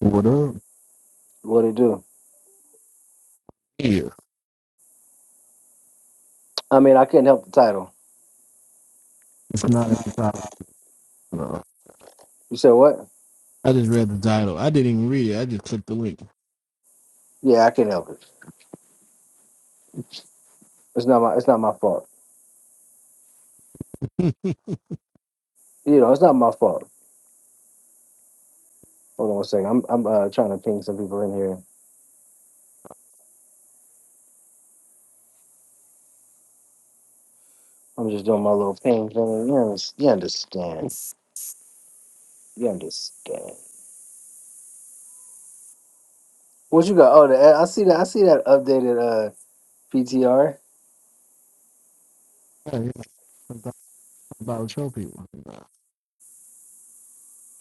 What up? What it do? Yeah, I mean, I couldn't help the title. it's not in the title. You said what? I just read the title. I didn't even read it. I just clicked the link. Yeah, I can not help it. It's not my. It's not my fault. yeah, You know, it's not my fault. Hold on one second. I'm I'm uh, trying to ping some people in here. I'm just doing my little ping thing. You, under- you understand? You understand? What you got? Oh, the, I see that. I see that updated uh PTR. yeah, I'm talking about show people.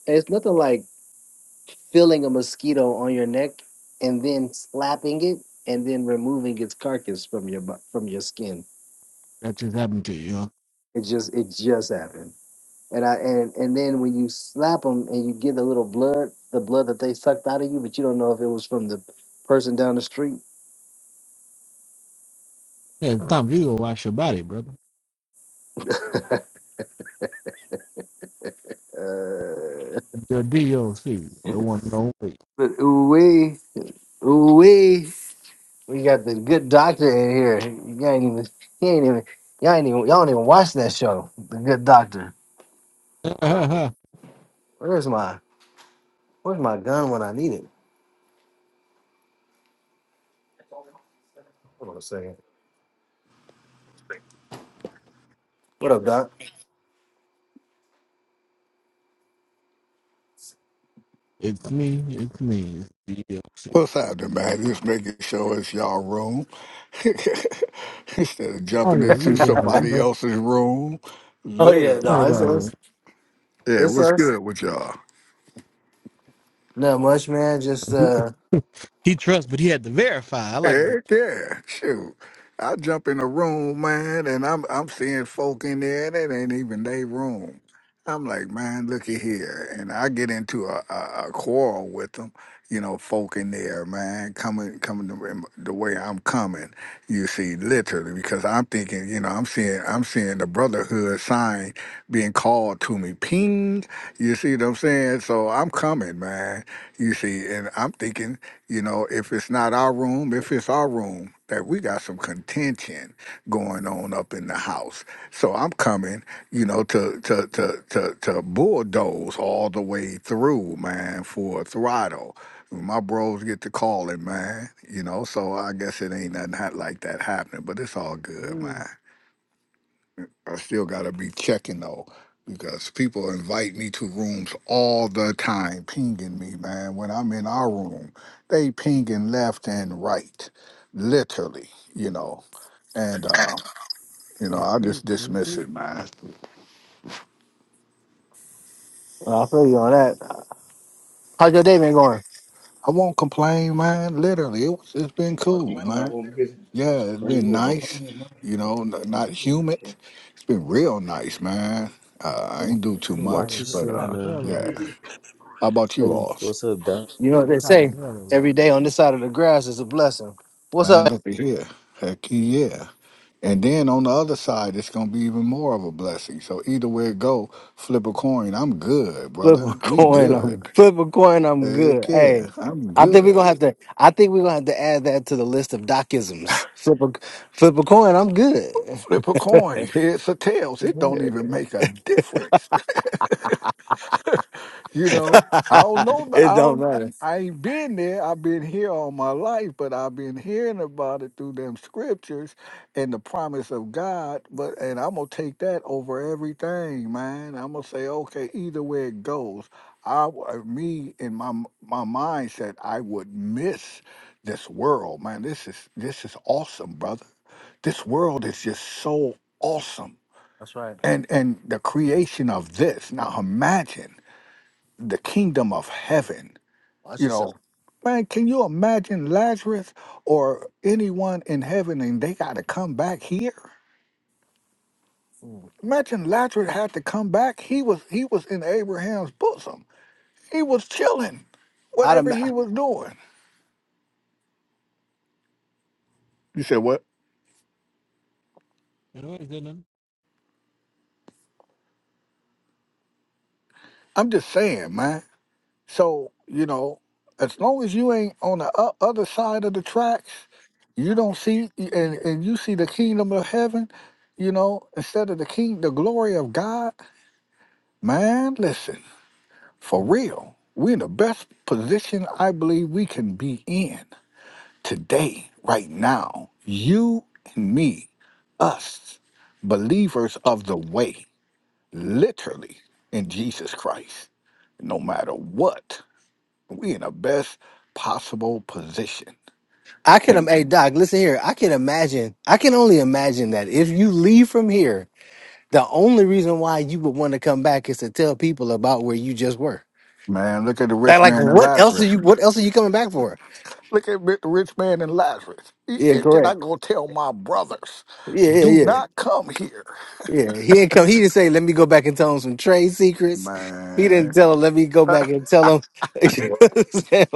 It's nothing like feeling a mosquito on your neck and then slapping it and then removing its carcass from your bu- from your skin. That just happened to you. Huh? It just it just happened. and I and and then when you slap them and you get the little blood, the blood that they sucked out of you, but you don't know if it was from the person down the street. Yeah, it's time for you to wash your body, brother. Uh, The DOC, the one and only. but ooh wee, ooh wee, we got the good doctor in here. You ain't even, he ain't even, y'all ain't even, y'all don't even watch that show, The Good Doctor. Where's my, where's my gun when I need it? Hold on a second. What up, Doc? it's me. It's me. It's DOC. What's happening, man? Just making sure it's y'all room instead of Oh jumping yeah, into you there? You know, you know somebody else's room. Oh yeah, what no, Literally, I'm talking it's about man. us. it. Yeah, It's what's us. good with y'all? Not much, man. Just He uh, he trusts, but he had to verify. I like that. Heck yeah, shoot. I jump in a room, man, and I'm I'm seeing folk in there that ain't even their room. I'm like, man, looky here, and I get into a, a, a quarrel with them, you know, folk in there, man, coming coming the, the way I'm coming, you see, literally, because I'm thinking, you know, I'm seeing I'm seeing the brotherhood sign being called to me, ping, you see what I'm saying? So I'm coming, man, you see, and I'm thinking. You know, if it's not our room, if it's our room, that we got some contention going on up in the house. So I'm coming, you know, to to to to, to bulldoze all the way through, man, for a throttle. My bros get to calling, man. You know, so I guess it ain't nothing hot like that happening, but it's all good, Mm, man. I still gotta be checking though, because people invite me to rooms all the time, pinging me, man. When I'm in our room, they pinging left and right, literally, you know. And uh, you know, Me I too. just Me dismiss too. it, man. I'll feel you on that. How's your day been going? I won't complain, man. Literally, it was, it's been Like you cool, come out man. home busy, Yeah, it's bring you been was gonna come nice, home. my- you gonna know, n- come not home, with my humid. shit. It's been real nice, man. Uh, I ain't do too Oh, It's hot watch as much, but it's yourself, hot uh, as hell man. over yeah. here. How about you You all? What's up, Doc? know It's what it's they hot as say? hell over Every here. day on this side of the grass is a blessing. What's Mind up? look here. Heck yeah. And then on the other side, it's gonna be even more of a blessing. So either way it go, flip a coin. I'm good, Flip brother. a We coin. good. I'm flip a coin. I'm good. Heck Hey, yeah, I'm I think we're good. gonna have to. I think we're gonna have to add that to the list of docisms. Flip a flip a coin. I'm good. Flip a coin, heads or tails. It don't even make a difference. You know, I don't know. it I don't don't, matter. I ain't been there. I've been here all my life, but I've been hearing about it through them scriptures and the promise of God. But and I'm gonna take that over everything, man. I'm gonna say, okay, either way it goes, I w- uh, me in my m- my mindset, I would miss this world, man. This is this is awesome, brother. This world is just so awesome, That's right. and and the creation of this. Now imagine the kingdom of heaven. Watch You know, yourself. man, can you imagine Lazarus or anyone in heaven and they got to come back here? Mm. Imagine Lazarus had to come back. He was he was in Abraham's bosom. He was chilling, I'd whatever he ima- was doing. You said what? You know what he's doing? I'm just saying, man. So you know, as long as you ain't on the o- other side of the tracks, you don't see and and you see the kingdom of heaven. You know, instead of the king, the glory of God. Man, listen, for real, we're in the best position I believe we can be in today, right now. You and me, us, believers of the way, literally in Jesus Christ. No matter what, we in the best possible position. I can. im- And Hey Doc, listen here. I can imagine. I can only imagine that if you leave from here, the only reason why you would want to come back is to tell people about where you just were. man, look at the Like, rich like man and what else are Lazarus. you? What else are you coming back for? Look at the rich man and Lazarus. He Yeah, said, Can I correct. go tell my brothers, Yeah, yeah, do yeah, not come here? yeah. He didn't come. He didn't say, "Let me go back and tell him some trade secrets." He Man. didn't tell him. Let me go back and tell him you know what I'm saying?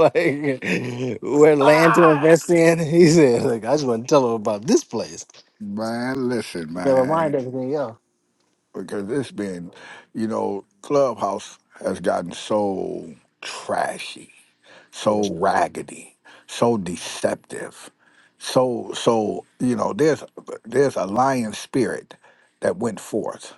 like where land to invest in. He said, "Like I just want to tell him about this place." man, listen, Never mind man, everything else. because it's been, you know, Clubhouse has gotten so trashy, Yeah. so raggedy, so deceptive, so so you know, there's there's a lion spirit that went forth.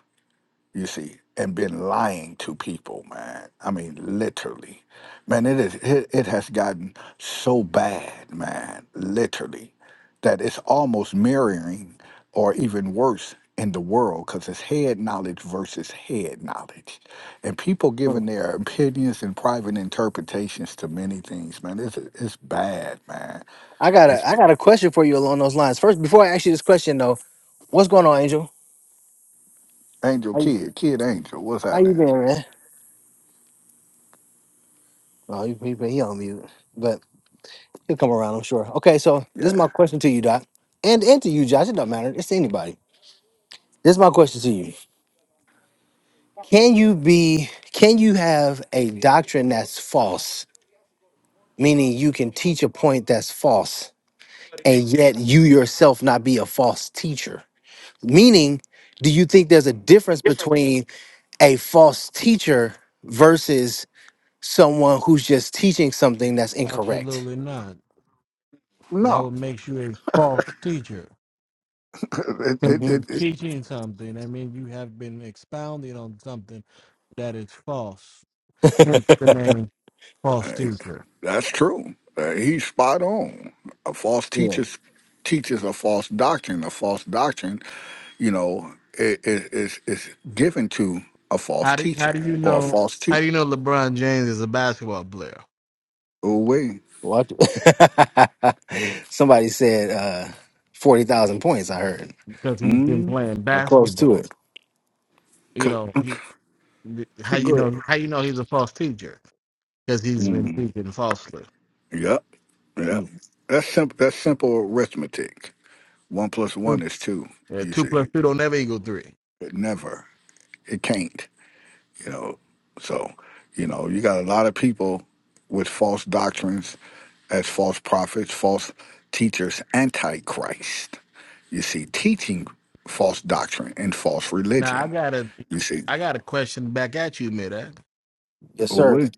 you see, and been lying to people, man. I mean, literally, man. It is. It, it has gotten so bad, man. Literally, that it's almost mirroring, or even worse, in the world, because it's head knowledge versus head knowledge, and people Mm. giving their opinions and private interpretations to many things, man. It's it's bad, man. I got It's a I got a question for you along those lines. First, before I ask you this question though, what's going on, Angel? Angel How you, Kid, Kid Angel. What's how you happening? been, man? Oh, he, he, he on mute, but. He'll come around, I'm sure. Okay, so this is Yeah. my question to you, Doc, and and to you, Josh. It don't matter. It's to anybody. This is my question to you. Can you be? Can you have a doctrine that's false? Meaning you can teach a point that's false, and yet you yourself not be a false teacher. Meaning, do you think there's a difference between a false teacher versus someone who's just teaching something that's incorrect? Absolutely not. That No, would make you a false teacher. it, Because it, hmm you're it, teaching something. I mean, you have been expounding on something that is false. Hence the name false it- teacher. That's true. Uh, he's spot on. A false Yeah. teacher teaches a false doctrine. A false doctrine, you know, i- i- is is given to a false How do how do teacher you or a know? false How teacher. do you know LeBron James is a basketball player? Oh wait, Watch. it. Somebody said uh, forty thousand points. I heard Because he's been mm, playing or close to basketball. it. You co- know he, how you go ahead. know how you know he's a false teacher because he's been Mm. teaching falsely. Yep, yep. Mm. That's simple. That's simple arithmetic. One plus one Two, is two. yeah, You two plus see, two don't never equal three. but never. It can't. you know so you know you got a lot of people with false doctrines as false prophets false teachers antichrist you see teaching false doctrine and false Now I religion got a you see I got a question back at you, Mid. Yes, well sir. we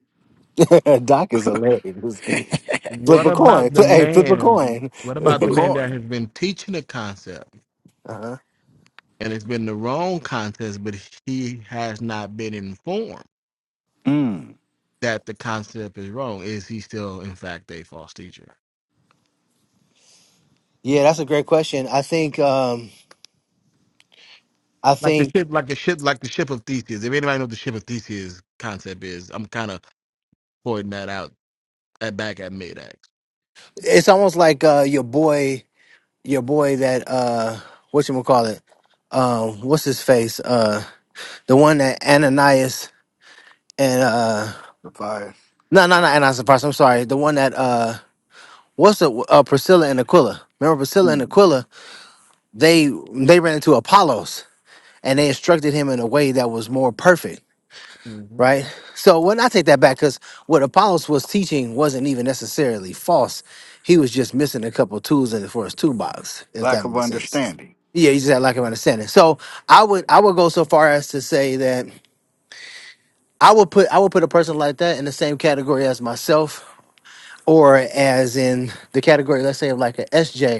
Doc is hilarious. Flip What a coin. about the Fli- Hey, flip a man? coin. What about we're the man that going has been teaching a concept uh-huh. and it's been the wrong concept, but he has not been informed mm. that the concept is wrong? Is he still, in fact, a false teacher? Yeah, that's a great question. I think. Um, I Like the think ship, like the ship, like the ship of Theseus. If anybody knows what the ship of Theseus concept is, I'm kind of pointing that out at back at mid ax it's almost like uh, your boy, your boy that uh, what you call it? Um, what's his face? Uh, the one that Ananias and uh, the bias no, no, not of Ananias and Sapphira. I'm sorry. The one that uh. What's the uh, Priscilla and Aquila? Remember Priscilla and mm, Aquila? They they ran into Apollos and they instructed him in a way that was more perfect, hmm right? So when I take that back, because what Apollos was teaching wasn't even necessarily false. He was just missing a couple tools in for his toolbox, if lack that of makes sense. understanding Yeah, he just had lack of understanding. So I would I would go so far as to say that I would put I would put a person like that in the same category as myself, or as in the category, let's say, of like a SJ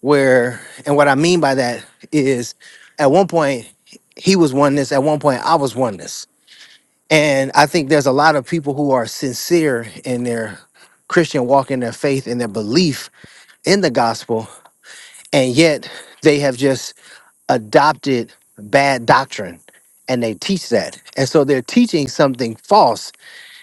where and what I mean by that is at one point he was oneness, at one point I was oneness. And I think there's a lot of people who are sincere in their Christian walk in their faith in their belief in the gospel, and yet they have just adopted bad doctrine and they teach that. And so they're teaching something false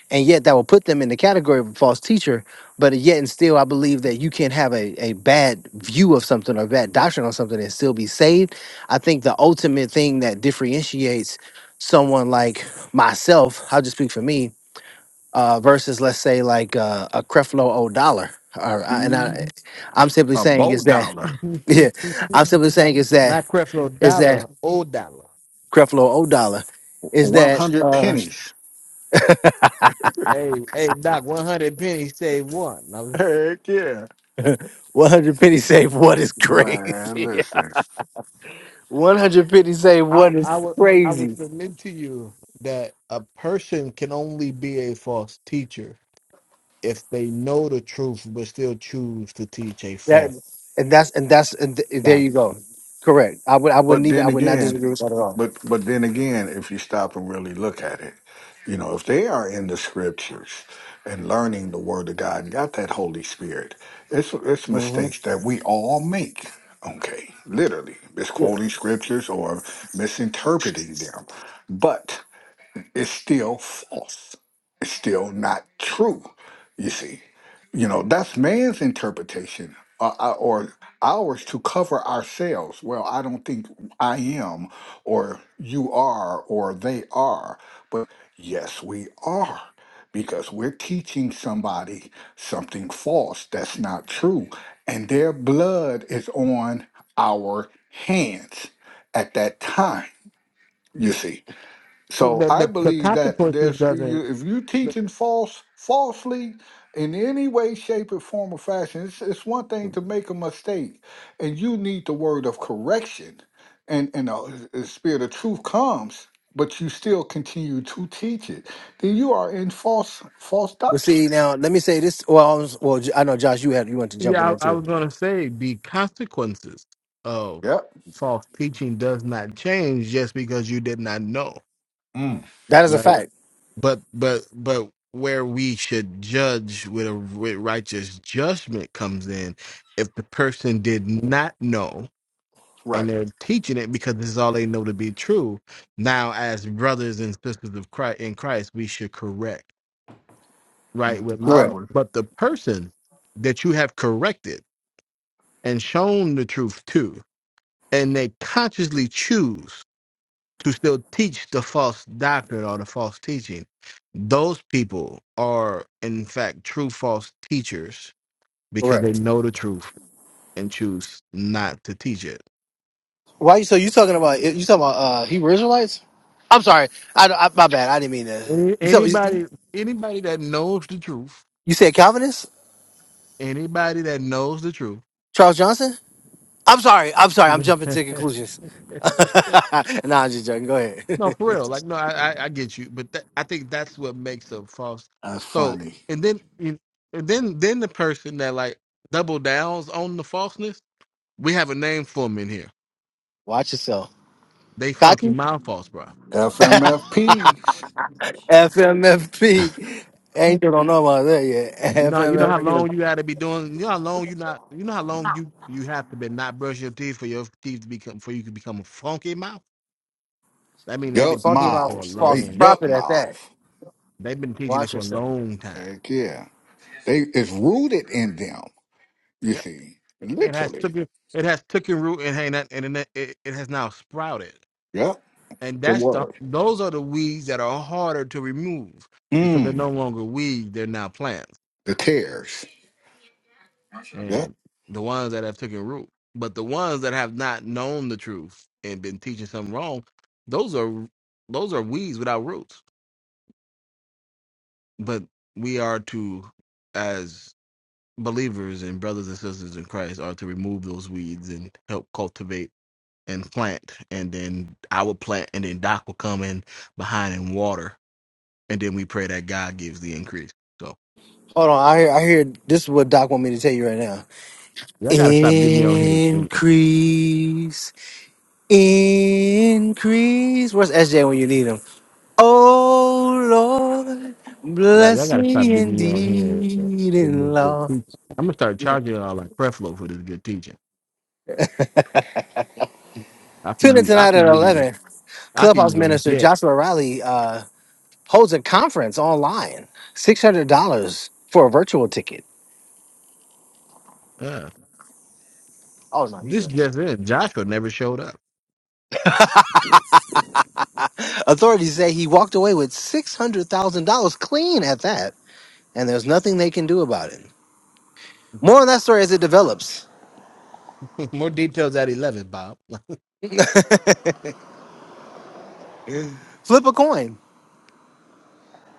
and yet that will put them in the category of a false teacher. But yet and still, I believe that you can have a, a bad view of something or bad doctrine on something and still be saved. I think the ultimate thing that differentiates someone like myself, I'll just speak for me, uh, versus let's say like uh, a Creflo O'Dollar, or I- and mm. I, I'm simply a saying is bold that dollar yeah, I'm simply saying is that Not Creflo is that Dollar, old dollar. Creflo O'Dollar is that 100 uh, pennies Hey, hey, Doc, 100 pennies save one. heck yeah 100 penny save what is man crazy. listen 150 say I one is I would I would crazy. submit to you that a person can only be a false teacher if they know the truth but still choose to teach a That false and that's and that's and th- there you doctrine. go. Correct. I would I wouldn't But even I then would not again, disagree with that at all. but but then again, if you stop and really look at it, you know, if they are in the scriptures and learning the word of God and got that Holy Spirit, it's it's hmm mistakes that we all make. Okay, literally Yeah. misquoting scriptures or misinterpreting them. But it's still false. It's still not true. You see, you know that's man's interpretation uh, uh, or ours to cover ourselves. Well, I don't think I am, or you are, or they are. But yes, we are because we're teaching somebody something false that's not true, and their blood is on our hands at that time. You see so The I the, the believe that consequences there's you, doesn't. if you the- teaching false falsely in any way, shape, or form or fashion, it's, it's one thing to make a mistake, and you need the word of correction, and and the, the spirit of truth comes, but you still continue to teach it. Then you are in false false But doctrine. see now, let me say this. Well, I was- well, J- I know Josh, you had you want to jump in Yeah, there I, I too. was gonna say the consequences of Yep. false teaching does not change just because you did not know. Mm, That is a Right. fact. But but but where we should judge with a with righteous judgment comes in if the person did not know and Right. they're teaching it because this is all they know to be true. Now, as brothers and sisters of Christ in Christ, we should correct, right, mm, with I Correct. love. agree. But the person that you have corrected and shown the truth to, and they consciously choose to still teach the false doctrine or the false teaching, those people are in fact true false teachers because they Correct. know the truth and choose not to teach it. Why? you So you talking about you talking about uh Hebrew Israelites? I'm sorry. I, I my bad. I didn't mean to. Any- You said you Anybody anybody that knows the truth you said Calvinist Anybody that knows the truth. Charles Johnson. I'm sorry. I'm sorry. I'm no, jumping to conclusions. nah, I'm just joking. Go for ahead. real. Like, no, I, I, I get you, but that, I think that's what makes a false. That's So, funny. and then, and then, then the person that like double downs on the falseness, we have a name for them in here. Watch yourself. They funky Cotton? mind false, bro. FMFPs. FMFP. Angel don't know about that yet. You know, you know how FMFP. long you got to be doing. You know how long you not. You know how long you you have to be not brush your teeth for your teeth to become for you to become a funky mouth. I mean, they've And been Yup, funky teaching it mouth for a Miles. false Hey, long. yup, prophet at Miles. that. They've been teaching it Watch for a yourself. long time. Heck yeah. They it's rooted in them. You see, it has literally. taken it has taken root and hang that and it, it it has now sprouted Yep. and The that's the word. those are the weeds that are harder to remove because they're Mm. no longer weeds they're now plants The tears. Yep. and the ones that have taken root but the ones that have not known the truth and been teaching something wrong those are those are weeds without roots but we are to as believers and brothers and sisters in christ are to remove those weeds and help cultivate and plant, and then I would plant, and then Doc would come in behind and water, and then we pray that God gives the increase. So Hold on, I hear I hear this is what Doc want me to tell you right now. y'all gotta stop getting me on here. And, and- Increase. Increase. Where's SJ when you need him? Oh Lord, y'all, y'all bless gotta stop me getting me on here and indeed getting this in good love. teaching. I'm gonna start Tune charging y'all like Creflo for this good teaching. I can in use, I tonight at can use, eleven. I can Clubhouse use them minister jet. Joshua Riley. uh, holds a conference online. Six hundred dollars for a virtual ticket. Uh, Oh no, you this good. just in, Joshua never showed up. Authorities say he walked away with six hundred thousand dollars clean at that, and there's nothing they can do about it. More on that story as it develops. More details at eleven, Bob. Flip a coin.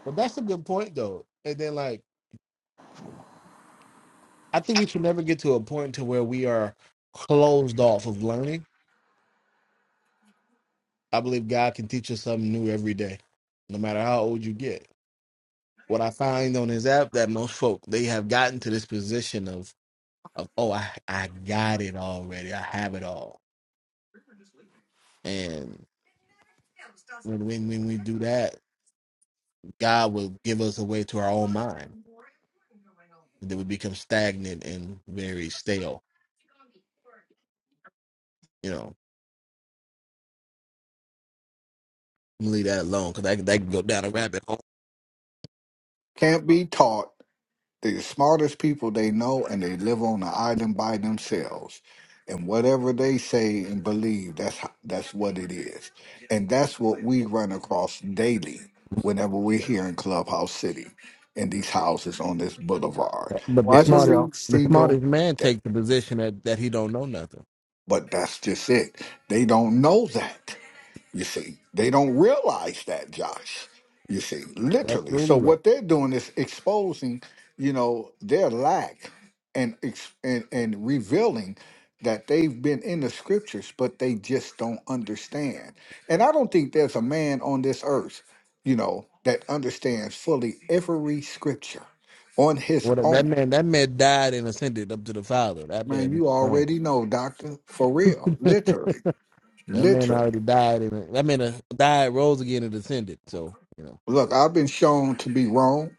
But that's a good point though. And then like, I think we should never get to a point to where we are closed off of learning I believe God can teach us something new every day, no matter how old you get. What I find on his app that most folk they have gotten to this position of of oh I I got it already I have it all and when when, when we do that God will give us a way to our own mind that would become stagnant and very stale you know I'm gonna leave that alone because that that can go down a rabbit hole Can't be taught. They're the smartest people they know, and they live on the island by themselves. And whatever they say and believe, that's ho- that's what it is. And that's what we run across daily whenever we're here in Clubhouse City, in these houses on this boulevard, but the Watch smartest every yourself. the smartest single man day. takes the position that that he don't know nothing But that's just it. They don't know that. You see, they don't realize that, Josh. You see, literally. So absolutely right. what they're doing is exposing, you know, their lack and ex- and and revealing that they've been in the scriptures, but they just don't understand. And I don't think there's a man on this earth, you know, that understands fully every scripture on his Well, that that own. man, that man died and ascended up to the Father. That Man, man, you gone. already know, doctor, for real, that literally, man literally. already died and that man uh, died, rose again, and ascended. So you know. Look, I've been shown to be wrong.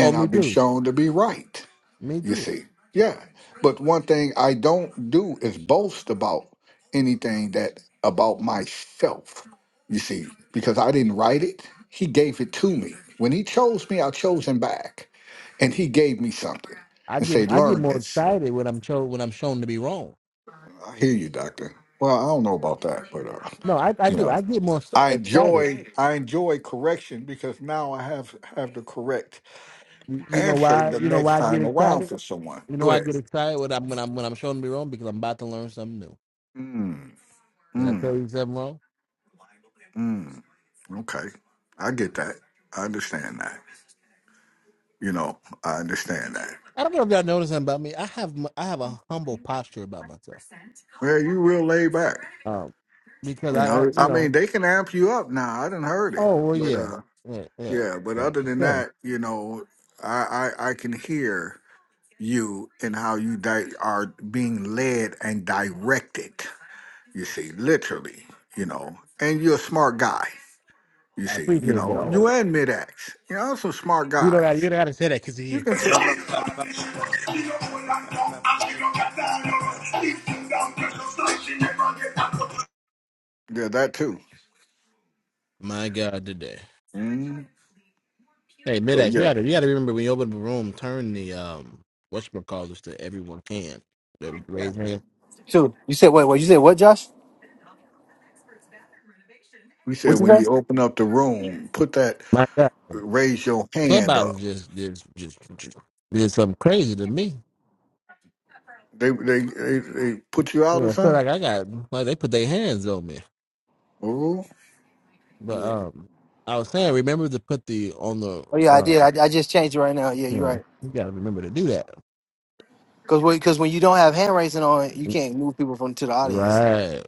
Oh, me I'll be too. shown to be right. Me You too. see, yeah. But one thing I don't do is boast about anything that about myself. You see, because I didn't write it, He gave it to me. When He chose me, I chose Him back, and He gave me something I and get say, I get "Learn more this." excited when I'm shown when I'm shown to be wrong. I hear you, Doctor. Well, I don't know about that, but uh, No, I, I you do. know, I get more s- I excited. enjoy I enjoy correction because now I have have the correct You, you know answer why? the You know why next I get time around excited? for someone. You know Go why I ahead. get excited when I'm when I'm when I'm shown to be wrong because I'm about to learn something new. Mm, Did I mm, tell you something wrong? mm. Okay. I get that. I understand that. You know, I understand that. I don't know if y'all noticed something about me. I have m- I have a humble posture about myself. Well, you real laid back. Um, because You I, I know, you I mean, know, they can amp you up now. I didn't heard it, oh well, but yeah, uh, yeah, yeah. yeah. But yeah. other than So that, you know, I I, I can hear you and how you di- are being led and directed. You see, literally, you know. And you're a smart guy. You I see, you appreciate know, you that. and mid axe. You know, some smart You don't got guys. you don't got to say that because You here, can tell. Yeah, that too. my God, today. Mhm. Hey, So Midax, you yeah, got to you got to remember when you open the room, turn the um whatchamacallits to everyone can. The Raise hand. Shoot, you said wait, what? You said what, Josh? we said What you when say? you open up the room, put that My God, raise your hand Clubhouse up. just just just just did something crazy to me. They they they, they put you out Yeah, or I feel something. like I got like they put their hands on me. Ooh, But Yeah. um, I was saying, remember to put the on the Oh yeah, I uh, did. I, I just changed it right now. Yeah, you you're know, right. you got to remember to do that. Because because when you don't have hand raising on, you can't move people from to the audience. Right.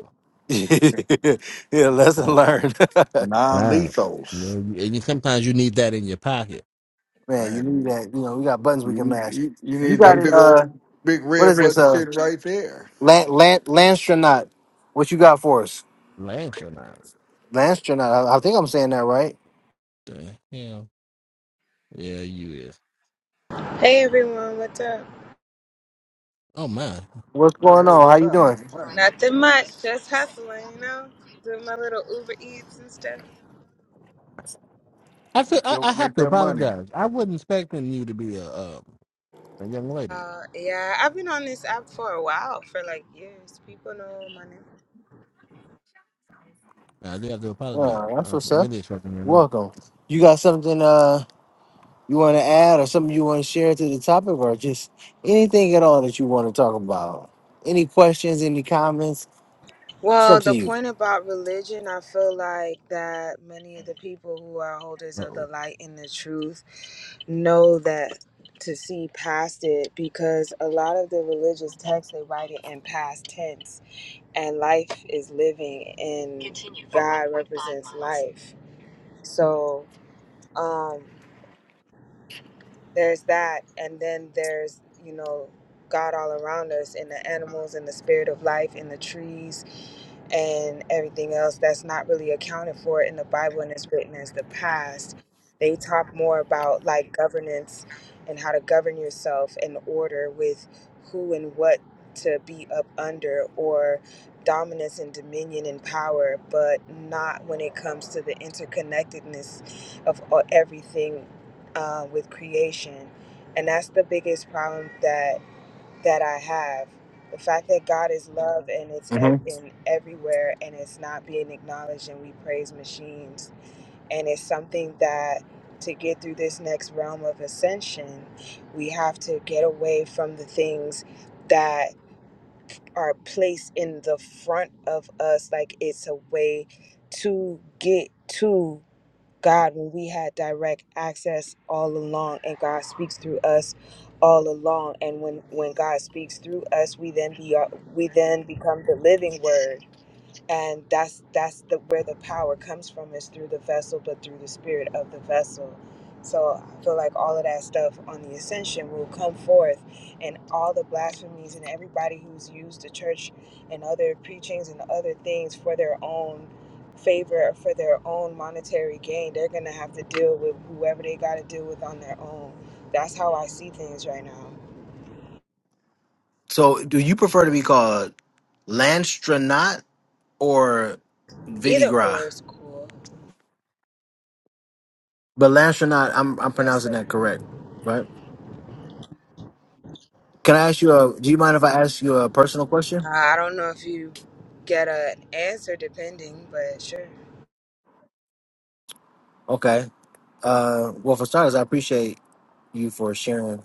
yeah, lesson Right. learned. non right. You lethals, you- and you, sometimes you need that in your pocket. Man, you need man. that. You know, we got buttons You, we can mash. you you You need got that Right. it. big Uh, old big what is red this? button Uh, sitting right there. land, land, landstronaut. What you got for us, Lance or not. landstronaut? I, I think I'm saying that right. The hell. Yeah, you is. Hey everyone, what's up? Oh my. What's Hey, going hey, on? How what's you doing? happening? What's happening? Nothing much, just hustling, you know, doing my little Uber Eats and stuff. I feel Make I, your I have make to that money. apologize. I wasn't expecting you to be a um, a young lady. Uh, yeah, I've been on this app for a while, for like years. People know my name. I did have to apologize. Oh, I that's was what's up. really expecting you lady. Welcome. You got something uh you want to add or something you want to share to the topic or just anything at all that you want to talk about? Any questions? Any comments? It's Well, up to the you. point about religion, I feel like that many of the people who are holders Uh of the oh. light and the truth know that to see past it because a lot of the religious texts they write it in past tense and life is living and Continue for God 1.5 represents miles. life So, um, there's that and then there's you know god all around us in the animals in the spirit of life in the trees and everything else that's not really accounted for in the bible and is written as the past they talk more about like governance and how to govern yourself in order with who and what to be up under or dominance and dominion and power but not when it comes to the interconnectedness of all- everything uh, with creation, and that's the biggest problem that that I have. The fact that God is love and it's hmm ev- in everywhere and it's not being acknowledged, and we praise machines, and it's something that to get through this next realm of ascension, we have to get away from the things that are placed in the front of us, like it's a way to get to. God when we had direct access all along and God speaks through us all along and when when God speaks through us we then be uh, we then become the living word and that's that's the where the power comes from is through the vessel but through the spirit of the vessel so i feel like all of that stuff on the ascension will come forth and all the blasphemies and everybody who's used the church and other preachings and other things for their own favor for their own monetary gain they're gonna have to deal with whoever they gotta deal with on their own that's how i see things right now So, do you prefer to be called landstronaut or either Vidigra? or is cool But Lanchonot, I'm I'm yes pronouncing sir that correct, right? Can I ask you a? Do you mind if I ask you a personal question? I don't know if you get an answer depending, but sure. Okay. Uh, well, for starters, I appreciate you for sharing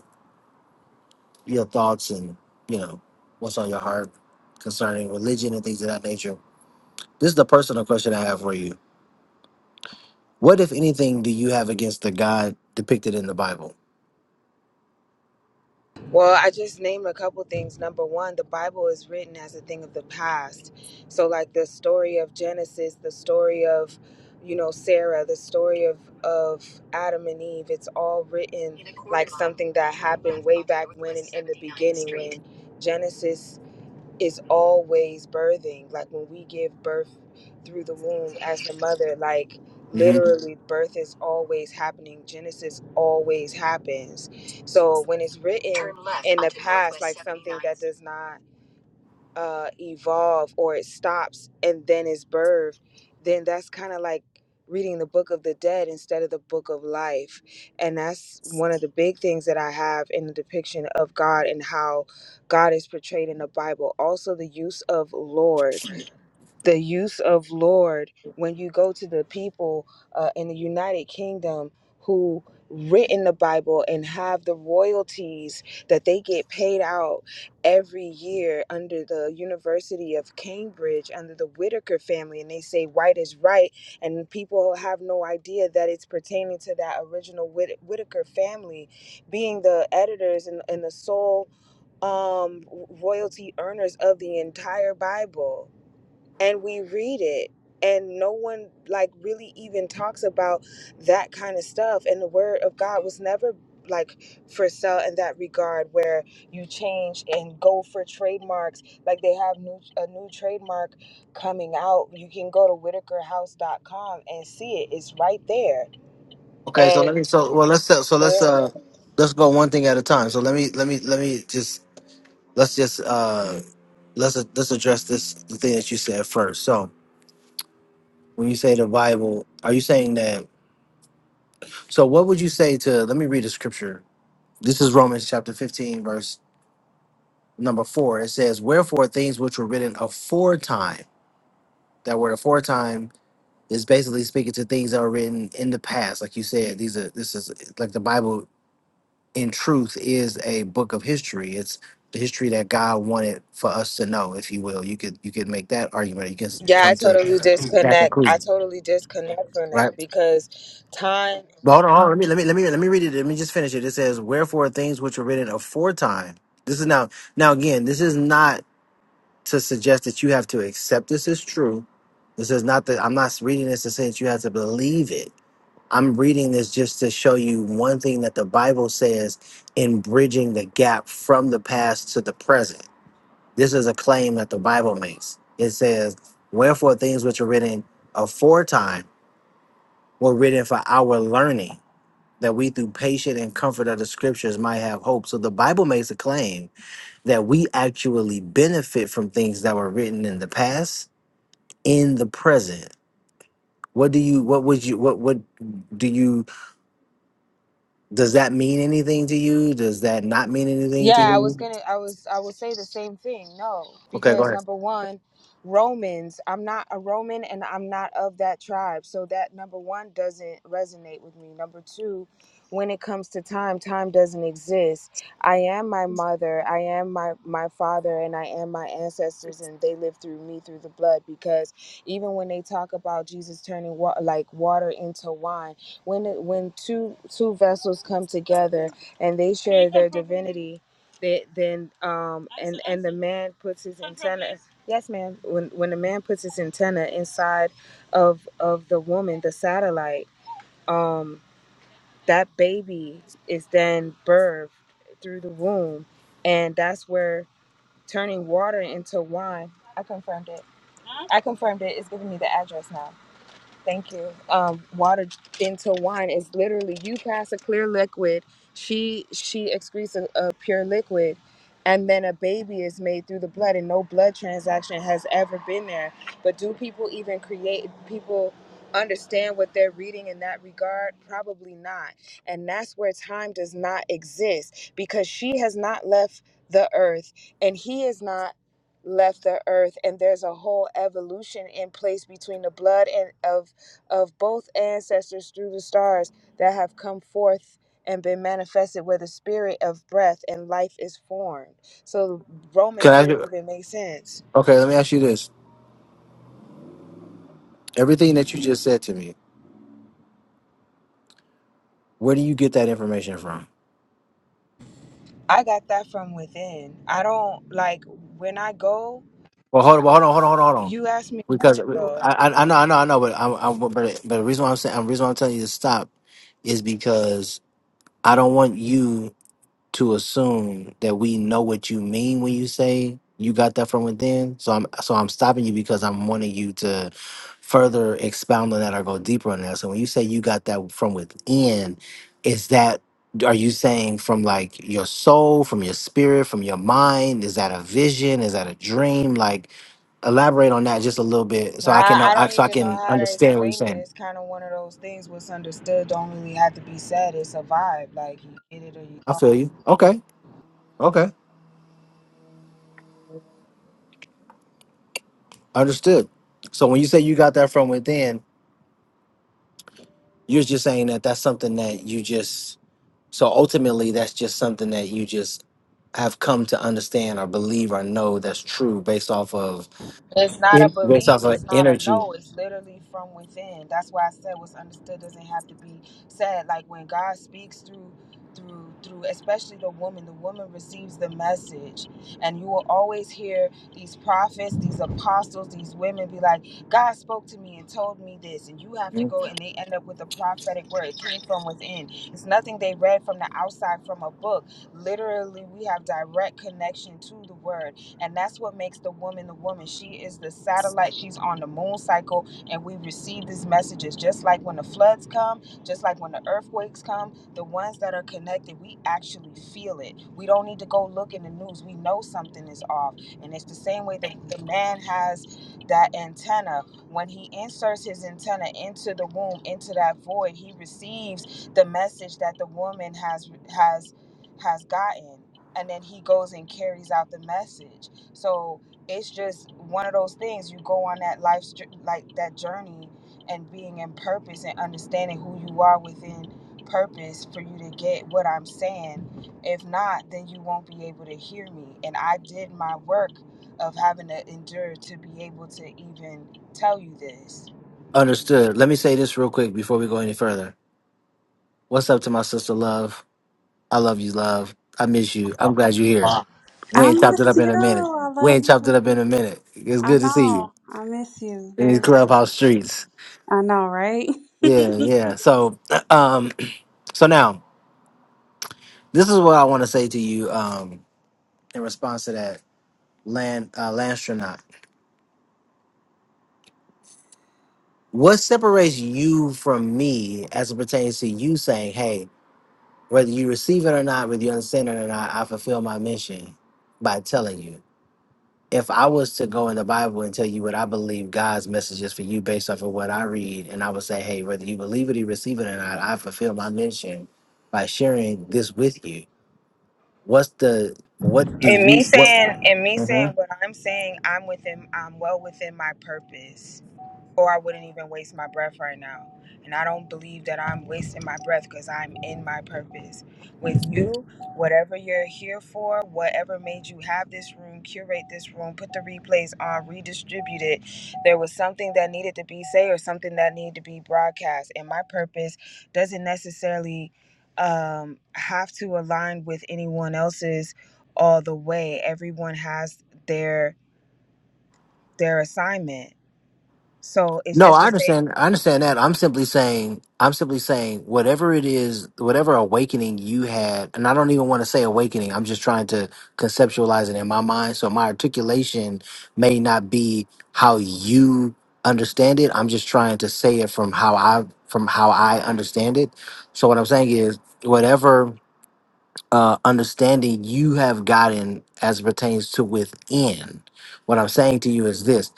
your thoughts and you know what's on your heart concerning religion and things of that nature. This is the personal question I have for you. What, if anything, do you have against the God depicted in the Bible? Well, I just named a couple things. Number one, the Bible is written as a thing of the past. So, like the story of Genesis, the story of, you know, Sarah, the story of of Adam and Eve. It's all written like something that happened way back when and in the beginning when Genesis is always birthing. Like when we give birth through the womb as the mother, like hmm literally birth is always happening. Genesis always happens. So when it's written Turn left in the onto Northwest past, Northwest like something 79th. that seventy-ninth. does not uh, evolve or it stops and then is birthed, then that's kind of like reading the book of the dead instead of the book of life. And that's one of the big things that I have in the depiction of God and how God is portrayed in the Bible. Also, the use of Lord the use of Lord when you go to the people uh, in the United Kingdom who written the Bible and have the royalties that they get paid out every year under the University of Cambridge under the Whitaker family and they say white is right and people have no idea that it's pertaining to that original Whit- Whitaker family being the editors and, and the sole um, royalty earners of the entire Bible and we read it and no one like really even talks about that kind of stuff and the word of god was never like for sale in that regard where you change and go for trademarks like they have new a new trademark coming out you can go to whitaker house dot com and see it it's right there Okay, so let and me. So well, let's so so let's so, uh let's go one thing at a time. So let me let me let me just let's just uh let's let's address this the thing that you said first. So when you say the Bible, are you saying that? So what would you say to? Let me read the scripture. This is Romans chapter fifteen, verse number four. It says, "Wherefore things which were written aforetime." That word aforetime is basically speaking to things that were written in the past, like you said. These are this is like the Bible. In truth, is a book of history. It's the history that God wanted for us to know, if you will. You could you could make that argument. You can s- yeah i come to totally that disconnect i conclusion, totally disconnect from right? that because time But hold on, hold on. Let me let me let me let me read it. Let me just finish it. It says, "Wherefore things which were written aforetime." This is now now again. This is not to suggest that you have to accept this as true. This is not that I'm not reading this to say that you have to believe it. I'm reading this just to show you one thing that the Bible says in bridging the gap from the past to the present. This is a claim that the Bible makes. It says, "Wherefore things which were written aforetime were written for our learning." that we through patience and comfort of the scriptures might have hope. So the Bible makes a claim that we actually benefit from things that were written in the past in the present. What do you what would you what what do you does that mean anything to you? Does that not mean anything to Yeah, I was you? gonna I was I would say the same thing. No, Okay, go because ahead. number one, Romans, I'm not a Roman and I'm not of that tribe. So that number one doesn't resonate with me. Number two, when it comes to time, time doesn't exist. I am my mother, I am my my father, and I am my ancestors, and they live through me through the blood. Because even when they talk about Jesus turning wa- like water into wine, when it, when two two vessels come together and they share their divinity they, then um and and the man puts his antenna. Yes, ma'am. When when the man puts his antenna inside of of the woman, the satellite, um, that baby is then birthed through the womb, and that's where turning water into wine. I confirmed it. Huh? I confirmed it. It's giving me the address now. Thank you. Um, water into wine is literally you pass a clear liquid. She she excretes a, a pure liquid, and then a baby is made through the blood, and no blood transaction has ever been there. But do people even create people? understand what they're reading in that regard probably not and that's where time does not exist because she has not left the earth and he is not left the earth and there's a whole evolution in place between the blood and of of both ancestors through the stars that have come forth and been manifested where the spirit of breath and life is formed. So Can Romans wouldn't even I make sense. okay, let me ask you this. Everything that you just said to me, where do you get that information from? I got that from within. I don't like when I go, Well, hold on, well, hold on, hold on, hold on, hold on. you asked me a Because question though. I, I, I know, I know, I know, but i i but, but the reason why I'm saying, the reason why I'm telling you to stop is because I don't want you to assume that we know what you mean when you say you got that from within. So I'm, so I'm stopping you because I'm wanting you to further expound on that or go deeper on that. So when you say you got that from within, is that are you saying from like your soul, from your spirit, from your mind? Is that a vision? Is that a dream? Like Elaborate on that just a little bit, so I can I, know, I I- don't so I even know can how to understand what you're explain it. saying. It's kind of one of those things what's understood don't really have to be said. It's a vibe. Like you get it or you I feel don't. you. Okay. Okay. Understood. So when you say you got that from within, you're just saying that that's something that you just. So ultimately, that's just something that you just have come to understand or believe or know that's true based off of It's not a in- based believe, off of it's not a energy. no, it's literally from within. That's why I said what's understood doesn't have to be said. Like when God speaks through through through especially the woman, the woman receives the message. And you will always hear these prophets, these apostles, these women be like, God spoke to me and told me this, and you have to Mhm. go and they end up with a prophetic word. It came from within. It's nothing they read from the outside from a book. Literally, we have direct connection to the word and that's what makes the woman the woman. She is the satellite, she's on the moon cycle, and we receive these messages just like when the floods come, just like when the earthquakes come. The ones that are connected, we actually feel it. We don't need to go look in the news. We know something is off. And it's the same way the, the man has that antenna. When he inserts his antenna into the womb, into that void, he receives the message that the woman has has has gotten and then he goes and carries out the message so it's just one of those things. You go on that life's jour- like that journey and being in purpose and understanding who you are within purpose for you to get what I'm saying. If not, then you won't be able to hear me. And I did my work of having to endure to be able to even tell you this. Understood. Let me say this real quick before we go any further. What's up to my sister love? I love you, love. I miss you. I'm glad you're here. We I ain't chopped it miss up in you. a minute. I We love ain't chopped you. it up in a minute. It's I good to see you know. I miss you. in these Very. clubhouse streets. I know, right? Yeah, yeah. So, um, so now this is what I want to say to you, um, in response to that land uh, landstronaut. What separates you from me as it pertains to you saying, "Hey, whether you receive it or not, whether you understand it or not, I fulfill my mission by telling you." if I was to go in the Bible and tell you what I believe God's message is for you based off of what I read, and I would say, hey, whether you believe it or receive it or not, I fulfill my mission by sharing this with you. What's the what do And you me what? saying and me mm-hmm. saying what I'm saying, I'm within I'm well within my purpose. or I wouldn't even waste my breath right now. And I don't believe that I'm wasting my breath because I'm in my purpose. With you, whatever you're here for, whatever made you have this room, curate this room, put the replays on, redistribute it, there was something that needed to be said or something that needed to be broadcast. And my purpose doesn't necessarily um, have to align with anyone else's all the way. Everyone has their their assignment. So it's No, just the I understand. same. I understand that. I'm simply saying, I'm simply saying, whatever it is, whatever awakening you had, and I don't even want to say awakening. I'm just trying to conceptualize it in my mind. So my articulation may not be how you understand it. I'm just trying to say it from how I, from how I understand it. So what I'm saying is, whatever uh, understanding you have gotten as pertains to within. What I'm saying to you is this: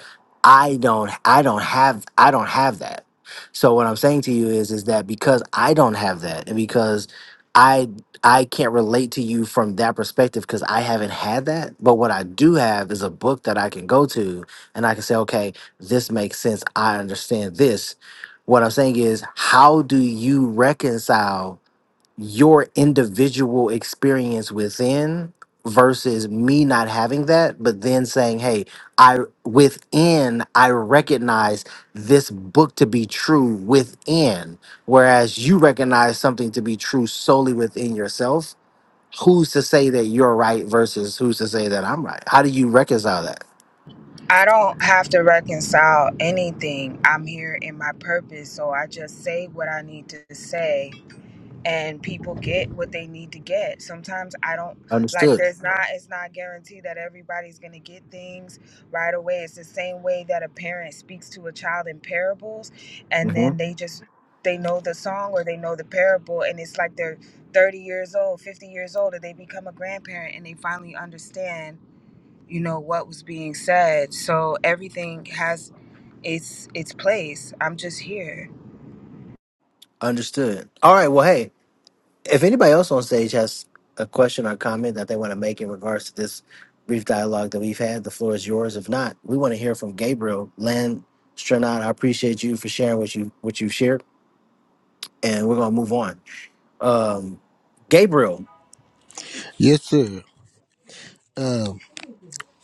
I don't, I don't have, I don't have that. So what I'm saying to you is, is that because I don't have that, and because I, I can't relate to you from that perspective because I haven't had that. But what I do have is a book that I can go to and I can say, okay, this makes sense. I understand this. What I'm saying is, how do you reconcile? your individual experience within versus me not having that but then saying hey i within i recognize this book to be true within whereas you recognize something to be true solely within yourself who's to say that you're right versus who's to say that i'm right how do you reconcile that I don't have to reconcile anything. I'm here in my purpose, so I just say what I need to say and people get what they need to get. Sometimes I don't like Understood. there's not it's not guaranteed that everybody's going to get things right away. It's the same way that a parent speaks to a child in parables and hmm then they just they know the song or they know the parable and it's like they're 30 years old, 50 years old and they become a grandparent and they finally understand, you know, what was being said. So everything has its its place. I'm just here. Understood. All right. Well, hey, if anybody else on stage has a question or comment that they want to make in regards to this brief dialogue that we've had, the floor is yours. If not, we want to hear from Gabriel Land Stranad. I appreciate you for sharing what you what you've shared, and we're gonna move on. Um, Gabriel, Yes, sir. Um,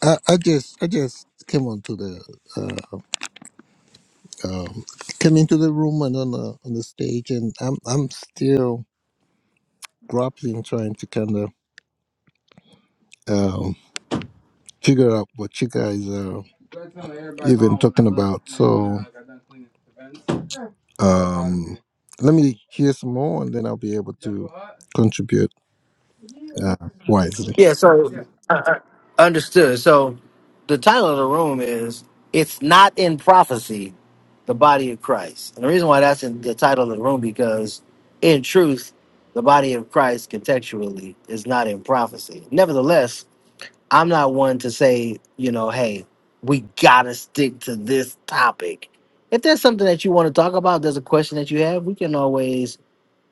I, I just I just came onto the uh, um, came into the room and on the on the stage, and I'm I'm still grappling, trying to kind of um, figure out what you guys are even talking about. So, um, let me hear some more, and then I'll be able to contribute uh, wisely. Yeah, so uh, uh, understood. So the title of the room is It's Not in Prophecy, the Body of Christ. And the reason why that's in the title of the room because in truth, the body of Christ contextually is not in prophecy. Nevertheless, I'm not one to say, you know, hey, we gotta stick to this topic. If there's something that you want to talk about, there's a question that you have, we can always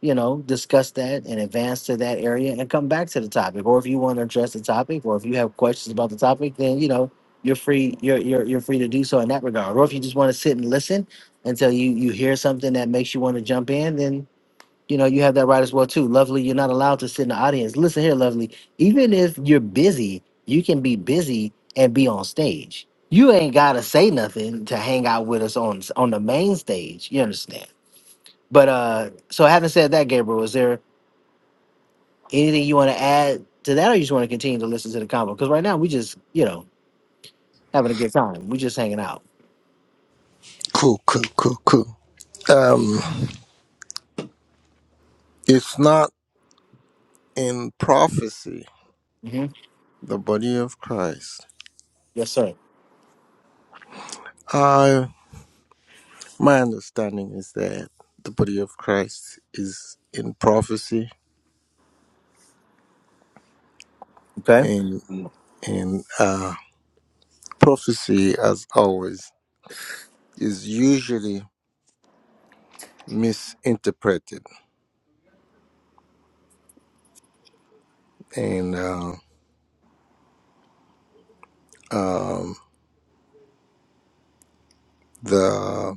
you know, discuss that and advance to that area and come back to the topic. Or if you want to address the topic, or if you have questions about the topic, then you know you're free. You're you're you're free to do so in that regard. Or if you just want to sit and listen until you you hear something that makes you want to jump in, then you know you have that right as well too. Lovely, you're not allowed to sit in the audience. Listen here, Lovely. Even if you're busy, you can be busy and be on stage. You ain't gotta say nothing to hang out with us on on the main stage. You understand? But uh, so having said that, Gabriel, is there anything you want to add to that, or you just want to continue to listen to the combo? Because right now we just, you know, having a good time. We just hanging out. Cool, cool, cool, cool. Um, it's not in prophecy. hmm the body of Christ. Yes, sir. Uh, my understanding is that the body of Christ is in prophecy, Okay. and and uh, prophecy, as always, is usually misinterpreted, and uh, um, the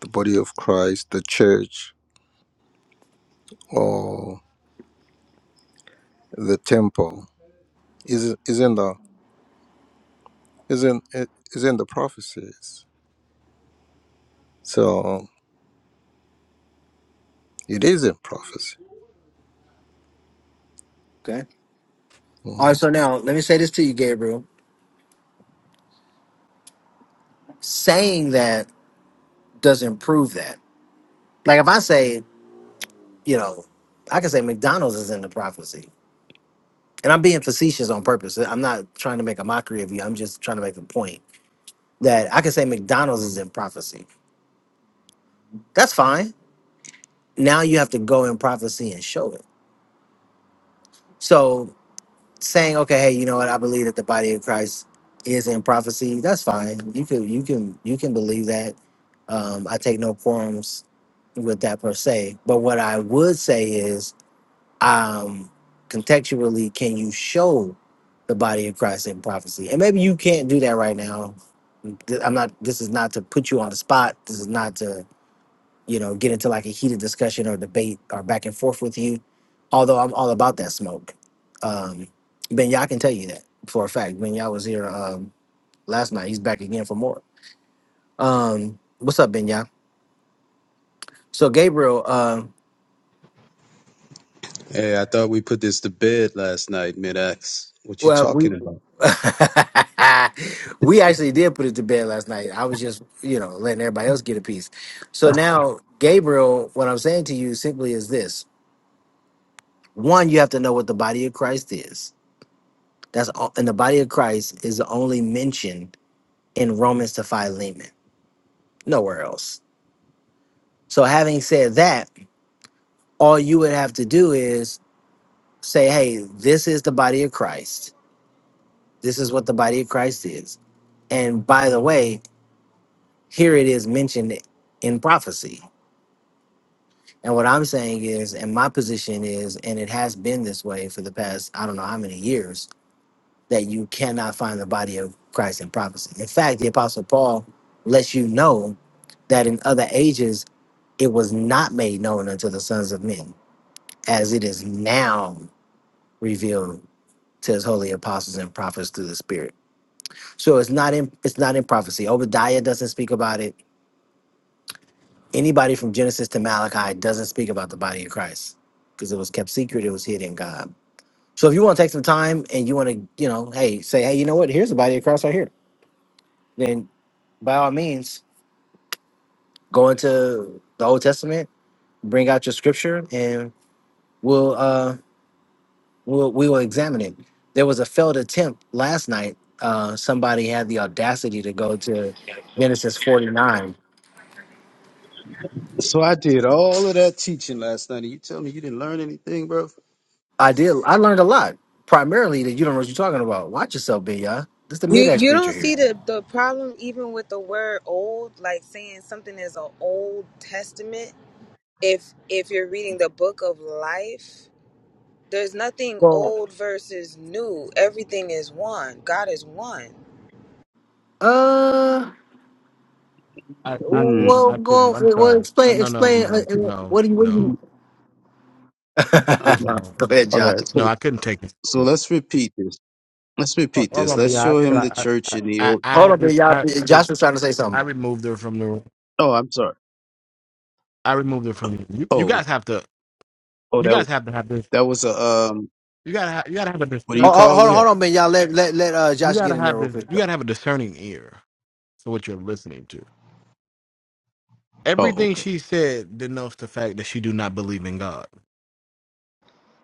the body of Christ, the church, or the temple is is in the is in it is in the prophecies. So it is in prophecy. Okay. All Mm. right. So now let me say this to you, Gabriel. Saying that doesn't prove that. Like if I say, you know, I can say McDonald's is in the prophecy, and I'm being facetious on purpose. I'm not trying to make a mockery of you. I'm just trying to make a point that I can say McDonald's is in prophecy. That's fine. Now you have to go in prophecy and show it. So saying, okay, hey, you know what? I believe that the body of Christ is in prophecy. That's fine. You can you can you can believe that. Um, I take no quorums with that per se. But what I would say is, um, contextually, can you show the body of Christ in prophecy? And maybe you can't do that right now. Th- I'm not. This is not to put you on the spot. This is not to you know, get into like a heated discussion or debate or back and forth with you. Although I'm all about that smoke. Um, ben Yah can tell you that for a fact. Ben Yah was here um, last night. He's back again for more. Um, what's up, Ben Yah? So Gabriel, um, Hey, I thought we put this to bed last night, mid-ax. What you well, we talking about? we actually did put it to bed last night. I was just, you know, letting everybody else get a piece. So now, Gabriel, what I'm saying to you simply is this: one, you have to know what the body of Christ is That's all in the body of Christ is only mentioned in Romans to Philemon, nowhere else. So having said that, all you would have to do is say, hey, this is the body of Christ. This is what the body of Christ is. And by the way, here it is mentioned in prophecy. And what I'm saying is, and my position is, and it has been this way for the past, I don't know how many years, that you cannot find the body of Christ in prophecy. In fact, the Apostle Paul lets you know that in other ages it was not made known unto the sons of men, as it is now revealed to his holy apostles and prophets through the Spirit. So it's not in it's not in prophecy. Obadiah doesn't speak about it. Anybody from Genesis to Malachi doesn't speak about the body of Christ because it was kept secret. It was hid in God. So if you want to take some time and you want to, you know, hey, say, hey, you know what? Here's the body of Christ right here. then. by all means, go into the Old Testament, bring out your scripture, and we'll uh we'll we will examine it. There was a failed attempt last night. Uh somebody had the audacity to go to Genesis 49. So I did all of that teaching last night, and you tell me you didn't learn anything, bro? I did I learned a lot. Primarily that you don't know what you're talking about. Watch yourself, B y'all. This is the You mid-ex you preacher don't here. see the the problem even with the word old, like saying something is an old testament. If if you're reading the book of life, there's nothing Well old versus new. Everything is one. God is one. uh I, I Mm. couldn't well I couldn't go I'm well sorry. Uh, explain No no explain no uh, no uh, what do you what do you no All right. no. go ahead all Josh. right. No, So, I couldn't take so it. let's repeat this. Let's Oh, repeat I'm this. gonna be Let's honest. show him the I church in the I old. Hold I on, B I, y'all. I, B- I, Josh was trying to say I something. removed her from the room. Oh, I'm sorry. I removed it from you. You, you Oh, guys have to. oh, You that guys have to have this. that was a um. You gotta. Ha- you gotta have a What do discern. you Hold, hold, call hold on, them? Yeah. hold on, man. Y'all let let let uh, You Josh get gotta in there have real this. quick. You gotta have a discerning ear for what you're listening to. Oh, Everything okay. she said denotes the fact that she do not believe in God,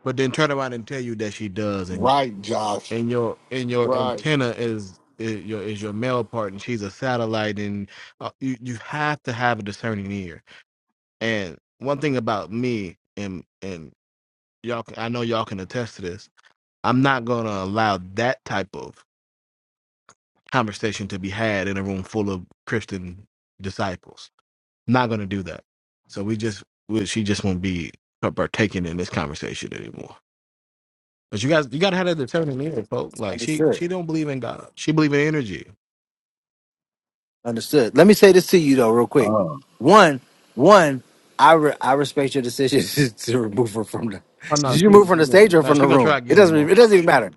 but then turn around and tell you that she does, and Right, Josh. and your and your Right. antenna is. Is your is your male part and she's a satellite and uh, you you have to have a discerning ear and one thing about me and and y'all can- I know y'all can attest to this I'm not going to allow that type of conversation to be had in a room full of Christian disciples. not going to do that. So we just, we, she just won't be partaking in this conversation anymore. But you guys, you got to have that determined here, folks. Like she, Understood. she don't believe in God. She believe in energy. Understood. Let me say this to you though, real quick. Oh. One, one. I re- I respect your decision to remove her from the. Oh no, Did you she, move from the stage no, or no, from the she gonna try room? It again doesn't. tomorrow. It doesn't even She- matter.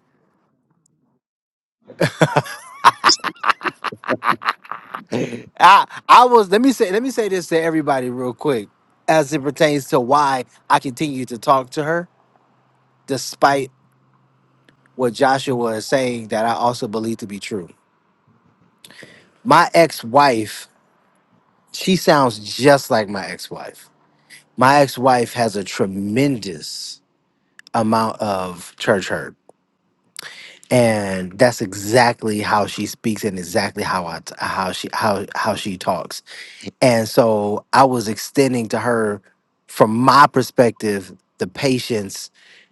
I I was. Let me say. Let me say this to everybody real quick, as it pertains to why I continue to talk to her despite what Joshua is saying that I also believe to be true. My ex-wife. She sounds just like my ex-wife my ex-wife has a tremendous amount of church hurt and that's exactly how she speaks and exactly how I t- how she how how she talks and so I was extending to her, from my perspective, the patience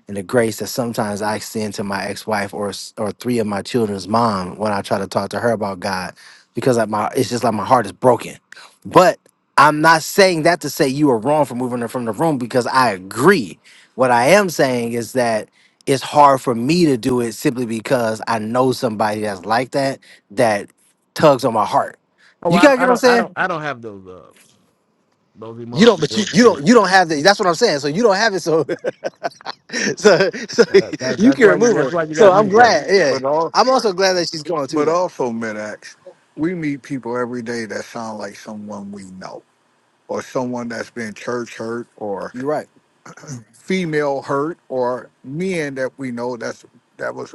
and the grace that sometimes I extend to my ex-wife or s- or three of my children's mom when I try to talk to her about God, because like my it's just like my heart is broken. But I'm not saying that to say you are wrong for moving her from the room because I agree. What I am saying is that it's hard for me to do it simply because I know somebody that's like that that tugs on my heart. oh, You I, gotta don't- get I what I'm don't, I saying? don't, I don't have those, uh, those You don't, emotional but you, you reservations. don't you don't have that. That's what I'm saying. So you don't have it. So so so Uh, that, you that's can why you, remove her. that's why you So got But I'm me, but brother. glad. Yeah, but also I'm also glad that she's gone too, but though. also Midax, we meet people every day that sound like someone we know, or someone that's been church hurt, or You're right. female hurt, or men that we know that's that was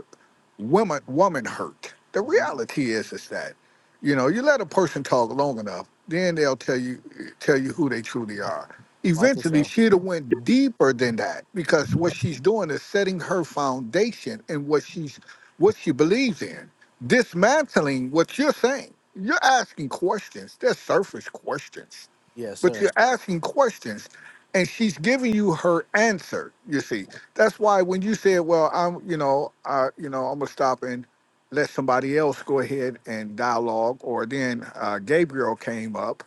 woman woman hurt. The Mhm. reality is is that, you know, you let a person talk long enough, then they'll tell you tell you who they truly are. Watch Eventually yourself. she'd have went deeper than that because what she's doing is setting her foundation and what she's what she believes in, dismantling what you're saying. You're asking questions. They're surface questions Yes, but sir. you're asking questions and she's giving you her answer you see that's why when you said well i'm you know i you know i'm gonna stop and let somebody else go ahead and dialogue or then uh, gabriel came up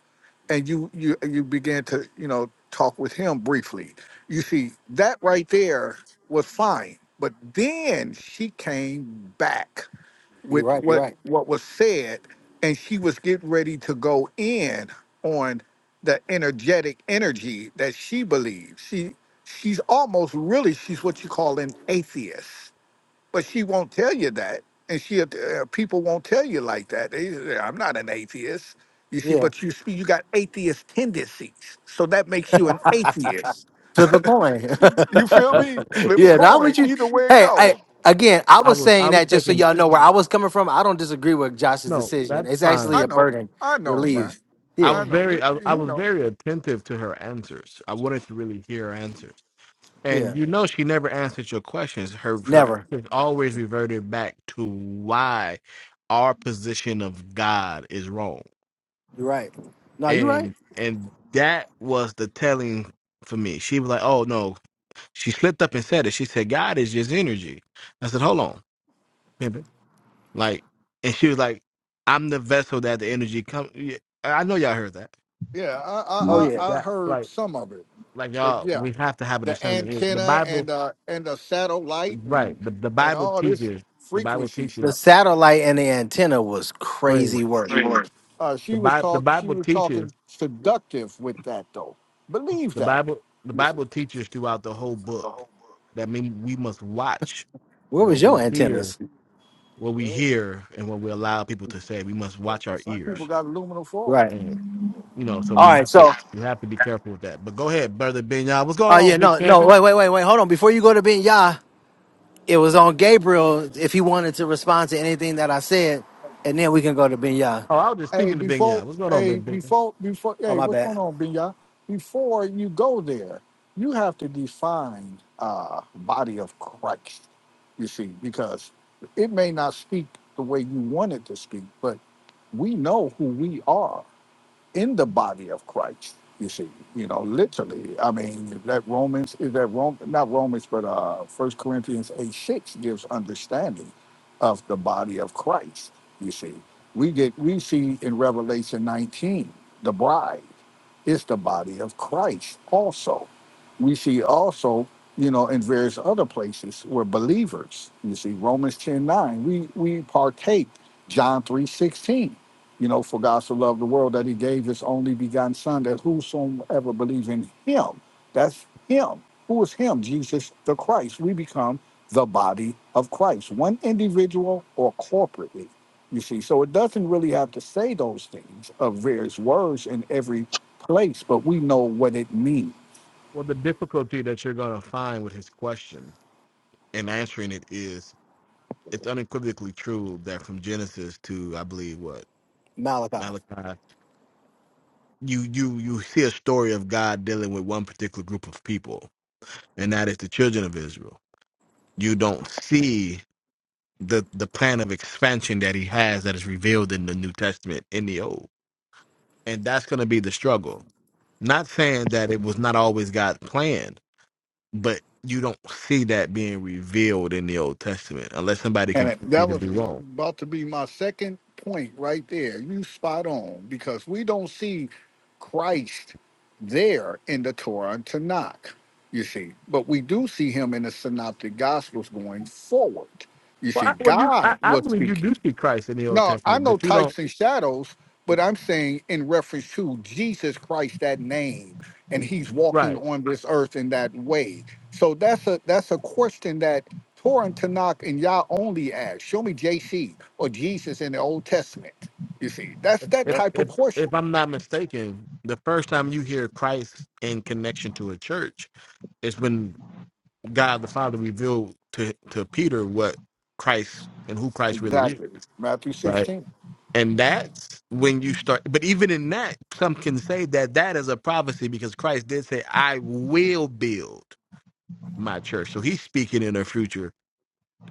and you you you began to you know talk with him briefly you see that right there was fine but then she came back You're with right. You're what right. what was said and she was getting ready to go in on the energetic energy that she believes she she's almost really she's what you call an atheist but she won't tell you that and she uh, people won't tell you like that they, say, i'm not an atheist you see Yeah. but you see you got atheist tendencies so that makes you an atheist Flip a you feel You- me coin. flip a yeah. Now would coin you. either way it Hey, I goes again, I I was was, I saying was that just so taking, y'all know where I was coming from. I don't disagree with Josh's no, decision. that's It's actually fine. i a know burden i know That- man relief. I Yeah. i was know we very I, I you was know very attentive to her answers. I wanted to really hear her answers. Yeah. And you know she never answered your questions. Her her Never. answers always reverted back to why our position of God is wrong. You're right. No, you're right. And and that was the telling for me. She was like, Oh no. She slipped up and said it. She said, God is just energy. I said, Hold on, pimpin'. Like and she was like, I'm the vessel that the energy come Yeah, I know y'all heard that. Yeah, I, Oh Mm, yeah. I I I Yeah, heard like. some of it, like but y'all, yeah, we have to have a the discerning ear. The antenna Bible, and uh and the satellite and right? The, the and Bible all this teaches. The Bible frequency The teaches stuff. satellite and the antenna was praise. crazy work. Right. Uh, The she was Bible, the talk she Bible was teaches. talking seductive with that though. Believe The that. Bible, the Yes, sir. Bible teaches throughout the whole book. The whole book. That means we must watch Where was what your we hear, antennas? what You we know, hear, and what we allow people to say. We must but watch our Some people ears, got aluminum foil. Right. and you know, so we All right. have to So, we have to be careful with that. But go ahead, brother Benya. What's oh going on, yeah, Big no, no. Pimpin? Wait, wait, wait, wait. Hold on. Before you go to Ben Yah, it was on Gabriel if he wanted to respond to anything that I said, and then we can go to Ben Yah. Oh, I was just Hey, speaking to Benya. before, What's going on, hey, Big Pimpin? before, before, Oh hey, my what's bad, going on, Binya? Before you go there, you have to define uh body of Christ. You see, because it may not speak the way you want it to speak, but we know who we are in the body of Christ. You see, you know, literally. I mean, that Romans is that Rome, not Romans, but uh, First Corinthians eight six gives understanding of the body of Christ. You see, we get we see in Revelation nineteen the bride is the body of Christ. Also, we see also you know in various other places where believers. You see, Romans ten nine we we partake John three sixteen you know, for God so loved the world that he gave his only begotten son, that whosoever believes in him, that's him. Who is him? Jesus the Christ. We become the body of Christ, one individual or corporately. You see, so it doesn't really have to say those things of various words in every place, but we know what it means Well, the difficulty that you're going to find with his question and answering it is it's unequivocally true that from Genesis to I believe what Malachi. Malachi, you you you see a story of God dealing with one particular group of people, and that is the children of Israel. You don't see the the plan of expansion that He has that is revealed in the New Testament in the Old, and that's going to be the struggle. Not saying that it was not always God's plan, but you don't see that being revealed in the Old Testament unless somebody And can it- that prove me to was be wrong about to be my second point right there. You spot on because we don't see Christ there in the Torah and Tanakh, you see, but we do see him in the Synoptic Gospels going forward. You Well, see, I, well, you, I, God I was believe you speaking. do see Christ in the Old No, I Testament, know but you don't. types and shadows, but I'm saying in reference to Jesus Christ, that name, and he's walking Right. on this earth in that way. So that's a that's a question that Torah and Tanakh and Yah only ask. Show me JC or Jesus in the Old Testament. You see, that's If, that if Yep. type of if question. if I'm not mistaken, the first time you hear Christ in connection to a church is when God the Father revealed to to Peter what Christ and who Christ really is. Exactly. Matthew Right. 16. And that's when you start. But even in that, some can say that that is a prophecy because Christ did say, "I will build my church." So He's speaking in the future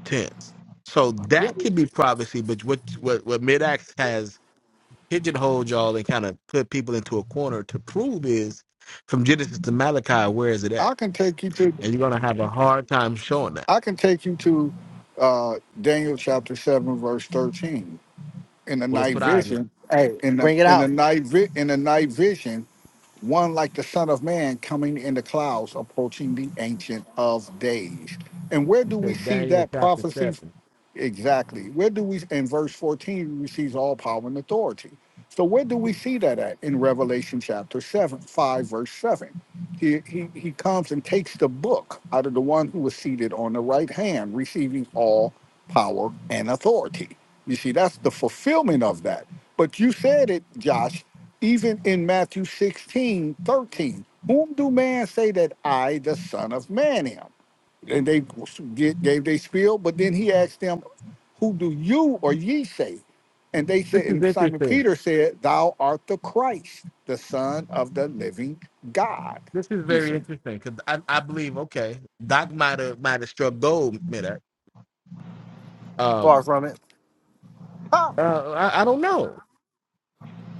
tense. So Yep. that could be privacy, but what what what Midax has pigeonholed y'all and kind of put people into a corner to prove is from Genesis to Malachi, where is it at? I can take you to And you're gonna have a hard time showing that. I can take you to uh Daniel chapter 7, verse 13. in the Well, let's night put eyes on. it. vision, Hey, in the bring it in the out. night vi- in the night vision, one like the Son of Man coming in the clouds, approaching the Ancient of Days. And where You do we said see Daniel that chapter prophecy? seven. Exactly. Where do we in verse 14 we sees all power and authority. So where do we see that at? In Revelation chapter 7, 5, verse 7. He, he, he comes and takes the book out of the one who was seated on the right hand, receiving all power and authority. You see, that's the fulfillment of that. But you said it, Josh, even in Matthew 16 13, Whom do man say that I, the Son of Man, am? and they get, gave they spiel. But then he asked them, "Who do you or ye say?" And they This said, is and Simon interesting. Peter said, "Thou art the Christ, the Son of the Living God." This is You very see? interesting because I, I believe okay, Doc might have might have struck gold Midax. Far Um, from it. Ah, uh, I, I don't know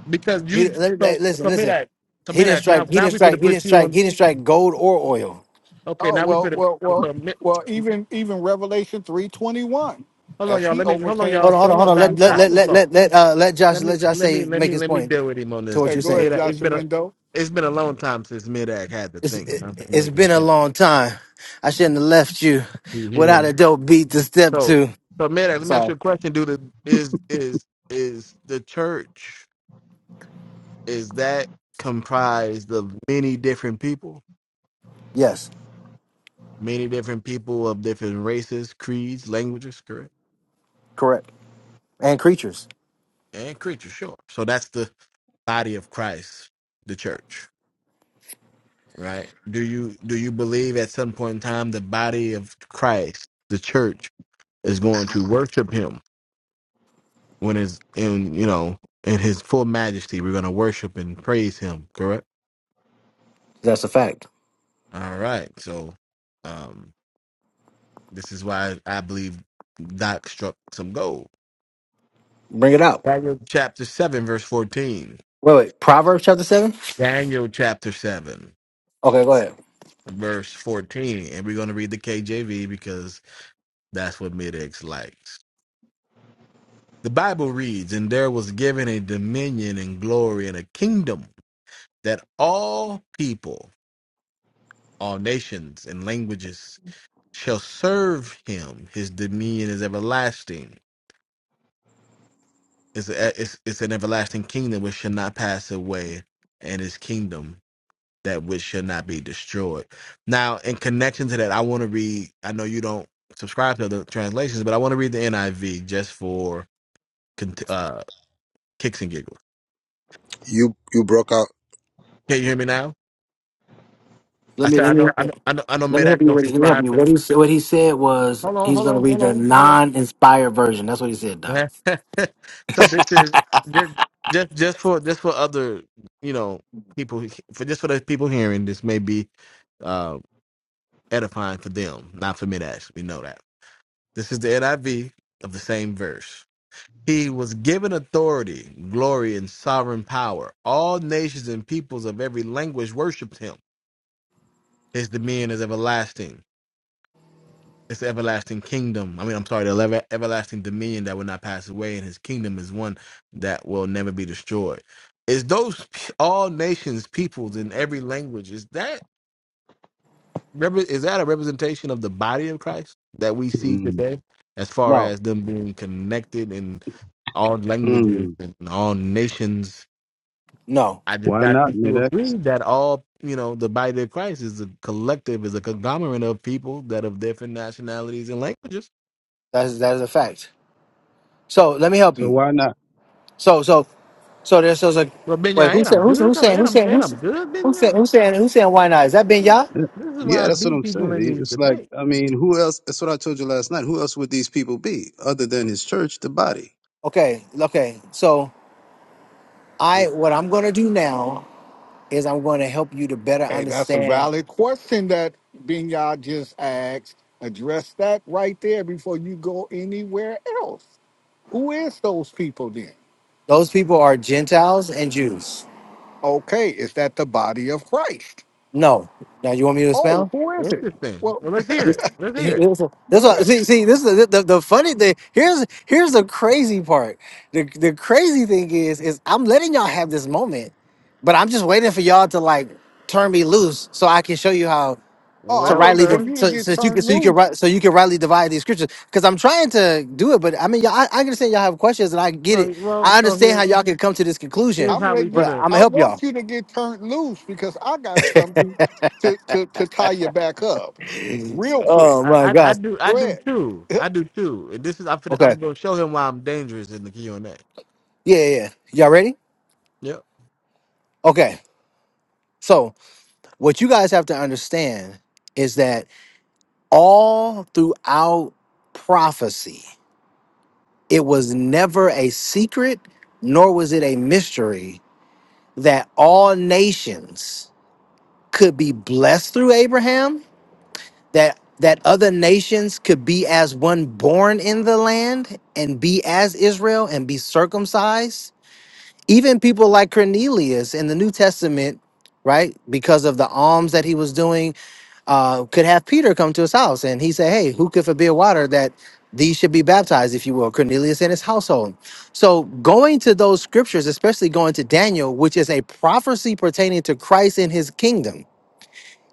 because you He, let- so let- listen, so listen. Midax so He didn't Midax strike. now He now didn't we could strike. have He put didn't you on. strike. He didn't strike gold or oil. Okay, oh now we well, finish. well, well, So, mi- well. Even even Revelation three twenty one, hold on, as y'all. he Let me hold on, overcame Hold and on, y'all. hold on, Hold set hold on, on. on Let Doc. his let Doc, let father's let hold sin. on. let let uh, let Josh Let let me Josh let me say let make me his let me point deal with him on to this. what Hey, you're go saying. Mid, ahead, it's Joshua been a Mendo. it's been a long time since Midak had to It's think. You know, it, I'm it's making been a sense. long time. I shouldn't have left you He, he without a didn't. dope beat to step So to. so Midak, let me ask Sorry. you a question. Do the is is is the church is that comprised of many different people, Yes, many different people of different races, creeds, languages, correct, correct. And creatures. and creatures? Sure. So that's the body of Christ, the church. right? Do you do you believe at some point in time the body of Christ, the church, is going to worship him when it's in you know in his full majesty? We're going to worship and praise him. Correct. That's a fact. All right. So, um, this is why I believe Doc struck some gold. Bring it out. Daniel chapter seven, verse fourteen. Wait, wait. Proverbs chapter seven. Daniel chapter seven, Okay, go ahead. verse fourteen, and we're going to read the KJV because that's what Midex likes. The Bible reads, And there was given a dominion and glory and a kingdom that all people, all nations and languages shall serve him. His dominion is everlasting. It's, a, it's, it's an everlasting kingdom which shall not pass away, and his kingdom that which shall not be destroyed. Now, in connection to that, I want to read, I know you don't subscribe to other translations, but I want to read the NIV just for cont- uh, kicks and giggles. You you broke out Can you hear me now? Let I me said, I let me know, help I you. know, I know, I know Let me Medak help you. don't With it. Let me help subscribe you. to. What he said, what he said was Hold on, he's hold gonna on, read hold the on, hold on. non-inspired version. That's what he said, Doc. so this is just, just, just for, just for other, you know, people, who- for just for the people hearing, this may be uh, edifying for them, not for Medak. We know that. This is the NIV of the same verse. He was given authority, glory, and sovereign power. All nations and peoples of every language worshipped him. His dominion is everlasting. It's the everlasting kingdom. I mean, I'm sorry, the lever- everlasting dominion that will not pass away, and his kingdom is one that will never be destroyed. Is those p- all nations, peoples in every language? Is that repre- is that a representation of the body of Christ that we see mm, today, as far No, as them being connected in all languages mm. and all nations? no, I just Why got not, you to Midex? agree that all you know, the body of Christ is a collective, is a conglomerate of people that of different nationalities and languages that's that is a fact. So let me help So you. why not? So so so there's so like But wait, Benya, who ain't said I'm who said good who though? said Ain't who I'm, said who ain't I'm said good, who said Benya? who said who said why not? Is that Ben Yah? Yeah, This is Yeah, why I that's what beat I'm people saying. in It- these It's like, debates. I mean, who else? That's what I told you last night. Who else would these people be other than his church, the body? Okay, okay. So I what I'm gonna do now is I'm gonna help you to better Hey, that's a understand valid question that Binyad just asked. Address that right there before you go anywhere else. Who is those people then? those people are Gentiles and Jews. Okay, is that the body of Christ? No. Now you want me to expound? Oh, who is it? Interesting. Well, Well, let's hear That's it. Let's hear it. go what ahead. see see this is the, the, the funny thing. Here's here's the crazy part. The the crazy thing is is I'm letting y'all have this moment, but I'm just waiting for y'all to like turn me loose so I can show you how Oh, to I'm Well, waiting rightly for div- sir. you to so, get so you can turned so you can loose. ri- so you can rightly divide these scriptures. Because I'm trying to do it, but I mean y'all, I, I understand y'all have questions and I get No, it. well, I so understand here, how y'all can come to this conclusion, here's I'm how we letting you. but gonna. I'm gonna I help y'all. want you to get turned loose because I got something to to to tie you back up, real quick. oh I, my I, I gosh. do, I Go do ahead. too. I do too. And this is, I'm, finna- Okay. I'm gonna show him why I'm dangerous in the Q and A. Yeah, yeah. yeah. Y'all ready? Yep. Okay. So what you guys have to understand is that all throughout prophecy, it was never a secret, nor was it a mystery that all nations could be blessed through Abraham, that that other nations could be as one born in the land and be as Israel and be circumcised. Even people like Cornelius in the New Testament, right? Because of the alms that he was doing uh, could have Peter come to his house and he said, Hey, who could forbid water that these should be baptized, if you will, Cornelius and his household? So, going to those scriptures, especially going to Daniel, which is a prophecy pertaining to Christ and his kingdom,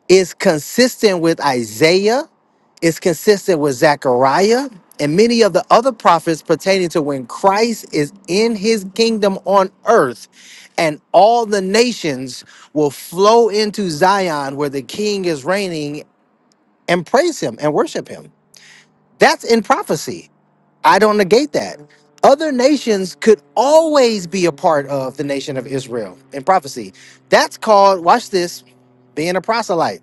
is consistent with Isaiah, is consistent with Zechariah, and many of the other prophets pertaining to when Christ is in his kingdom on earth and all the nations will flow into Zion where the king is reigning and praise him and worship him. That's in prophecy. I don't negate that. Other nations could always be a part of the nation of Israel in prophecy. That's called, watch this, being a proselyte.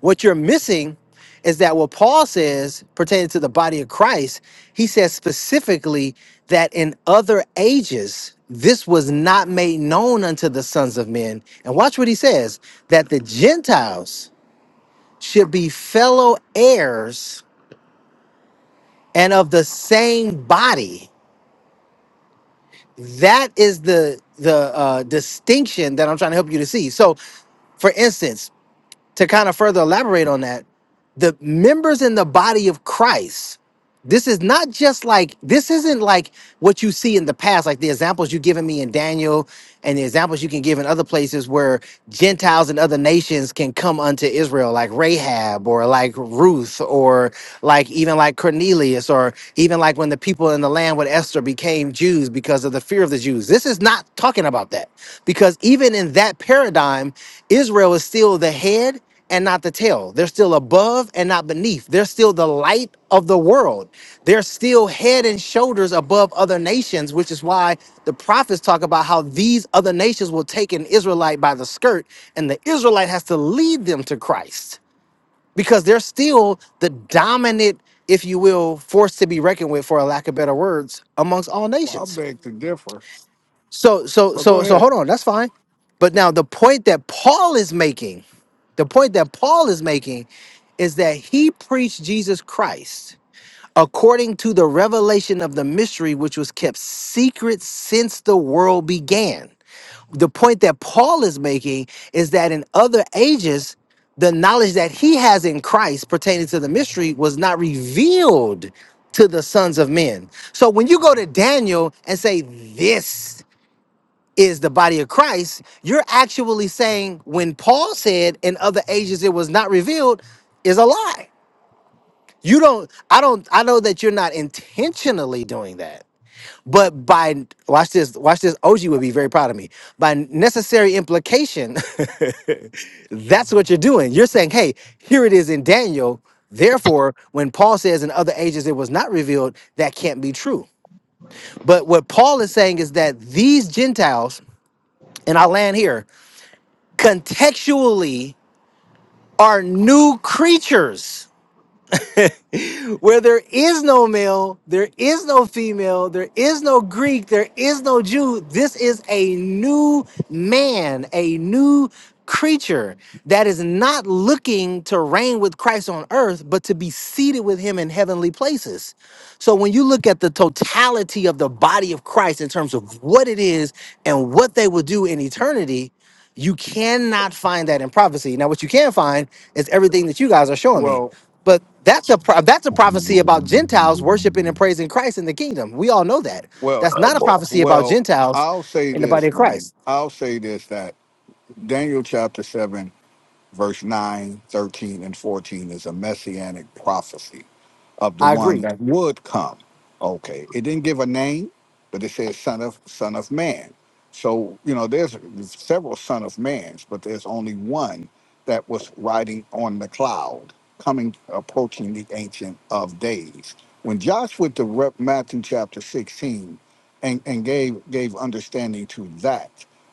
What you're missing is that what Paul says pertaining to the body of Christ, he says specifically that in other ages, this was not made known unto the sons of men. And watch what he says that the Gentiles should be fellow heirs and of the same body. That is the the uh, distinction that I'm trying to help you to see. So, for instance, to kind of further elaborate on that, the members in the body of Christ this is not just like this isn't like what you see in the past, like the examples you've given me in Daniel and the examples you can give in other places where Gentiles and other nations can come unto Israel, like Rahab or like Ruth or like even like Cornelius or even like when the people in the land with Esther became Jews because of the fear of the Jews. This is not talking about that because even in that paradigm, Israel is still the head and not the tail. They're still above and not beneath. They're still the light of the world. They're still head and shoulders above other nations, which is why the prophets talk about how these other nations will take an Israelite by the skirt, and the Israelite has to lead them to Christ because they're still the dominant, if you will, force to be reckoned with, for a lack of better words, amongst all Well, I nations. beg to differ, So so but go so so ahead. hold on, that's fine. But now the point that Paul is making, the point that Paul is making is that he preached Jesus Christ according to the revelation of the mystery which was kept secret since the world began. The point that Paul is making is that in other ages the knowledge that he has in Christ pertaining to the mystery was not revealed to the sons of men. So when you go to Daniel and say this is the body of Christ, you're actually saying when Paul said in other ages it was not revealed is a lie. You don't, I don't, I know that you're not intentionally doing that, but by, watch this, watch this, OG would be very proud of me. By necessary implication, that's what you're doing. You're saying, hey, here it is in Daniel. Therefore, when Paul says in other ages it was not revealed, that can't be true. But what Paul is saying is that these Gentiles, and I land here, contextually are new creatures where there is no male, there is no female, there is no Greek, there is no Jew. This is a new man, a new creature that is not looking to reign with Christ on earth, but to be seated with him in heavenly places. So when you look at the totality of the body of Christ in terms of what it is and what they will do in eternity, you cannot find that in prophecy. Now, what you can find is everything that you guys are showing me. Well, But that's a pro- that's a prophecy about Gentiles worshiping and praising Christ in the kingdom. We all know that. well, That's Oh not a boy. prophecy about well. Gentiles I'll say in the body of this, man. Christ. I'll say this that Daniel chapter seven. verse 9, 13, and 14 is a messianic prophecy of the I one agree. that would come. Okay, it didn't give a name, but it says son of son of man. So you know, there's several son of mans, but there's only one that was riding on the cloud, coming approaching the ancient of days. When Joshua to rep Matthew chapter 16 and, and gave gave understanding to that,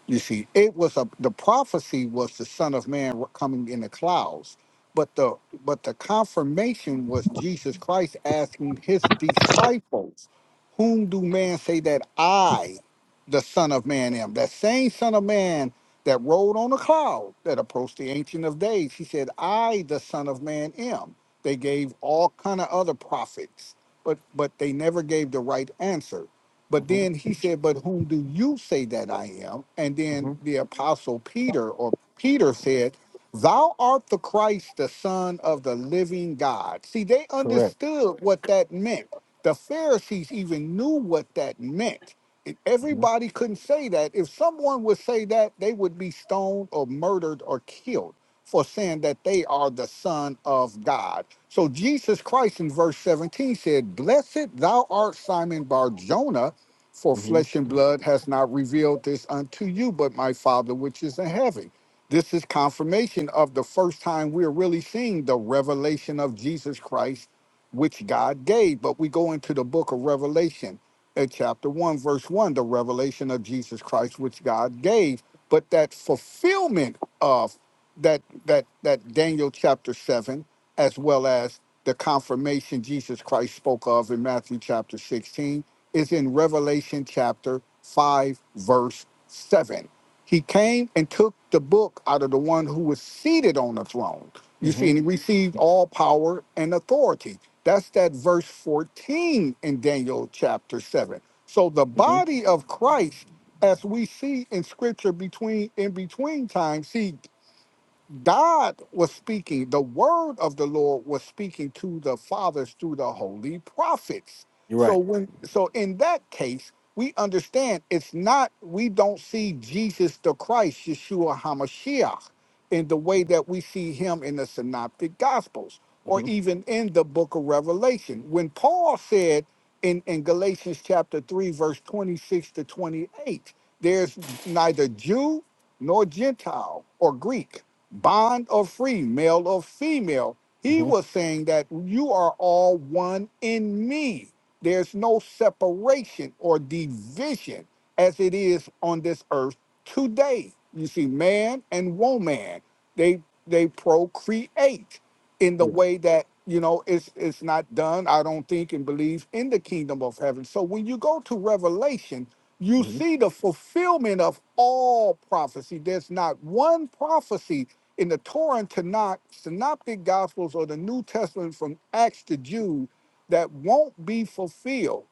you see, it was a the prophecy was the son of man coming in the clouds but the but the confirmation was Jesus Christ asking his disciples, Whom do man say that I, the Son of Man, am? That same Son of Man that rode on a cloud that approached the Ancient of Days, he said, I, the Son of Man, am. They gave all kind of other prophets, but but they never gave the right answer. But hmm then he said, But whom do you say that I am? And hmm then the apostle Peter or Peter said, Thou art the Christ, the Son of the living God. See, they Correct. understood what that meant. The Pharisees even knew what that meant. And hmm everybody couldn't say that. If someone would say that, they would be stoned or murdered or killed for saying that they are the Son of God. So Jesus Christ in verse 17 said, Blessed thou art Simon Bar Jonah, for hmm flesh and blood has not revealed this unto you, but my Father which is in heaven. This is confirmation of the first time we're really seeing the revelation of Jesus Christ, which God gave. But we go into the book of Revelation at chapter 1, verse 1, the revelation of Jesus Christ, which God gave. But that fulfillment of that that that Daniel chapter 7, as well as the confirmation Jesus Christ spoke of in Matthew chapter 16, is in Revelation chapter 5, verse 7. He came and took the book out of the one who was seated on the throne. You hmm see, and he received all power and authority. That's that verse 14 in Daniel chapter 7. So the hmm body of Christ, as we see in scripture between in between times, see God was speaking, the word of the Lord was speaking to the fathers through the holy prophets. You're So right. when so in that case, we understand it's not we don't see Jesus the Christ, Yeshua HaMashiach, in the way that we see him in the synoptic gospels or hmm even in the book of Revelation. When Paul said in, in Galatians chapter 3, verse 26 to 28, there's neither Jew nor Gentile or Greek bond or free, male or female. He hmm was saying that you are all one in me. There's no separation or division as it is on this earth today. You see, man and woman, they they procreate in the Yeah. way that you know it's it's not done i don't think and believe in the kingdom of heaven so when you go to revelation you hmm see the fulfillment of all prophecy there's not one prophecy in the torah and tanakh synoptic gospels or the new testament from acts to jude that won't be fulfilled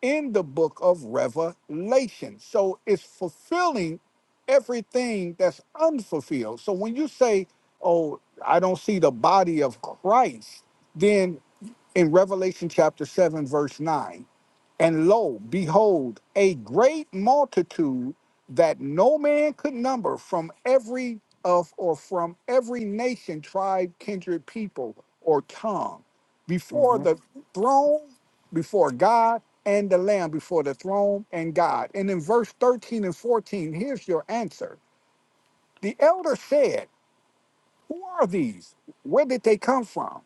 in the book of revelation so it's fulfilling everything that's unfulfilled so when you say oh. I don't see the body of Christ, then in Revelation chapter 7, verse 9, and lo, behold, a great multitude that no man could number from every of or from every nation, tribe, kindred, people, or tongue, before the throne, before God and the Lamb, before the throne and God. And in verse 13 and 14, here's your answer. The elder said, who are these? Where did they come from?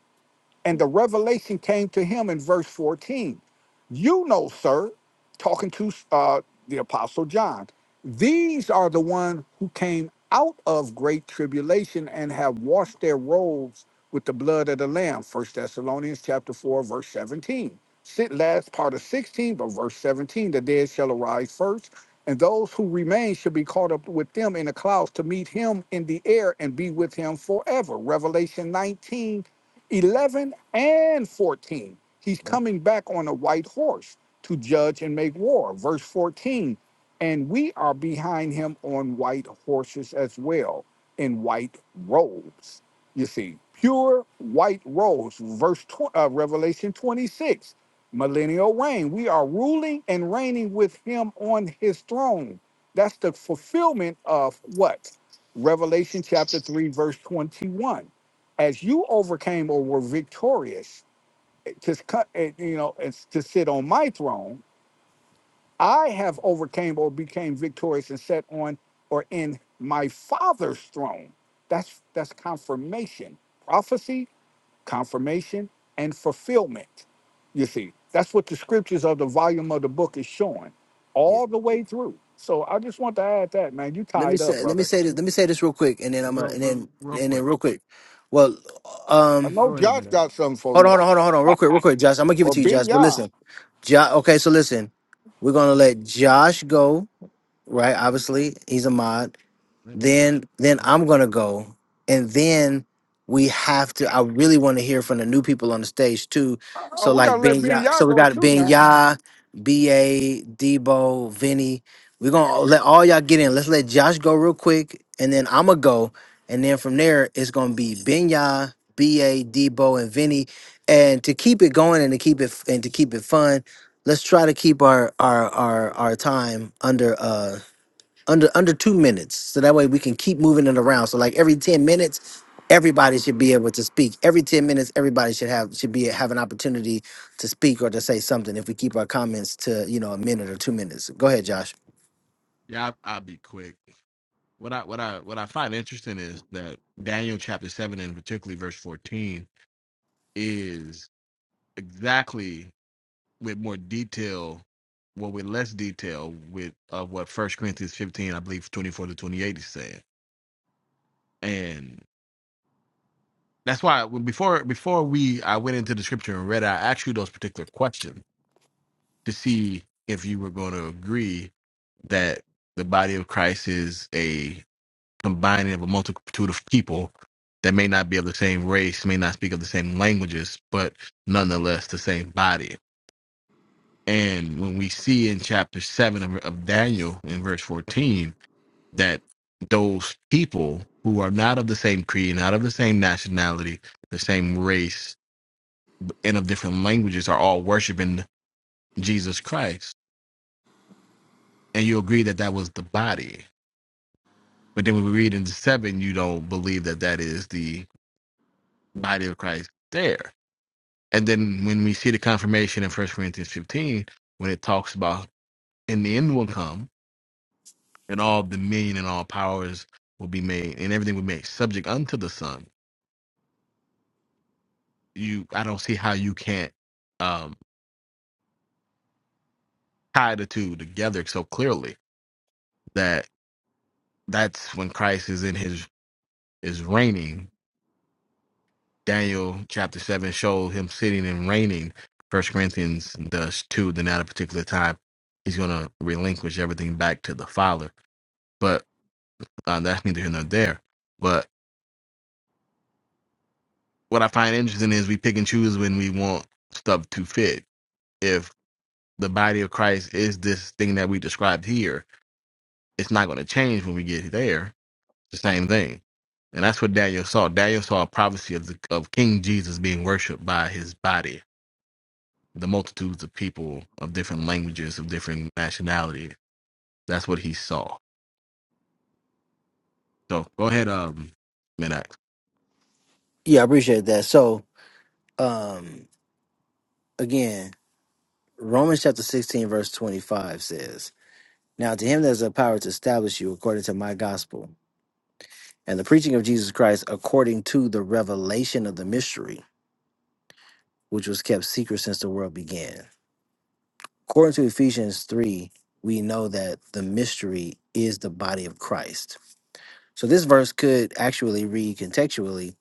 And the revelation came to him in verse 14. You know, sir, talking to uh, the apostle John, these are the one who came out of great tribulation and have washed their robes with the blood of the lamb. First Thessalonians chapter 4, verse 17. Sit last part of 16, but verse 17, the dead shall arise first, and those who remain shall be caught up with them in the clouds to meet him in the air and be with him forever. Revelation 19 11 and 14. He's coming back on a white horse to judge and make war. Verse 14, and we are behind him on white horses as well, in white robes. You see, pure white robes. Verse tw- uh, Revelation 26, millennial reign. We are ruling and reigning with him on his throne. That's the fulfillment of what? Revelation chapter 3, verse 21 as you overcame or were victorious eh, to cut eh, you know it's to sit on my throne i have overcame or became victorious and sat on or in my father's throne that's that's confirmation prophecy confirmation and fulfillment you see that's what the scriptures of the volume of the book is showing hmm all the way through so i just want to add that man you let me tied up say let me brother say this let me say this real quick and then I'm a, Real, and real, then real and then quick. real quick. Well, i um know Go ahead, josh man. got something for hold you on hold on hold on hold on real quick real quick Josh. I'm going to give it or to you ben Josh, but Yah. listen. Josh. okay, so listen. We're going to let Josh go, right? Obviously, he's a mod Let me get. then that then one. I'm gonna go, and then we have to. I really want to hear from the new people on the stage too. Oh, So we like gotta let Ben Ben Ya, y'all so we go got too Ben now. Ya, B A, Debo, Vinny. We're gonna let all y'all get in. Let's let Josh go real quick, and then I'ma go, and then from there it's gonna be Ben Ya, B A, Debo, and Vinny. And to keep it going and to keep it and to keep it fun, let's try to keep our our our our time under uh under under two minutes so that way we can keep moving it around so like every 10 minutes everybody should be able to speak every 10 minutes everybody should have should be have an opportunity to speak or to say something if we keep our comments to you know a minute or two minutes go ahead josh Yeah, I, I'll be quick. What I what I what I find interesting is that Daniel chapter seven and particularly verse fourteen is. exactly with more detail, well, with less detail, with of what First Corinthians fifteen, I believe, twenty four to twenty eight is saying, and that's why when- before before we I went into the scripture and read, I asked you those particular questions to see if you were going to agree that the body of Christ is a combining of a multitude of people that may not be of the same race, may not speak of the same languages, but nonetheless the same body And when we see in chapter 7 of, of Daniel in verse 14 that those people who are not of the same creed, not of the same nationality, the same race, and of different languages are all worshiping Jesus Christ. And you agree that that was the body. But then when we read in 7, you don't believe that that is the body of Christ there. And then when we see the confirmation in First Corinthians 15, when it talks about, and the end will come and all dominion and all powers will be made and everything will be made subject unto the son you i don't see how you can't um tie the two together so clearly that that's when christ is in his is reigning daniel chapter 7 shows him sitting and reigning first corinthians does too then at a particular time he's going to relinquish everything back to the father but uh, that's neither here nor there but what i find interesting is we pick and choose when we want stuff to fit the body of Christ is this thing that we described here. It's not going to change when we get there. It's the same thing. And that's what Daniel saw. Daniel saw a prophecy of the of King Jesus being worshipped by his body, the multitudes of people of different languages, of different nationalities. That's what he saw. So go ahead, um, Midax. yeah i appreciate that so um again romans chapter 16 verse 25 says now to him there's a power to establish you according to my gospel and the preaching of jesus christ according to the revelation of the mystery which was kept secret since the world began According to Ephesians 3, we know that the mystery is the body of Christ. So this verse could actually read contextually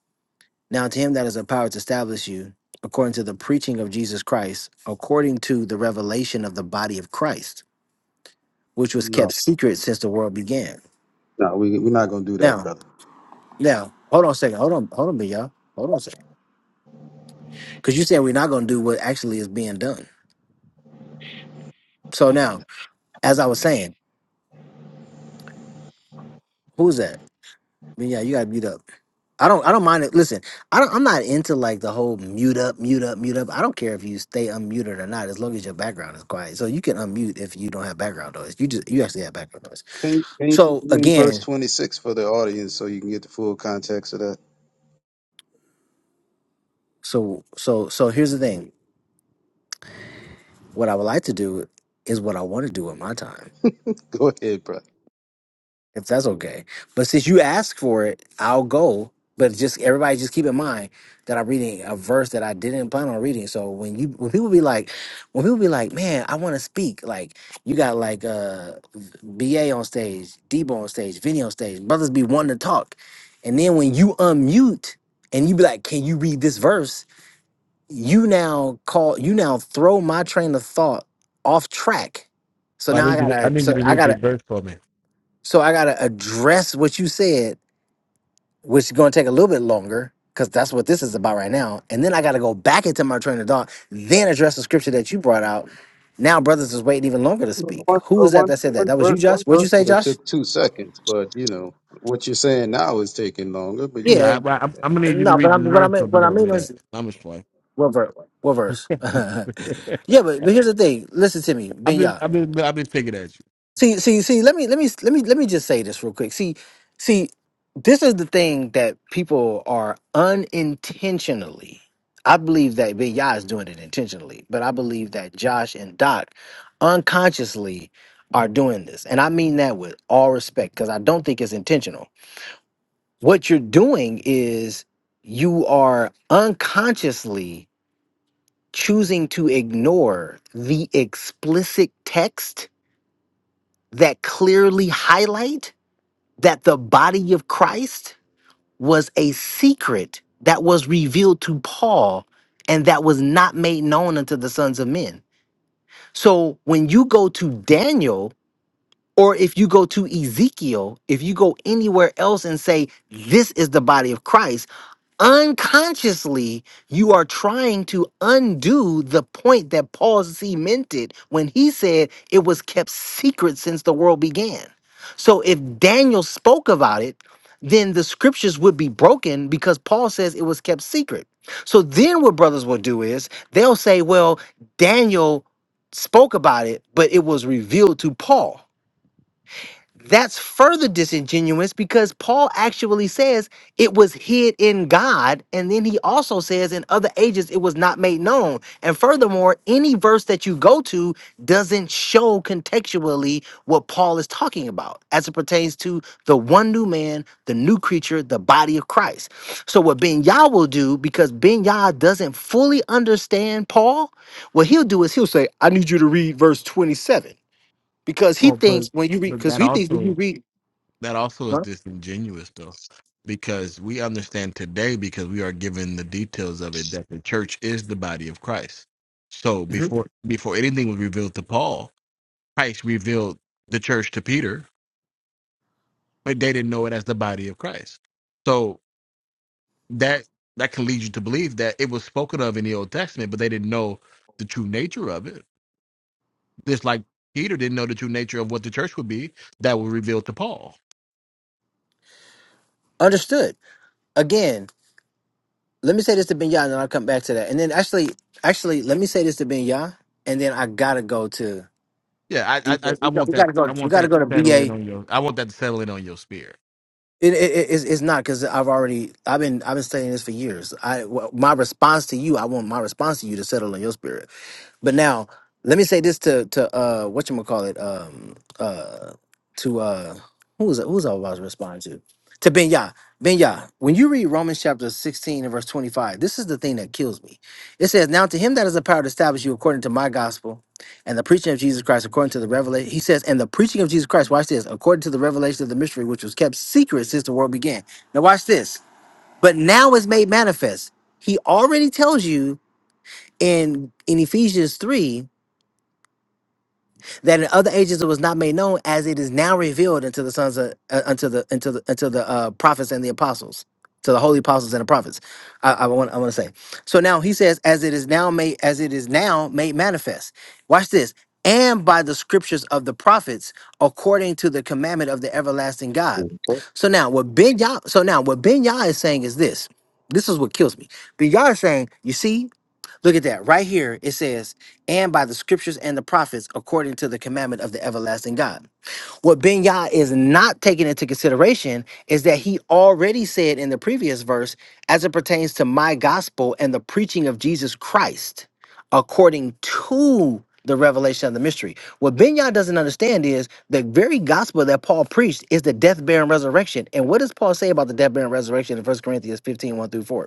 Now to him that is a power to establish you, according to the preaching of Jesus Christ, according to the revelation of the body of Christ, which was kept No, secret since the world began. no, we, we're not going to do that, Now, brother. now, hold on a second. Hold on, hold on, y'all. Hold on a second. Because you said we're not going to do what actually is being done. So now, as I was saying, who's that? But yeah, you gotta mute up. I don't. I don't mind it. Listen, I don't. I'm not into like the whole mute up, mute up, mute up. I don't care if you stay unmuted or not, as long as your background is quiet. So you can unmute if you don't have background noise. You just you actually have background noise. Can, can you just So read verse again, 26 for the audience so you can get the full context of that? so so so here's the thing. What I would like to do is what I want to do with my time. Go ahead, bro. if that's okay. But since you asked for it, I'll go. But just everybody, just keep in mind that I'm reading a verse that I didn't plan on reading. So when you when people be like, when people be like, man, I want to speak. Like you got like uh, Ba on stage, Debo on stage, Vinny on stage. Brothers be wanting to talk, and then when you unmute and you be like, can you read this verse? You now call you now throw my train of thought off track. So I now I need you. To, I gotta need you so to I read gotta this verse for me. so I gotta address what you said, which is gonna take a little bit longer, because that's what this is about right now. And then I gotta go back into my train of thought, then address the scripture that you brought out. Now brothers is waiting even longer to speak. One, Who uh, was that one, that said that? one, That was you, verse, one Josh. What'd you verse say, would have Josh? took two seconds, but you know what you're saying now is taking longer. But you, Yeah, Yeah, I, I, I'm I'm gonna need you to no, but read I'm this what I verse mean for me, what I though, mean Midax. is I'm just playing. what verse? What verse? yeah, but, but here's the thing. Listen to me, I've Ben been, I've been, I've been thinking at you. See, see, see. Let me, let me, let me, let me just say this real quick. See, see, this is the thing that people are unintentionally. I believe that Big Yah is doing it intentionally, but I believe that Josh and Doc unconsciously are doing this, and I mean that with all respect because I don't think it's intentional. What you're doing is you are unconsciously choosing to ignore the explicit text that clearly highlight that the body of Christ was a secret that was revealed to Paul and that was not made known unto the sons of men. So when you go to Daniel, or if you go to Ezekiel, if you go anywhere else and say, This is the body of Christ, unconsciously you are trying to undo the point that Paul cemented when he said it was kept secret since the world began. So if Daniel spoke about it, then the scriptures would be broken because Paul says it was kept secret. So then what brothers will do is they'll say, well, Daniel spoke about it, but it was revealed to Paul. That's further disingenuous because Paul actually says it was hid in God. And then he also says in other ages it was not made known. And furthermore, any verse that you go to doesn't show contextually what Paul is talking about as it pertains to the one new man, the new creature, the body of Christ. So, what Ben Yah will do, because Ben Yah doesn't fully understand Paul, what he'll do is he'll say, I need you to read verse 27 because he Oh, but thinks when you read but because that he thinks when you also read that also is huh? disingenuous though because we understand today because we are given the details of it that the church is the body of christ so hmm before before anything was revealed to paul christ revealed the church to peter but they didn't know it as the body of christ so that that can lead you to believe that it was spoken of in the old testament but they didn't know the true nature of it just like peter didn't know the true nature of what the church would be that was revealed to paul understood again let me say this to ben and then i'll come back to that and then actually actually let me say this to ben and then i gotta go to Yeah, D- I, I I we, I got, want we that. gotta go I we want that gotta to go to ba settle in on your. I want that to settle in on your spirit. it, it, it- it's, it's not because i've already i've been i've been studying this for years i wh- my response to you i want my response to you to settle in your spirit But now, let me say this to to uh what you call it um uh to uh who was who was I about to respond to to Ben Yah Ben Yah. When you read Romans chapter sixteen and verse twenty five, this is the thing that kills me. It says, "Now to him that is the power to establish you according to my gospel, and the preaching of Jesus Christ according to the revelation." He says, "And the preaching of Jesus Christ." Watch this. According to the revelation of the mystery, which was kept secret since the world began. Now watch this. But now is made manifest. He already tells you in in Ephesians three that in other ages it was not made known, as it is now revealed unto the sons of uh, unto the unto the unto the uh, prophets and the apostles, to the holy apostles and the prophets. I, I want I want to say. So now he says, as it is now made as it is now made manifest. Watch this. And by the scriptures of the prophets, according to the commandment of the everlasting God. okay. So now what Ben Yah, so now what Ben Yah is saying is this. This is what kills me. Ben Yah is saying, you see, Look at that. Right here, it says, and by the scriptures and the prophets, according to the commandment of the everlasting God. What Ben Yah is not taking into consideration is that he already said in the previous verse, as it pertains to my gospel and the preaching of Jesus Christ, according to the revelation of the mystery. What Ben Yah doesn't understand is the very gospel that Paul preached is the death, burial, and resurrection. And what does Paul say about the death, burial, and resurrection in First Corinthians fifteen one through 4?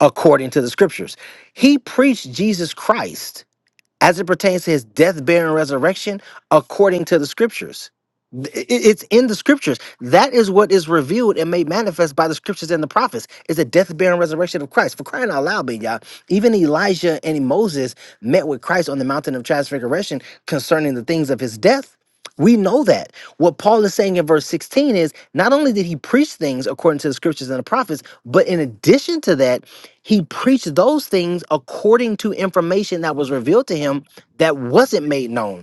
according to the scriptures. He preached Jesus Christ as it pertains to his death, burial, and resurrection according to the scriptures. Th- i- i- It's in the scriptures. That is what is revealed and made manifest by the scriptures and the prophets is the death, burial, and resurrection of Christ. For crying out loud, big y'all. Even Elijah and Moses met with Christ on the mountain of transfiguration concerning the things of his death we know that. What Paul is saying in verse 16 is not only did he preach things according to the scriptures and the prophets, but in addition to that, he preached those things according to information that was revealed to him that wasn't made known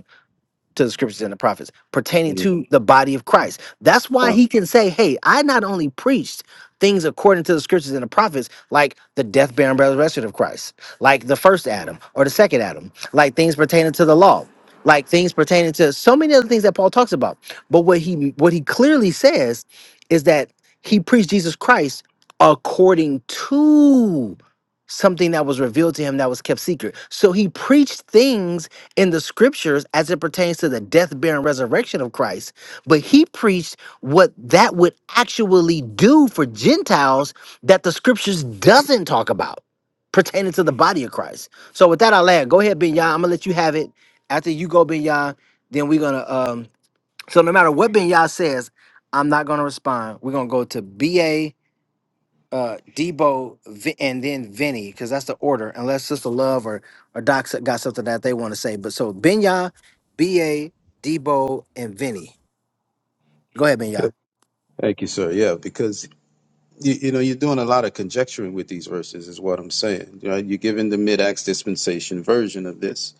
to the scriptures and the prophets pertaining Mm, to the body of Christ. That's why uh, he can say, Hey, I not only preached things according to the scriptures and the prophets, like the death, burial, and resurrection of Christ, like the first Adam or the second Adam, like things pertaining to the law, like things pertaining to so many other things that Paul talks about. But what he what he clearly says is that he preached Jesus Christ according to something that was revealed to him that was kept secret. So he preached things in the scriptures as it pertains to the death, burial, and resurrection of Christ, but he preached what that would actually do for Gentiles that the scriptures doesn't talk about pertaining to the body of Christ. So with that, I'll land. Go ahead, Binya. I'm gonna let you have it. After you go, Binya, then we're gonna um so no matter what Binya says, I'm not gonna respond. We're gonna go to BA uh Debo Vi- and then Vinny because that's the order. Unless Sister Love or or Doc s- got something that they want to say, but so Benya, B A, Debo, and Vinny. Go ahead, yeah. Benya. thank you, sir. Yeah, because you, you know you're doing a lot of conjecturing with these verses, is what I'm saying. Right? You're giving the mid-ax dispensation version of this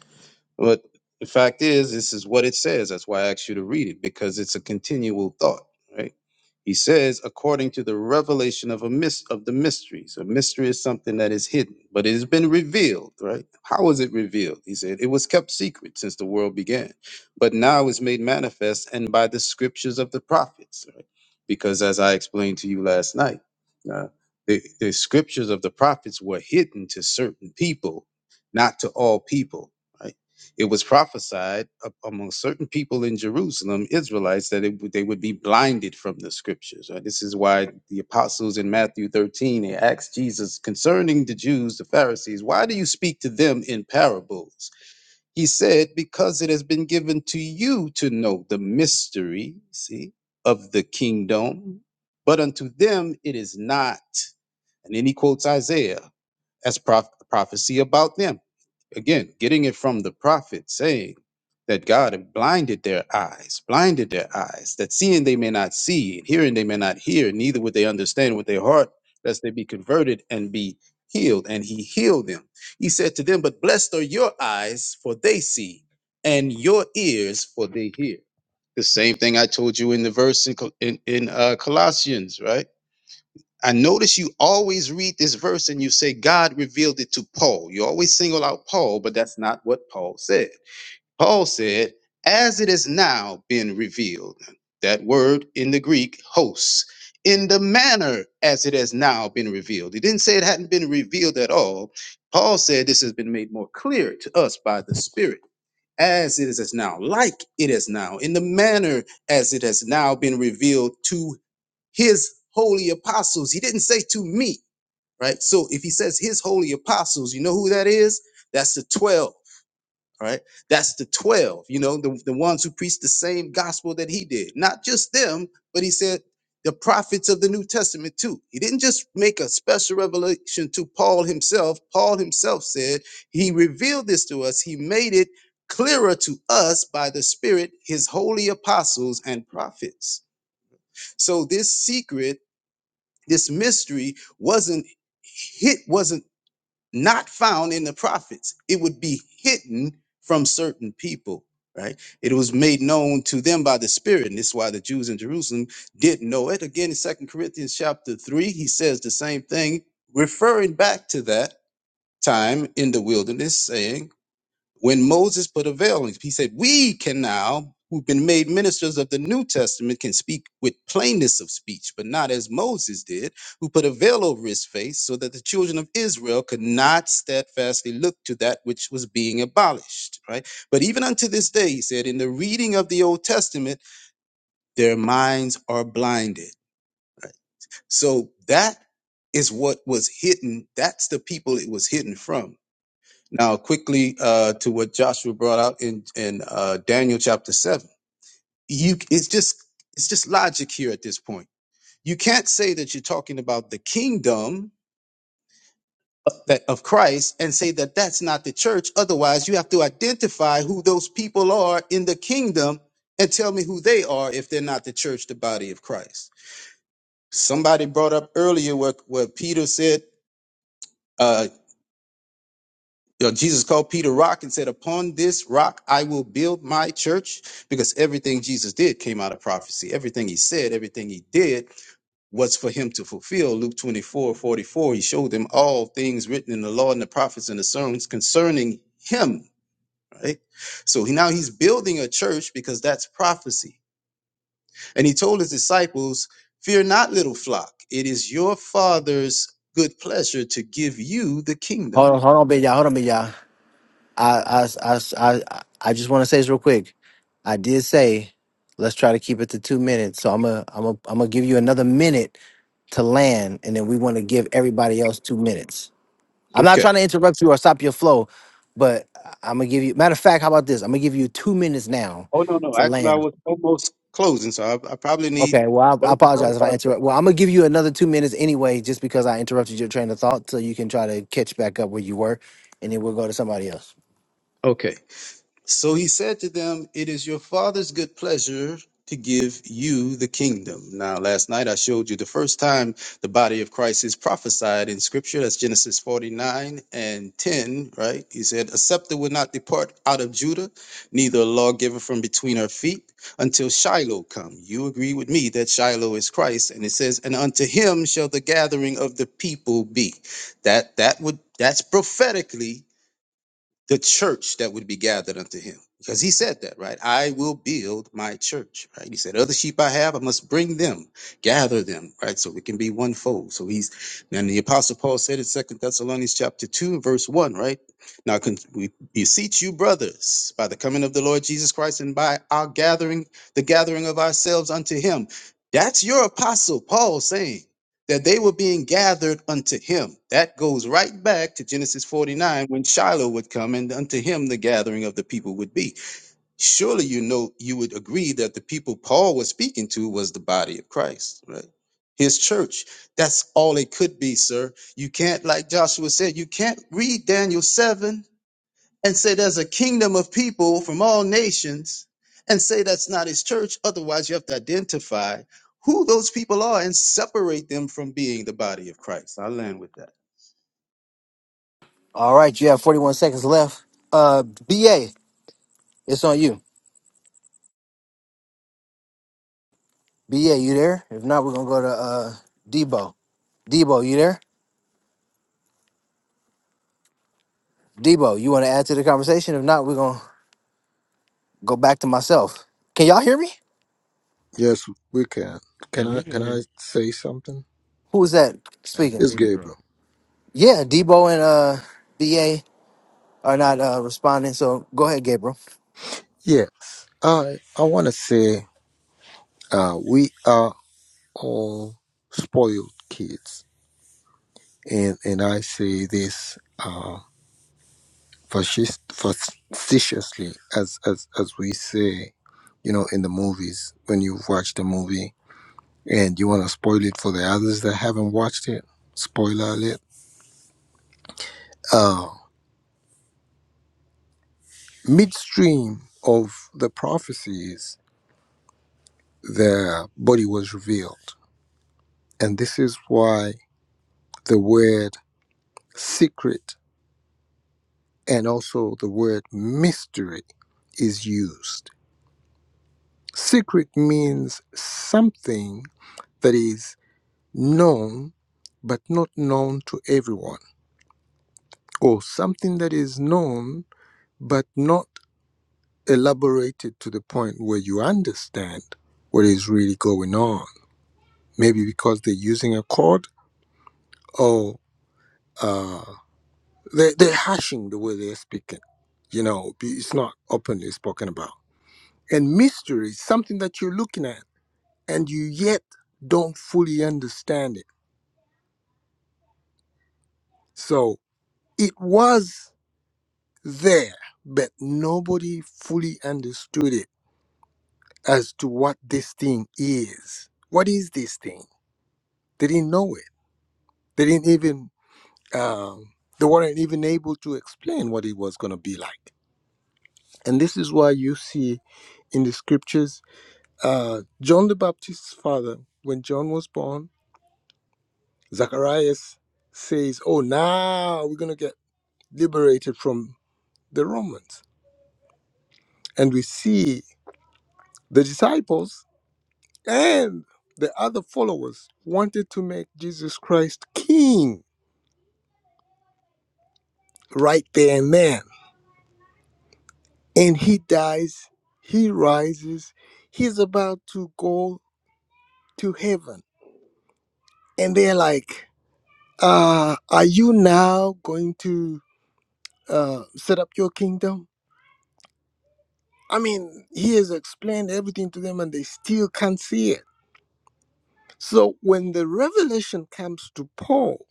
But the fact is, this is what it says. That's why I asked you to read it because it's a continual thought, right? He says, according to the revelation of a mist of the mysteries. A mystery is something that is hidden, but it has been revealed, right? How was it revealed? He said, it was kept secret since the world began, but now is made manifest and by the scriptures of the prophets, right? Because as I explained to you last night, uh, the, the scriptures of the prophets were hidden to certain people, not to all people right? It was prophesied a- among certain people in Jerusalem, Israelites, that it, would- they would be blinded from the scriptures. right? This is why the apostles in Matthew 13 they asked Jesus concerning the Jews, the Pharisees, why do you speak to them in parables? He said, Because it has been given to you to know the mystery, see, of the kingdom, but unto them it is not. And then he quotes Isaiah as proph- prophecy about them again, getting it from the prophet saying that God had blinded their eyes, blinded their eyes, that seeing they may not see, and hearing they may not hear, neither would they understand with their heart, lest they be converted and be healed. And he healed them. He said to them, But blessed are your eyes, for they see, and your ears, for they hear. The same thing I told you in the verse in, Col- in, in uh, Colossians, right? I notice you always read this verse and you say God revealed it to Paul. You always single out Paul, but that's not what Paul said. Paul said, as it is now been revealed. That word in the Greek, hosts, in the manner as it has now been revealed. He didn't say it hadn't been revealed at all. Paul said this has been made more clear to us by the Spirit. As it is as now, like it is now, in the manner as it has now been revealed to his holy apostles. He didn't say to me, right? So if he says his holy apostles, you know who that is? That's the 12, all right? That's the 12, you know, the, the ones who preached the same gospel that he did. Not just them, but he said the prophets of the New Testament too. He didn't just make a special revelation to Paul himself. Paul himself said he revealed this to us, he made it clearer to us by the Spirit, his holy apostles and prophets. So this secret this mystery wasn't hit wasn't not found in the prophets it would be hidden from certain people right it was made known to them by the spirit and this is why the jews in jerusalem didn't know it again in second corinthians chapter 3 he says the same thing referring back to that time in the wilderness saying when Moses put a veil, he said, We can now, who've been made ministers of the New Testament, can speak with plainness of speech, but not as Moses did, who put a veil over his face so that the children of Israel could not steadfastly look to that which was being abolished, right? But even unto this day, he said, In the reading of the Old Testament, their minds are blinded. So that is what was hidden. That's the people it was hidden from now, quickly uh, to what Joshua brought out in in uh, Daniel chapter seven, you it's just it's just logic here at this point. You can't say that you're talking about the kingdom that of Christ and say that that's not the church. Otherwise, you have to identify who those people are in the kingdom and tell me who they are if they're not the church, the body of Christ. Somebody brought up earlier what what Peter said. uh, You know, Jesus called Peter rock and said, Upon this rock I will build my church, because everything Jesus did came out of prophecy. Everything he said, everything he did was for him to fulfill. Luke 24 44. he showed them all things written in the law and the prophets and the sermons concerning him. Right? So he, now he's building a church because that's prophecy. And he told his disciples, Fear not, little flock, it is your father's good pleasure to give you the kingdom. Hold on, hold on, Benya. Hold on, Benya. I I I I, I just want to say this real quick. I did say let's try to keep it to two minutes. So I'm gonna I'm gonna I'm gonna give you another minute to land, and then we want to give everybody else two minutes. I'm not Okay. trying to interrupt you or stop your flow, but I'm gonna give you. Matter of fact, how about this? I'm gonna give you two minutes now Oh, no, no. to Actually, I land. was almost closing, so I, I probably need Okay. Well, I, I 30, apologize if I forty-five seconds. interrupt. Well, I'm gonna give you another two minutes anyway, just because I interrupted your train of thought, so you can try to catch back up where you were, and then we'll go to somebody else. Okay. So he said to them, It is your father's good pleasure to give you the kingdom. Now, last night I showed you the first time the body of Christ is prophesied in scripture. That's Genesis 49 and 10, right? He said, A scepter will not depart out of Judah, neither a lawgiver from between her feet until Shiloh come. You agree with me that Shiloh is Christ. And it says, And unto him shall the gathering of the people be. That that would that's prophetically the church that would be gathered unto him. Because he said that, right? I will build my church, right? He said, Other sheep I have, I must bring them, gather them, right? So we can be one fold. So he's, and the apostle Paul said in Second Thessalonians chapter 2, verse 1, right? Now con- we beseech you, brothers, by the coming of the Lord Jesus Christ and by our gathering, the gathering of ourselves unto him. That's your apostle Paul saying that they were being gathered unto him. That goes right back to Genesis 49 when Shiloh would come and unto him the gathering of the people would be. Surely you know you would agree that the people Paul was speaking to was the body of Christ, right? His church. That's all it could be, sir. You can't, like Joshua said, you can't read Daniel 7 and say there's a kingdom of people from all nations and say that's not his church. Otherwise, you have to identify who those people are and separate them from being the body of Christ. I'll land with that. All right. You have 41 seconds left. Uh, BA, it's on you. BA, you there? If not, we're gonna go to uh Debo. Debo, you there? Debo, you want to add to the conversation? If not, we're gonna go back to myself. Can y'all hear me? Yes, we can. Yeah, Can I we can can hear I say something? Who's that that's speaking? It's gay, bro. Gabriel. Yeah, Debo and uh BA are not uh responding. So go ahead, Gabriel. Yes. I I wanna say uh we are all spoiled kids. And and I say this uh fascist facetiously as as as we say, you know, in the movies when you've watched a movie and you wanna spoil it for the others that haven't watched it. Spoiler alert. Uh midstream of the prophecies their body was revealed. And this is why the word secret and also the word mystery is used. Secret means something that is known but not known to everyone, or something that is known but not elaborated to the point where you understand what is really going on. Maybe because they're using a code or uh, They, they're hashing the way they're speaking. You know, be- it's not openly spoken about. And mystery is something that you're looking at and you yet don't fully understand it. So it was there, but nobody fully understood it as to what this thing is. What is this thing? They didn't know it. They didn't even, um, they weren't even able to explain what it was going to be like. And this is why you see in the scriptures Uh, John the Baptist's father, when John was born, Zacharias says, Oh, now we're going to get liberated from the Romans. And we see the disciples and the other followers wanted to make Jesus Christ king right there and then. And he dies, he rises, he's about to go to heaven. And they're like, uh, Are you now going to uh, set up your kingdom? I mean, he has explained everything to them and they still can't see it. So when the revelation comes to Paul,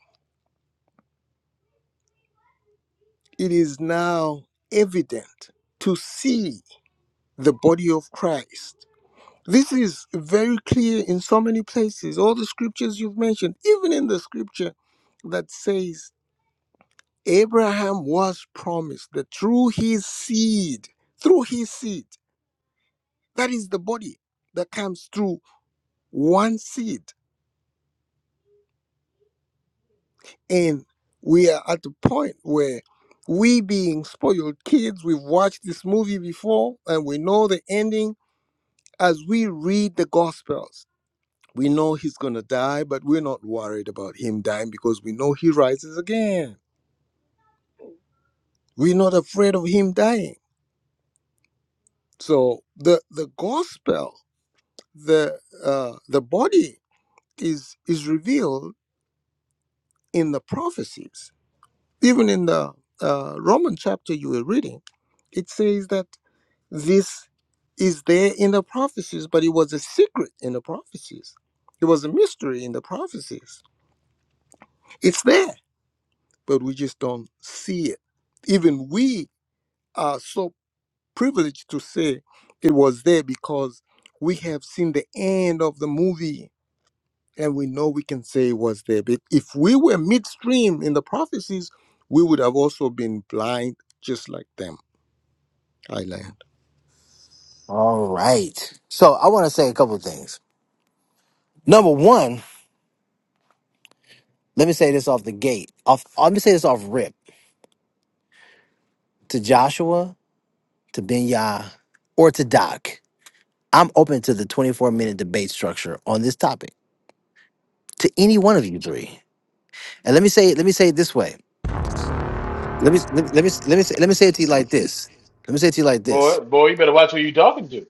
it is now evident to see the body of Christ. This is very clear in so many places. All the scriptures you've mentioned, even in the scripture that says Abraham was promised that through his seed, through his seed, that is the body that comes through one seed And we are at the point where we being spoiled kids, we've watched this movie before and we know the ending as we read the gospels. We know he's gonna die, but we're not worried about him dying because we know he rises again. We're not afraid of him dying. So the the gospel, the uh, the body is is revealed in the prophecies. Even in the uh, Roman chapter you were reading, it says that This is there in the prophecies, but it was a secret in the prophecies. It was a mystery in the prophecies. It's there, but we just don't see it. Even we are so privileged to say it was there because we have seen the end of the movie and we know we can say it was there. But if we were midstream in the prophecies, we would have also been blind just like them. I land. All right. So I want to say a couple of things. Number one, let me say this off the gate. Off uh, let me say this off rip to Joshua, to Benya, or to Doc. I'm open to the 24 minute debate structure on this topic. To any one of you three. And let me say let me say it this way. Let me let me let me let me say, let me say it to you like this. Let me say it to you like this. Boy, boy, you better watch who you talking to.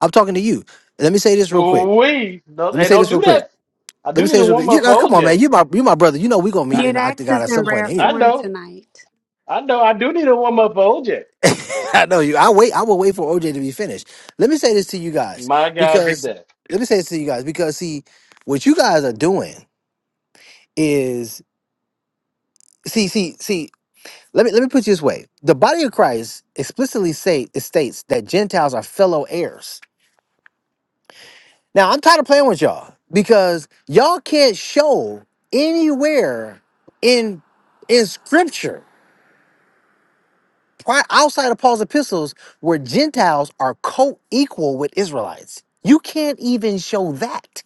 I'm talking to you. Let me say this real quick. We no, Let me hey, say don't this real do quick. that. I Let me do say need a this real warm quick. You up know, for come on, man. OJ. You my you my brother. You know we gonna meet I, in Mute the Axe octagon is at in some point rare I anyway. form know, tonight. I know, I do need a warm up for OJ. I know you. I wait. I will wait for OJ to be finished. Let me say this to you guys My God, did because that. let me say this to you guys because see what you guys are doing is see see see. Let me let me put you this way. The body of Christ explicitly say it states that Gentiles are fellow heirs. Now I'm tired of playing with y'all because y'all can't show anywhere in in Scripture prior, outside of Paul's epistles where Gentiles are co-equal with Israelites. You can't even show that.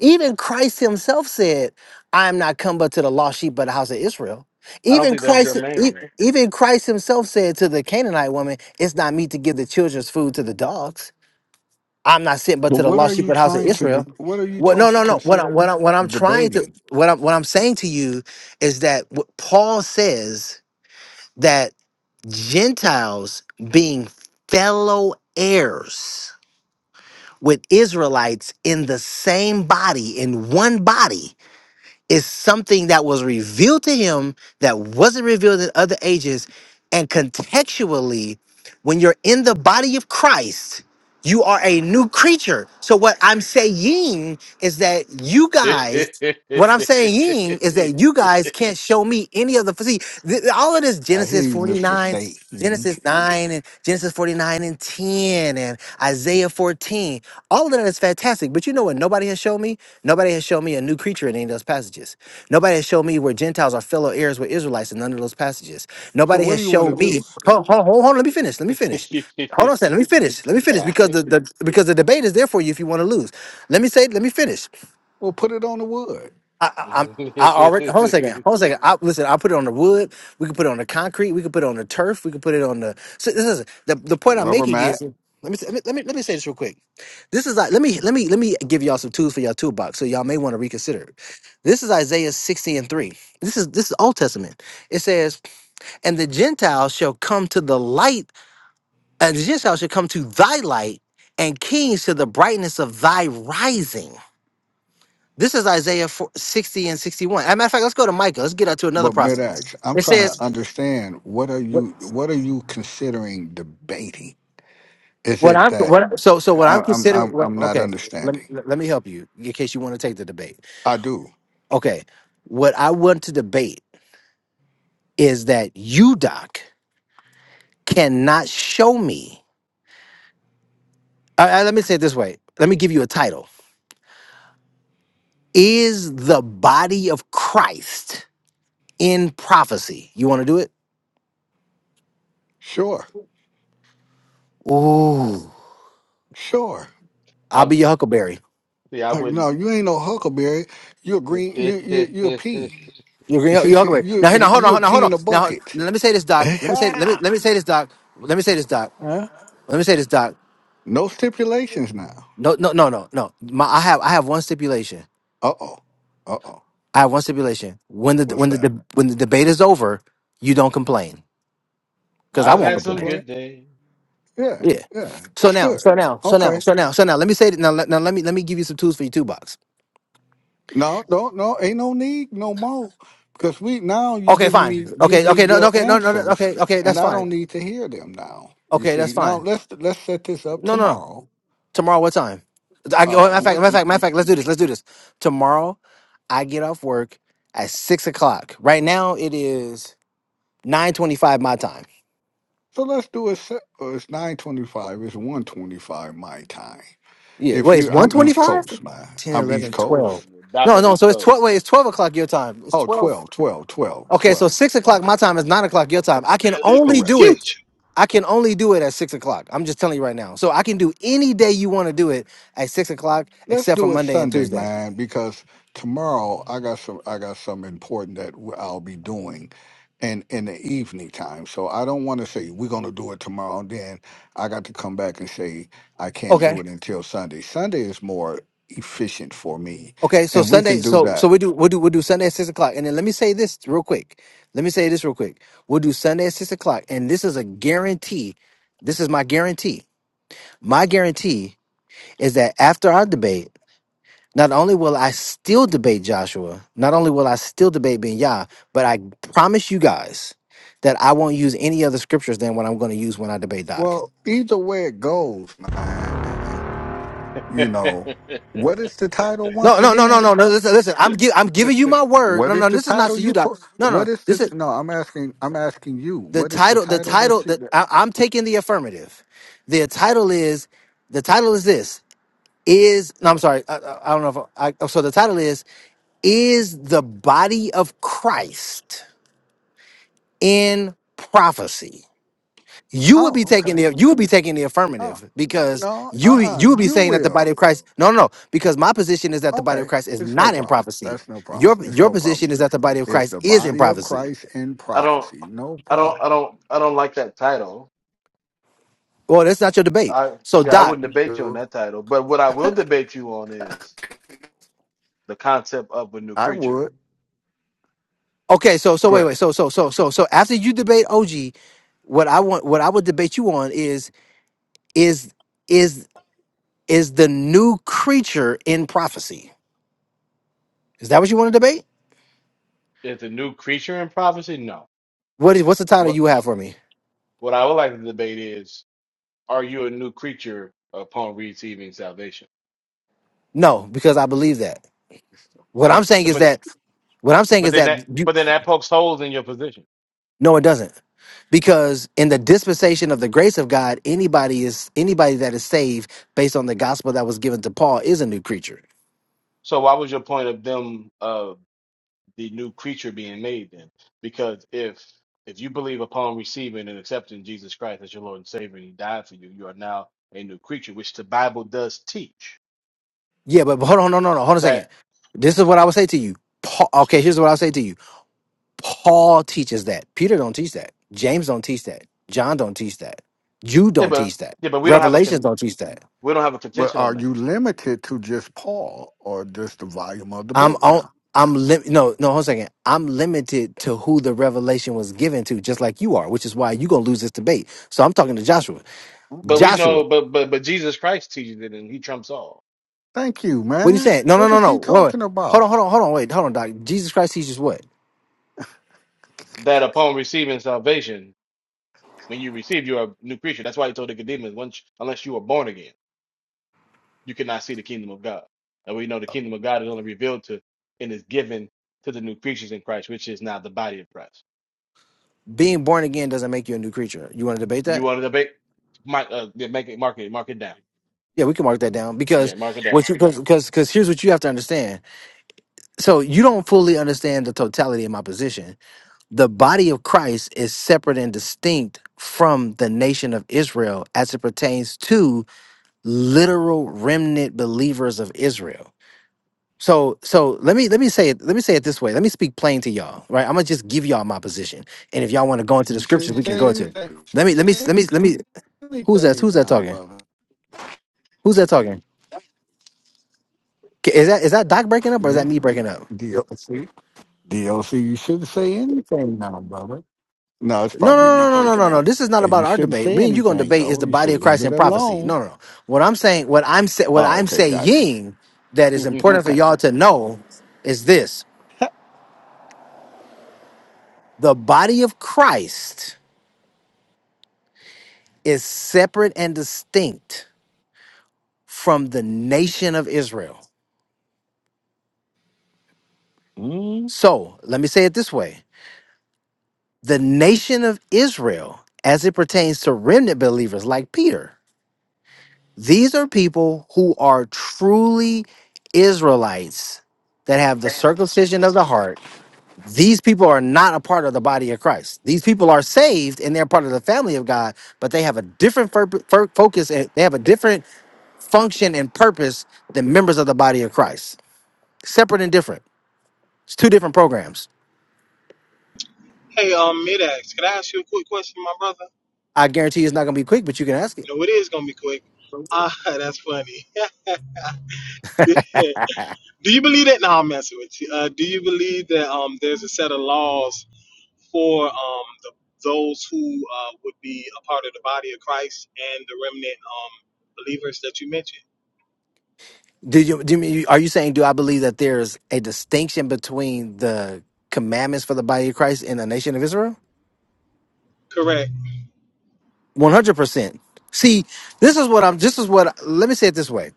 Even Christ himself said, I am not come but to the lost sheep of the house of Israel. I don't Even think that's your Christ name e- though. even Christ himself said to the Canaanite woman, it's not meet to give the children's food to the dogs. I'm not sent but to the lost sheep of the house of Israel. What no no no what I, what I, what I'm trying to what I'm what I'm saying to you is that what Paul says Gentiles being fellow heirs with Israelites in the same body, in one body is something that was revealed to him that wasn't revealed in other ages. And contextually, when you're in the body of Christ, you are a new creature. So, what I'm saying is that you guys, what I'm saying is that you guys can't show me any of the, see, th- all of this I hear Genesis you, Mr. 49, Satan. Genesis 9, and Genesis 49 and 10, and Isaiah 14, all of that is fantastic. But you know what nobody has shown me? Nobody has shown me a new creature in any of those passages. Nobody has shown me where Gentiles are fellow heirs with Israelites in none of those passages. So Nobody what do has you want to shown do? me. Hold, hold, hold, hold on, let me finish. Let me finish. Hold on a second. Let me finish. Let me finish Yeah. because the, the because the debate is there for you if you want to lose. Let me say. Let me finish. Well, put it on the wood. I, I, I'm. I already hold on a second. Hold on a second. I, listen, I put it on the wood. We could put it on the concrete. We could put it on the turf. We could put it on the. So this is the the A point I'm rubber making is. mat, Let me, say- let me let me let me say this real quick. This is like let me let me let me give y'all some tools for y'all toolbox so y'all may want to reconsider. This is Isaiah 60 and 3. This is this is Old Testament. It says, And the Gentiles shall come to the light, and the Gentiles shall come to thy light, and kings to the brightness of thy rising. This is Isaiah 4, 60 and 61. As a matter of fact, let's go to Micah. Let's get out to another but prophet. mid-ax. I'm It trying says, to understand what are what, you what are you considering debating? Is what it I'm that what, so so what I, I'm I'm considering. I'm What, I'm not okay, let, understanding? let let me help you in case you want to take the debate. I do. Okay, what I want to debate is that you, Doc, cannot show me. Uh, uh, let me say it this way. Let me give you a title. Is the body of Christ in prophecy? You want to do it? Sure. Ooh, Sure. I'll I be your huckleberry. see. I Uh, wouldn't. no, you ain't no huckleberry. You're green. You you you're a pea. You can you okay? you Now, here- now, hold you're a on, now, hold pea on. in a Now, bucket. let me say this, doc. Let me say, let me, huh? let me say this, doc. Let me say this, doc. Let me say this, doc. No stipulations now. No, no, no, no, no. My, I have, I have one stipulation. Uh oh. Uh oh. I have one stipulation. When the, What's when the, that? de- when the debate is over, you don't complain because I I I've won't had won't some complain. complain. good days. Yeah, Yeah. yeah. So That's now, good. so now, so now, Okay. so now, so now, let me say that. Now, let- now, let me, let me give you some tools for your toolbox. No, no, no. Ain't no need no more. Because we now you Okay, giving fine. me give Okay, me okay, no, no, your okay, no, no, no, answers okay, okay, and that's I fine. don't need to hear them now. You Okay, see. that's Now fine. let's let's set this up No. No. no. tomorrow. Tomorrow, what time? I oh, matter Uh of fact, what matter the, of yeah, fact, matter of fact, let's do this. Let's do this. Tomorrow, I get off work at six o'clock. Right now, it is nine twenty-five my time. so let's do it se- uh, it's nine twenty five, it's one twenty five my time. Yeah, If wait, it's you one I'm East twenty-five. Coast, man. 10, I'm East 11, 12. Coast. back on No, the no, East so it's Coast. twelve. Wait, it's twelve o'clock your time. It's Oh, twelve. twelve, twelve, twelve, Okay, so twelve. 12, six Oh, o'clock my time is nine o'clock your time. I can and live in only the correct. do it. future. I can only do it at six o'clock. I'm just telling you right now. So I can do any day you want to do it at six o'clock, Let's except for do it Monday and Sunday, Tuesday. man, because tomorrow I got some I got something important that w- I'll be doing and in in the evening time. So I don't want to say we're going to do it tomorrow then I got to come back and say I can't Okay. do it until Sunday. Sunday is more efficient for me Okay, so and we can Sunday, do so so that. we do we'll do we'll do Sunday at six o'clock, and then let me say this real quick. Let me say this real quick. We'll do Sunday at six o'clock, and this is a guarantee. This is my guarantee. My guarantee is that after our debate, not only will I still debate Joshua, not only will I still debate Ben Yah, but I promise you guys that I won't use any other scriptures than what I'm going to use when I debate Doc. Well, either way it goes, man, I you know, what is the title No, once no, no, no, again? no, no. Listen, listen. I'm gi- I'm giving you my word. What No, is no, the this is not title for you, you Doc. put? No, What no. is the This is no? I'm asking. I'm asking you. the What is the title the title that title you? that i'm taking the affirmative the title is the title is this is no i'm sorry i, I I don't know if I, so the title is is the body of christ in prophecy you would Oh, be taking okay. the you would be taking the Oh, affirmative because no, uh you uh you would be You saying that the body will. of christ no no no because my position is that the body of Okay. christ is It's no not in problem. prophecy That's no problem. your It's your no problem. position is that the body of It's christ the is in body of prophecy Christ in don't, prophecy. No I don't, I problem. don't, I don't like that title. well that's not your debate I so yeah, I doc wouldn't debate you on that title. But what I will debate you on is the concept of a new I creature. would. Okay, so so Go wait, ahead. wait, so so so so so after you debate OG, what I want, what I would debate you on is is is is the new creature in prophecy. Is that what you want to debate? Is a new creature in prophecy? No. What is what's the title What you have for me? what I would like to debate is: Are you a new creature upon receiving salvation? No, because I believe that. What I'm But th- saying so, is but that what I'm saying but is then that that you but then that pokes holes in your position. no, it doesn't. Because in the dispensation of the grace of God, anybody is anybody that is saved based on the gospel that was given to Paul is a new creature. So why was your point of them? the new creature being made then. Because if if you believe upon receiving and accepting Jesus Christ as your Lord and Savior and He died for you, you are now a new creature, which the Bible does teach. Yeah, but but hold on, no, no, no, hold on a second. That This is what I would say to you. Paul, okay, here's what I'll say to you. Paul teaches that. Peter don't teach that. James don't teach that. John don't teach that. Jude yeah, don't but teach that. yeah, but we don't have a Revelations con- don't teach that. we don't have a But contention on are that. you limited to just Paul or just the volume of the I'm book on. now? I'm lim- no, no, hold on a second. I'm limited to who the revelation was given to, just like you are, which is why you're gonna lose this debate. So I'm talking to Joshua. But Okay. we Joshua, know, but but but Jesus Christ teaches it, and He trumps all. Thank you, what are you man. saying? No, no, What no, is no. he Wait, wait. talking Hold on, about? hold on, hold on, wait, hold on, Doc. Jesus Christ teaches what? That upon receiving salvation, when you receive, you are a new creature. That's why He told the Nicodemus, once unless you are born again. you cannot see the kingdom of God. And we know the kingdom of God is only revealed to and is given to the new creatures in Christ, which is now the body of Christ. Being born again doesn't make you a new creature. You wanna debate that? You want to debate? Mark, uh, yeah, make it, mark it, mark it down. Yeah, we can mark that down because Yeah, mark it down. what you because because here's what you have to understand. So you don't fully understand the totality of my position. The body of Christ is separate and distinct from the nation of Israel as it pertains to literal remnant believers of Israel. So so let me let me say it let me say it this way. Let me speak plain to y'all, right? I'm gonna just give y'all my position, and if y'all want to go into the You scriptures, shouldn't we can go say into it. anything. You Let me shouldn't let me say let me let me. Who's that? anything Who's that now, talking? brother. Who's that talking? Is that is that Doc breaking up or is that Me? me breaking up? DLC? DLC, you shouldn't say anything now, brother. No, it's No, probably no, me no, no, no, no, breaking no. no. up. This is not Uh, about You our shouldn't debate. say Me and you gonna anything debate is though. the You body should of leave Christ it and prophecy. alone. No, no, no. What I'm saying, what I'm say, what Oh, I'm okay, got you. saying that is important for Okay. y'all to know is this: the body of Christ is separate and distinct from the nation of Israel. Mm. So let me say it this way: the nation of Israel, as it pertains to remnant believers like Peter. These are people who are truly Israelites that have the circumcision of the heart. These people are not a part of the body of Christ. These people are saved and they're part of the family of God, but they have a different fur- fur- focus and they have a different function and purpose than members of the body of Christ. Separate and different. It's two different programs. Hey, um, Midax, can I ask you a quick question, my brother? I guarantee you it's not going to be quick, but you can ask it. No, it is gonna be quick. Ah, that's funny. do you believe that? No, I'm messing with you. Uh, do you believe that um, there's a set of laws for um, the, those who uh, would be a part of the body of Christ and the remnant um, believers that you mentioned? Do you, do you mean, are you saying, do I believe that there's a distinction between the commandments for the body of Christ and the nation of Israel? Correct. One hundred percent. See, this is what I'm. This is what. Let me say it this way.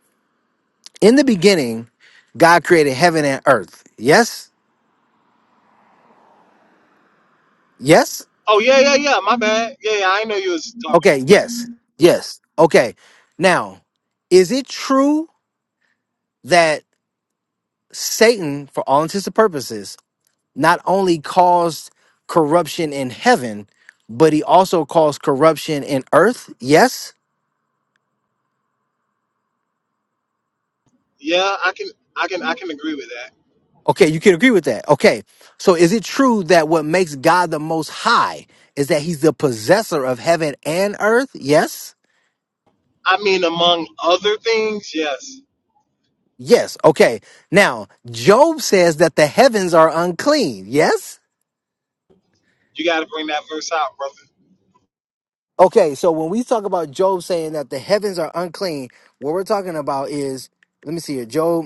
In the beginning, God created heaven and earth. Yes. Yes. Oh yeah, yeah, yeah. My bad. Yeah, yeah I know you was talking. Okay. Yeah, Yes. Yes. Okay. Now, is it true that Satan, for all intents and purposes, not only caused corruption in heaven, but he also caused corruption in earth? Yes. yeah. I can, I can, I can agree with that. Okay, you can agree with that. Okay. So is it true that what makes God the most high is that he's the possessor of heaven and earth? Yes. I mean, among other things, yes. Yes. Okay. Now, Job says that the heavens are unclean. Yes. You got to bring that verse out, brother. Okay. So when we talk about Job saying that the heavens are unclean, what we're talking about is, let me see here. Job,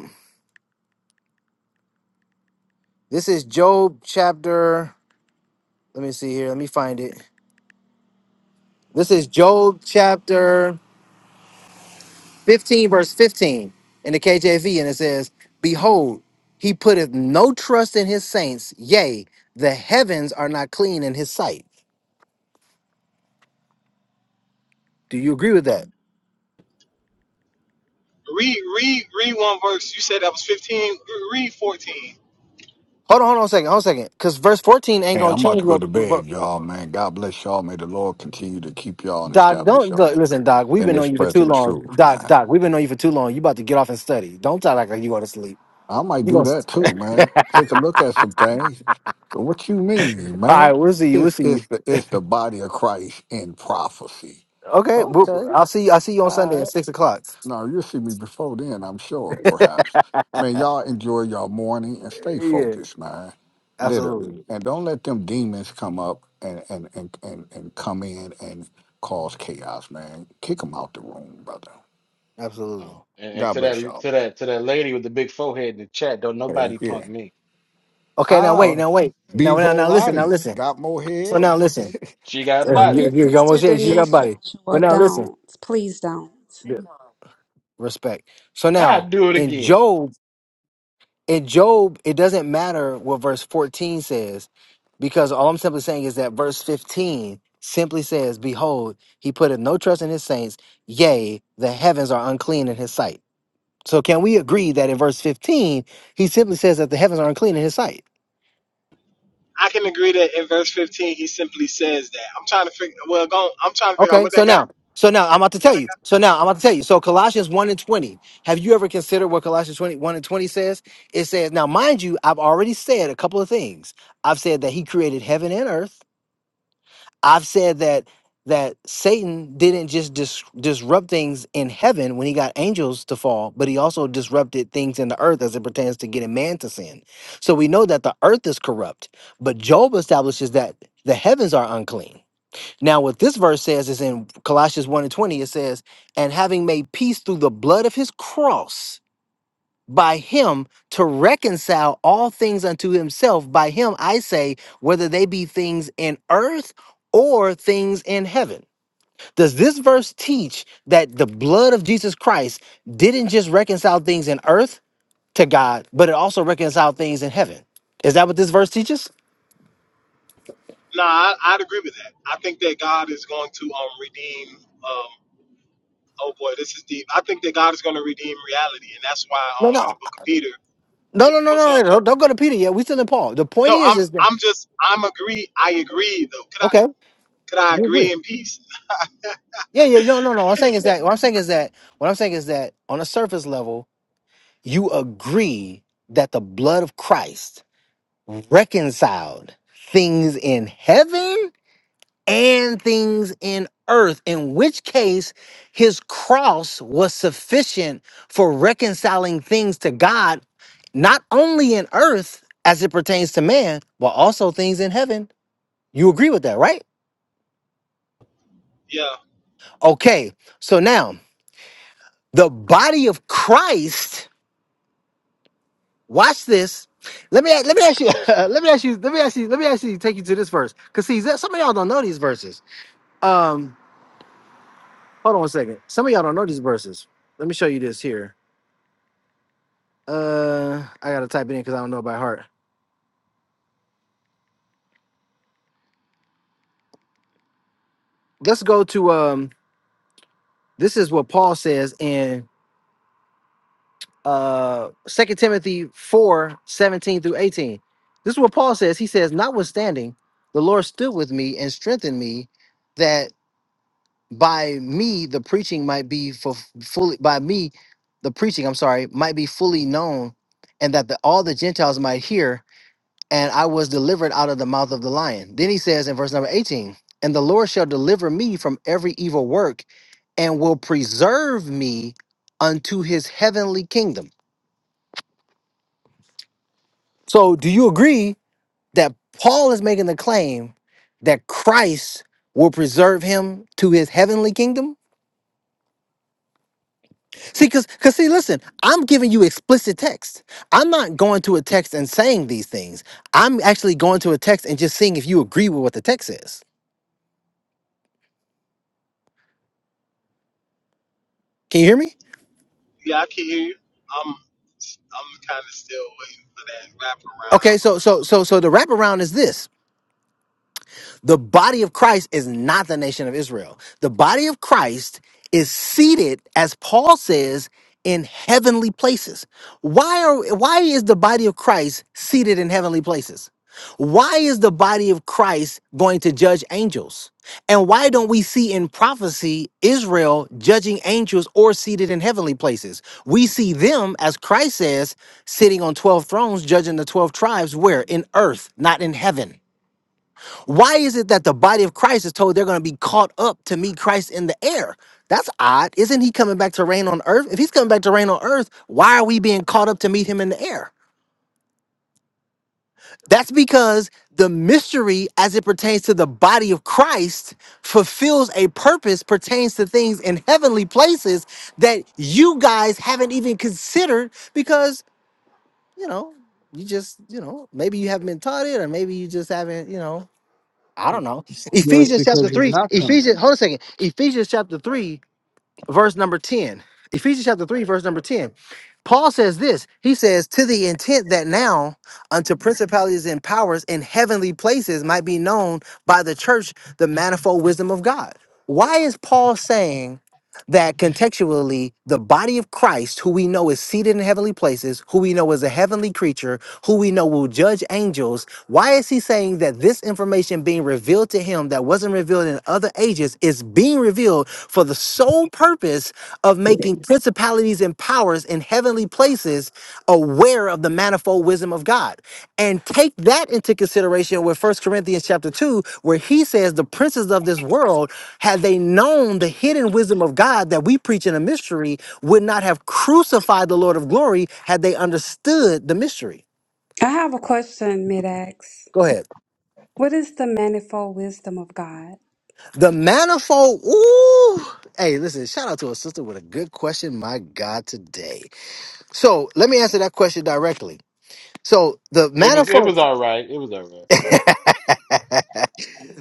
this is Job chapter, let me see here. Let me find it. This is Job chapter 15 verse 15 in the KJV and it says, Behold, he putteth no trust in his saints, yea, the heavens are not clean in his sight. Do you agree with that? Read, read, read one verse. You said that was 15. Read 14. Hold on, hold on a second, hold on a second. Because verse 14 ain't Hey, gonna I'm about change to go what, to bed, what y'all, man. God bless y'all. May the Lord continue to keep y'all and Doc, establish don't y'all look, listen, Doc, we've in been His on you for too present long. truth, Doc, man. Doc, we've been on you for too long. You about to get off and study. Don't talk like you going to sleep. I might You do gonna that too, all man. Take a look at some things. What you mean, right, man? we'll see you. We'll It's see you. it's the it's the body of Christ in prophecy. Okay, we'll, Okay. I'll see you. I'll see you All on Sunday right. at six o'clock. No, you'll see me before then, I'm sure, perhaps. Man, y'all enjoy your morning and stay Yeah, focused, man. Literally. absolutely, And don't let them demons come up and, and, and, and, and come in and cause chaos, man. Kick them out the room, brother. absolutely. oh, and, and God to bless that, y'all. to that, to that lady with the big forehead in the chat, don't Heck nobody punk yeah. me. Okay, now wait, Ah, now wait, now B. now now listen, now Volati listen. got more So head. now listen, She got Uh, Don't body. you do you you Sister almost there. She got Denise body, but Joshua. now listen. Don't. Please don't. Yeah. Respect. So I now do it in again. Job, in Job, it doesn't matter what verse fourteen says because all I'm simply saying is that verse fifteen simply says, "Behold, he putteth no trust in his saints; yea, the heavens are unclean in his sight." So can we agree that in verse fifteen he simply says that the heavens are unclean in his sight? I can agree that in verse 15 he simply says that. I'm trying to figure. Well, go, I'm trying to figure out Okay, what so that got. now, so now I'm about to tell What that you. got. So now I'm about to tell you. So Colossians 1 and 20. Have you ever considered what Colossians twenty one and 20 says? It says, now mind you, I've already said a couple of things. I've said that he created heaven and earth. I've said that that Satan didn't just dis- disrupt things in heaven when he got angels to fall, but he also disrupted things in the earth as it pertains to getting man to sin. So we know that the earth is corrupt, but Job establishes that the heavens are unclean. Now, what this verse says is in Colossians 1 and 20, it says, And having made peace through the blood of his cross, by him to reconcile all things unto himself, by him I say, whether they be things in earth or things in heaven. Does this verse teach that the blood of Jesus Christ didn't just reconcile things in earth to God, but it also reconciled things in heaven? Is that what this verse teaches? Nah, I, I'd agree with that. I think that God is going to um redeem. Um, oh boy, this is deep. I think that God is going to redeem reality, and that's why No, um in no, the book of Peter. no, no, no, What's no. up? no, Don't go to Peter yet. We still in Paul. The point No, is, I'm is that I'm just I'm agree. I agree though. Could I okay? could I You agree? agree in peace? Yeah, yeah. No, no, no. What I'm saying is that. What I'm saying is that. What I'm saying is that on a surface level, you agree that the blood of Christ reconciled things in heaven and things in earth. In which case, His cross was sufficient for reconciling things to God, not only in earth as it pertains to man, but also things in heaven. You agree with that, right? Yeah. Okay. So now. The body of Christ. Watch this. Let me let me ask you. let me ask you. Let me ask you. Let me actually take you to this verse. Cause see, some of y'all don't know these verses. Um, hold on a second. Some of y'all don't know these verses. Let me show you this here. Uh, I gotta type it in because I don't know it by heart. Let's go to um. This is what Paul says in uh Second Timothy 4 17 through 18. This is what Paul says. He says, Notwithstanding, the Lord stood with me and strengthened me by me the preaching might be for fully by me the preaching i'm sorry might be fully known and that the, all the gentiles might hear and i was delivered out of the mouth of the lion then he says in verse number 18 and the lord shall deliver me from every evil work and will preserve me unto his heavenly kingdom so do you agree that paul is making the claim that christ will preserve him to his heavenly kingdom See, cause, cause see, listen, I'm giving you explicit text. I'm not going to a text and saying these things. I'm actually going to a text and just seeing if you agree with what the text says. Can you hear me? Yeah, I can hear you. I'm I'm kind of still waiting for that Okay, wraparound. so so so so the wraparound is this. The body of Christ is not the nation of Israel. The body of Christ is seated, as Paul says, in heavenly places. Why are why is the body of Christ seated in heavenly places? Why is the body of Christ going to judge angels? And why don't we see in prophecy Israel judging angels or seated in heavenly places? We see them, as Christ says, sitting on 12 thrones, judging the 12 tribes, where? In earth, not in heaven. Why is it that the body of Christ is told they're going to be caught up to meet Christ in the air? That's odd. Isn't he coming back to reign on earth? If he's coming back to reign on earth, why are we being caught up to meet him in the air? That's because the mystery as it pertains to the body of Christ fulfills a purpose pertains to things in heavenly places that you guys haven't even considered because, you know, you just, you know, maybe you haven't been taught it or maybe you just haven't, you know, I don't know. Well, it's Ephesians chapter because he's three. not coming. Ephesians. Hold a second. Ephesians chapter three verse number 10. Ephesians chapter 3, verse number 10. Paul says this. He says, To the intent that now unto principalities and powers in heavenly places might be known by the church the manifold wisdom of God. Why is Paul saying that contextually, the body of Christ, who we know is seated in heavenly places, who we know is a heavenly creature, who we know will judge angels, why is he saying that this information being revealed to him that wasn't revealed in other ages is being revealed? for the sole purpose of making principalities and powers in heavenly places aware of the manifold wisdom of God. And take that into consideration with First Corinthians chapter 2, where he says the princes of this world, had they known the hidden wisdom of God that we preach in a mystery, would not have crucified the Lord of glory had they understood the mystery. I have a question, Mid-Ax. Go ahead. What is the manifold wisdom of God? The manifold, ooh. Hey, listen, shout out to a sister with a good question. My God, today. So let me answer that question directly. So the It was, it manifold. was all right. It was all right.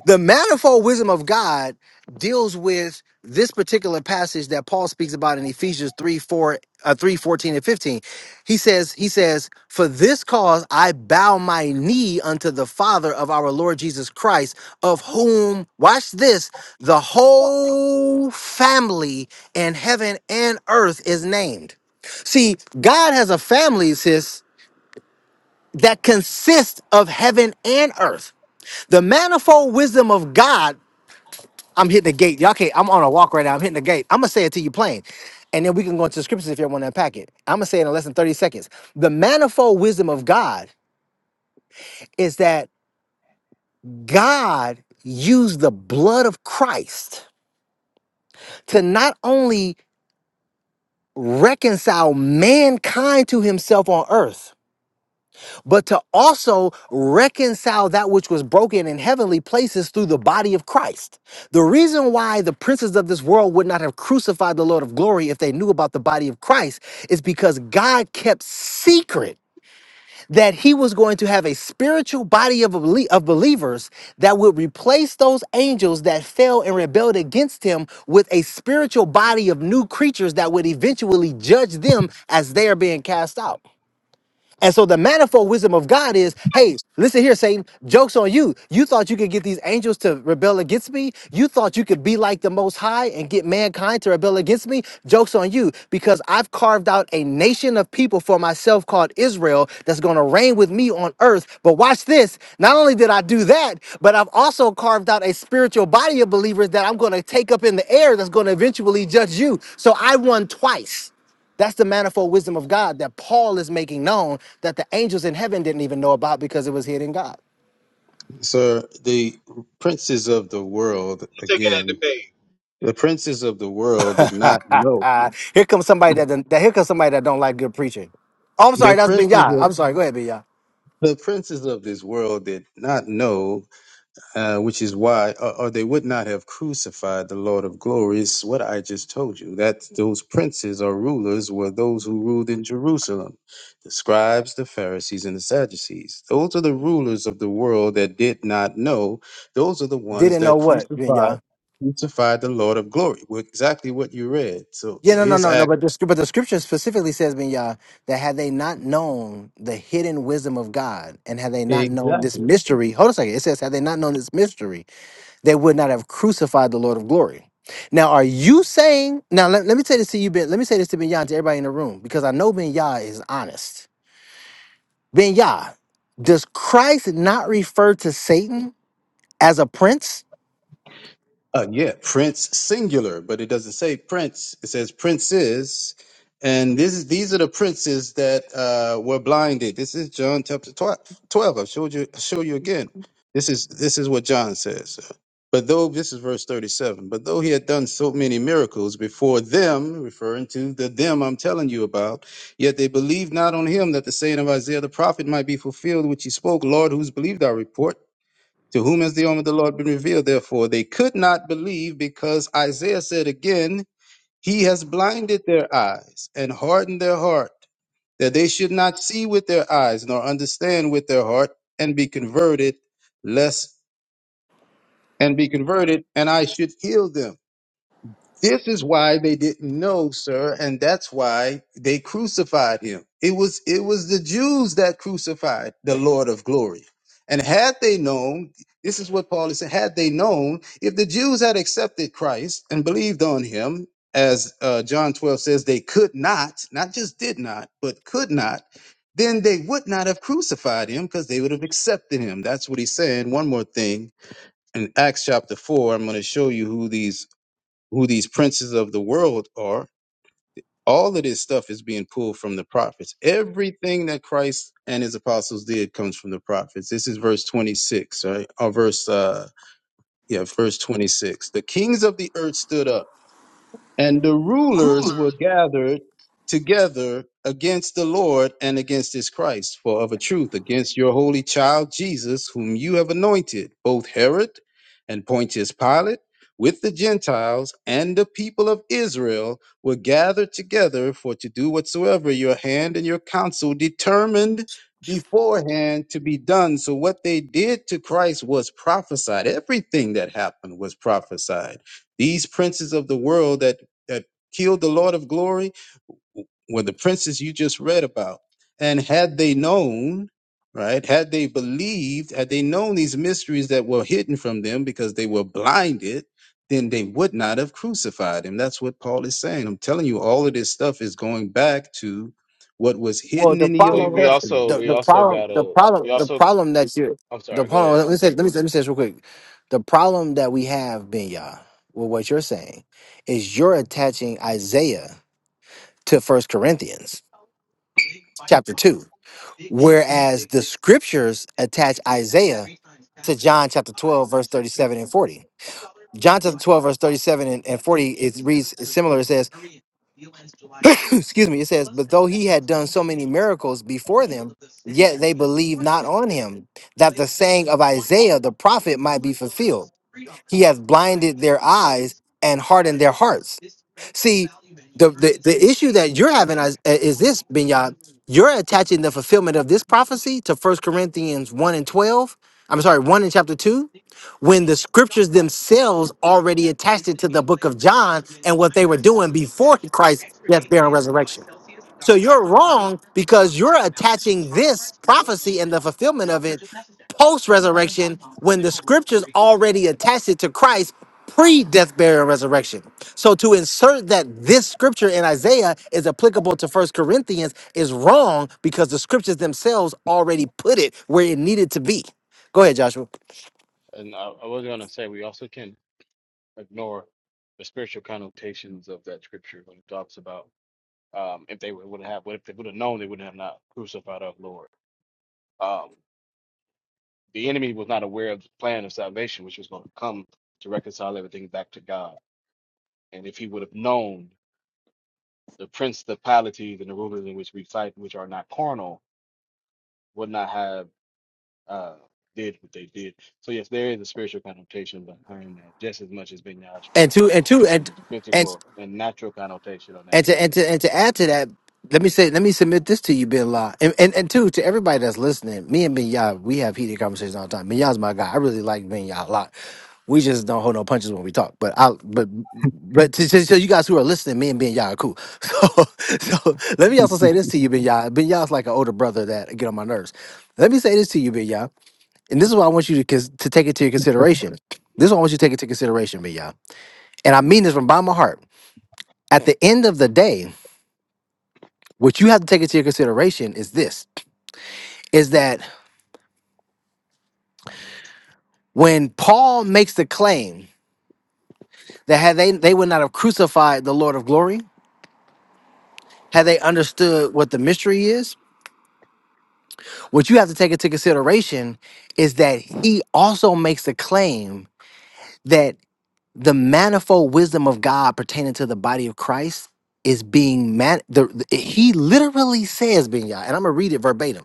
the manifold wisdom of God deals with this particular passage that Paul speaks about in Ephesians 3, 4, uh, 3 fourteen, and 15. He says, he says, for this cause I bow my knee unto the Father of our Lord Jesus Christ, of whom, watch this, the whole family in heaven and earth is named. See, God has a family, sis, that consists of heaven and earth. The manifold wisdom of God I'm hitting the gate. Y'all can't. I'm on a walk right now. I'm hitting the gate. I'm gonna say it to you plain, and then we can go into the scriptures if you want to unpack it. I'm gonna say it in less than 30 seconds. The manifold wisdom of God is that God used the blood of Christ to not only reconcile mankind to Himself on earth but to also reconcile that which was broken in heavenly places through the body of Christ. The reason why the princes of this world would not have crucified the Lord of glory if they knew about the body of Christ is because God kept secret that he was going to have a spiritual body of, belie- of believers that would replace those angels that fell and rebelled against him with a spiritual body of new creatures that would eventually judge them as they are being cast out. And so the manifold wisdom of God is, hey, listen here, Satan, joke's on you. You thought you could get these angels to rebel against me. You thought you could be like the Most High and get mankind to rebel against me. Joke's on you because I've carved out a nation of people for myself called Israel that's going to reign with me on earth. But watch this. Not only did I do that, but I've also carved out a spiritual body of believers that I'm going to take up in the air that's going to eventually judge you. So I won twice. That's the manifold wisdom of God that Paul is making known that the angels in heaven didn't even know about because it was hidden God. Sir, the princes of the world, I'm taking that again, debate. the princes of the world did not know. here comes somebody that, done- that here comes somebody that don't like good preaching. Oh, I'm The sorry, that's princes Binyah. of, I'm sorry, go ahead, Binyah. the princes of this world did not know uh, which is why, or, or they would not have crucified the Lord of glory. It's what I just told you. That those princes or rulers were those who ruled in Jerusalem, the scribes, the Pharisees, and the Sadducees. Those are the rulers of the world that did not know. Those are the ones Didn't know that what, crucified Binyah. crucified the Lord of glory. Well, Exactly what you read. So Yeah, no, no, here's no, no. Act. But the scr- but the scripture specifically says, Binyah, that had they not known the hidden wisdom of God, and had they not known Exactly. this mystery, hold on a second. It says, had they not known this mystery, they would not have crucified the Lord of glory. Now, are you saying, now let, let me say this to you, Ben, let me say this to Ben Yah and to everybody in the room, because I know Ben Yah is honest. Ben Yah, does Christ not refer to Satan as a prince? Uh, yeah, Prince singular, but it doesn't say Prince. It says princes, and this is these are the princes that uh, were blinded. This is John chapter twelve. Twelve. I'll show you. I'll show you again. This is this is what John says. But though this is verse thirty-seven. But though he had done so many miracles before them, referring to the them I'm telling you about, yet they believed not on him that the saying of Isaiah the prophet might be fulfilled, which he spoke. Lord, who's believed our report? To whom has the arm of the Lord been revealed? Therefore, they could not believe because Isaiah said again, He has blinded their eyes and hardened their heart, that they should not see with their eyes, nor understand with their heart, and be converted, lest and be converted, and I should heal them. This is why they didn't know, sir, and that's why they crucified him. It was it was the Jews that crucified the Lord of glory. And had they known, this is what Paul is saying, had they known, if the Jews had accepted Christ and believed on him, as uh, John 12 says, they could not, not just did not, but could not, then they would not have crucified him because they would have accepted him. That's what he's saying. One more thing in Acts chapter 4, I'm going to show you who these who these princes of the world are. All of this stuff is being pulled from the prophets. Everything that Christ and his apostles did comes from the prophets. This is verse 26, right? Or verse, uh, yeah, verse 26. The kings of the earth stood up and the rulers were gathered together against the Lord and against his Christ, for of a truth, against your holy child Jesus, whom you have anointed, both Herod and Pontius Pilate, with the Gentiles and the people of Israel, were gathered together for to do whatsoever your hand and your counsel determined beforehand to be done. So, what they did to Christ was prophesied. Everything that happened was prophesied these princes of the world that that killed the Lord of glory were the princes you just read about. And had they known, right, had they believed, had they known these mysteries that were hidden from them because they were blinded, then they would not have crucified him. That's what Paul is saying. I'm telling you, all of this stuff is going back to what was Well, hidden the in the We, Old we problem, Testament. also, the, we the also problem, got the a, problem, we the also. problem that you, I'm the sorry. Go problem. ahead. Let me say, let me let me say this real quick. The problem that we have, Benya, with what you're saying, is you're attaching Isaiah to First Corinthians chapter two, whereas the scriptures attach Isaiah to John chapter twelve, verse thirty-seven and forty. John chapter twelve, verse thirty-seven and, and forty, it reads similar. It says. excuse me, it says, but though he had done so many miracles before them, yet they believed not on him, that the saying of Isaiah the prophet might be fulfilled. He hath blinded their eyes and hardened their hearts. See, the the, the issue that you're having is, uh, is this, Binyad. You're attaching the fulfillment of this prophecy to First Corinthians 1 and 12. I'm sorry, 1 in chapter 2, when the scriptures themselves already attached it to the book of John and what they were doing before Christ's death, burial, and resurrection. So you're wrong because you're attaching this prophecy and the fulfillment of it post resurrection when the scriptures already attached it to Christ pre death, burial, and resurrection. So to insert that this scripture in Isaiah is applicable to First Corinthians is wrong because the scriptures themselves already put it where it needed to be. Go ahead, Joshua. And I, I was gonna say we also can. ignore the spiritual connotations of that scripture when it talks about um, if they would have, what if they would have known, they would have not crucified our Lord. Um, the enemy was not aware of the plan of salvation, which was going to come to reconcile everything back to God. And if he would have known the principalities and the rulers in which we fight, which are not carnal, would not have uh, did what they did. So yes, there is a spiritual connotation behind that, just as much as being knowledge And correct two, and two, on and the and physical and natural connotation on And that too. to and to and to add to that, let me say, let me submit this to you, Bin La, and and, and two to everybody that's listening. Me and Ben Yah, we have heated conversations all the time. Ben Yah's my guy. I really like Ben Yah a lot. We just don't hold no punches when we talk. But I but but to, to, to you guys who are listening, me and Ben Yah are cool. So so let me also say this to you, Ben Yah. Ben Yah's like an older brother that get on my nerves. Let me say this to you, Ben Yah, and this is why I want you to cons- to take it to your consideration. This is why I want you to take it to consideration, Ben Yah. And I mean this from bottom of my heart. At the end of the day. What you have to take into your consideration is this is that when Paul makes the claim that had they they would not have crucified the Lord of glory, had they understood what the mystery is, what you have to take into consideration is that he also makes the claim that the manifold wisdom of God pertaining to the body of Christ is being man the, the- he literally says being y'all," and I'm gonna read it verbatim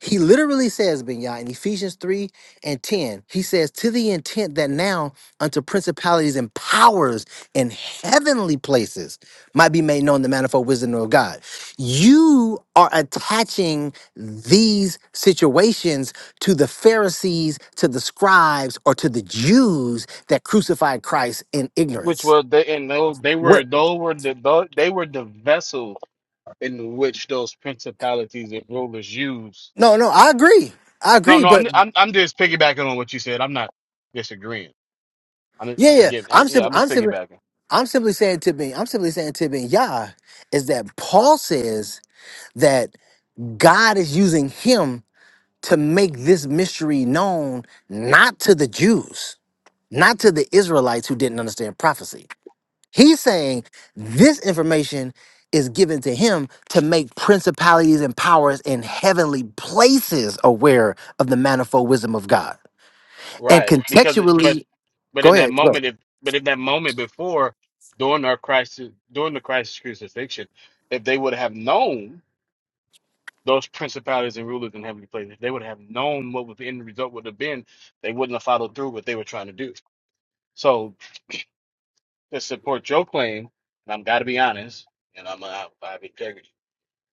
He literally says, "Binyah," in Ephesians 3 and 10, he says, to the intent that now unto principalities and powers in heavenly places might be made known the manifold wisdom of God. You are attaching these situations to the Pharisees, to the scribes, or to the Jews that crucified Christ in which ignorance. was they and those they What? were those were the tho- they were the vessel in which those principalities and rulers used. No, no, I agree. I No, agree, no, I'm but I'm, I'm just piggybacking on what you said. I'm not disagreeing. I'm yeah, just- yeah. again, I'm I'm yeah, I'm just simple. piggybacking. I'm simply saying to me, I'm simply saying to me, Yah, is that Paul says that God is using him to make this mystery known not to the Jews, not to the Israelites who didn't understand prophecy. He's saying this information is given to him to make principalities and powers in heavenly places aware of the manifold wisdom of God. And Right. Because it, but contextually, but go in that ahead. moment if but in that moment before during our crisis during the crisis crucifixion, if they would have known those principalities and rulers in heavenly places, if they would have known what was the end result would have been, they wouldn't have followed through what they were trying to do. So to support your claim, and I'm gotta be honest, and I'm I, I have integrity,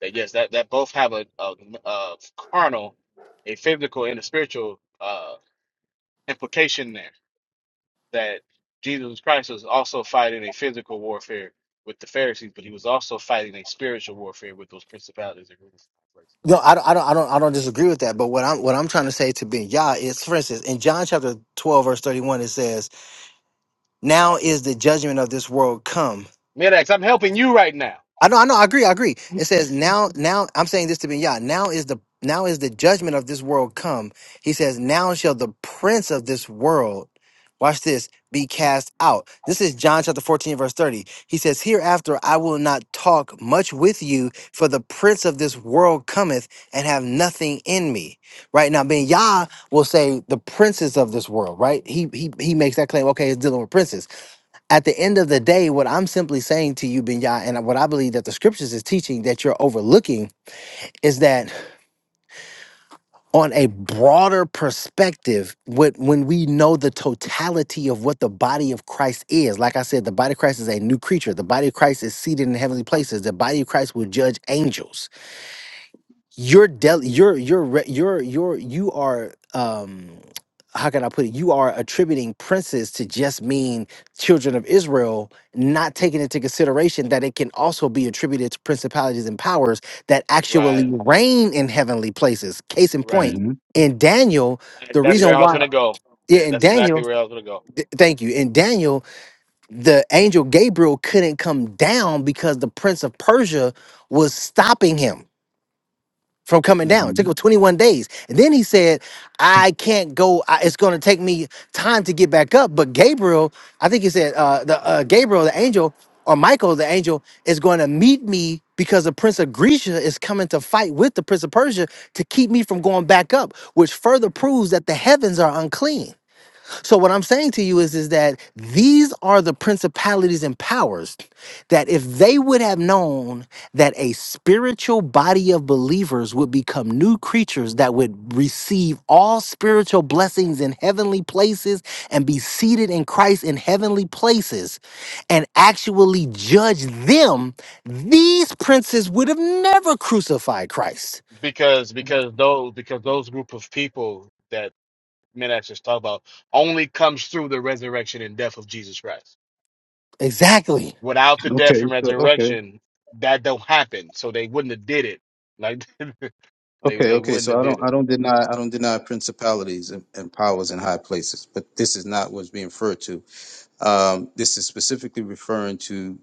that yes, that, that both have a, a, a carnal, a physical and a spiritual uh implication there that Jesus Christ was also fighting a physical warfare with the Pharisees, but he was also fighting a spiritual warfare with those principalities and rulers. of darkness. No, I don't, I don't, I don't, I don't disagree with that. But what I'm, what I'm trying to say to Ben Yah is, for instance, in John chapter 12, verse 31, it says, now is the judgment of this world come. Medax, I'm helping you right now. I know, I know, I agree, I agree. It says now, now I'm saying this to be Yah. Now is the now is the judgment of this world come. He says, Now shall the prince of this world, watch this, be cast out. This is John chapter 14, verse 30. He says, Hereafter I will not talk much with you, for the prince of this world cometh and have nothing in me. Right now, Ben Yah will say the princes of this world, right? He he he makes that claim, okay, it's dealing with princes at the end of the day, what I'm simply saying to you, Binya, and what I believe that the scriptures is teaching that you're overlooking is that on a broader perspective, what when we know the totality of what the body of Christ is, like I said, the body of Christ is a new creature. The body of Christ is seated in heavenly places. The body of Christ will judge angels you're del you're you're re- you're you're you are um how can I put it? You are attributing princes to just mean children of Israel, not taking into consideration that it can also be attributed to principalities and powers that actually Right, reign in heavenly places. Case in right. point, hmm in Daniel, And the that's where reason I was why, gonna go. yeah, Yeah, in that's exactly Daniel, where I was gonna go. th- thank you, in Daniel, the angel Gabriel couldn't come down because the prince of Persia was stopping him from coming down. It took hmm him 21 days. And then he said, I can't go. I, it's going to take me time to get back up. But Gabriel, I think he said, uh, the uh, Gabriel, the angel, or Michael, the angel, is going to meet me because the prince of Grecia is coming to fight with the prince of Persia to keep me from going back up, which further proves that the heavens are unclean. So what I'm saying to you is, is that these are the principalities and powers that if they would have known that a spiritual body of believers would become new creatures that would receive all spiritual blessings in heavenly places and be seated in Christ in heavenly places and actually judge them, these princes would have never crucified Christ. Because because those because those group of people that Medax just talked about only comes through the resurrection and death of Jesus Christ. Exactly. Without the Okay, death and so okay, resurrection, that don't happen. So they wouldn't have did it. Like they okay, they okay. wouldn't So have I don't, did it. I don't deny, I don't deny principalities and, and powers in high places, but this is not what's being referred to Um, this is specifically referring to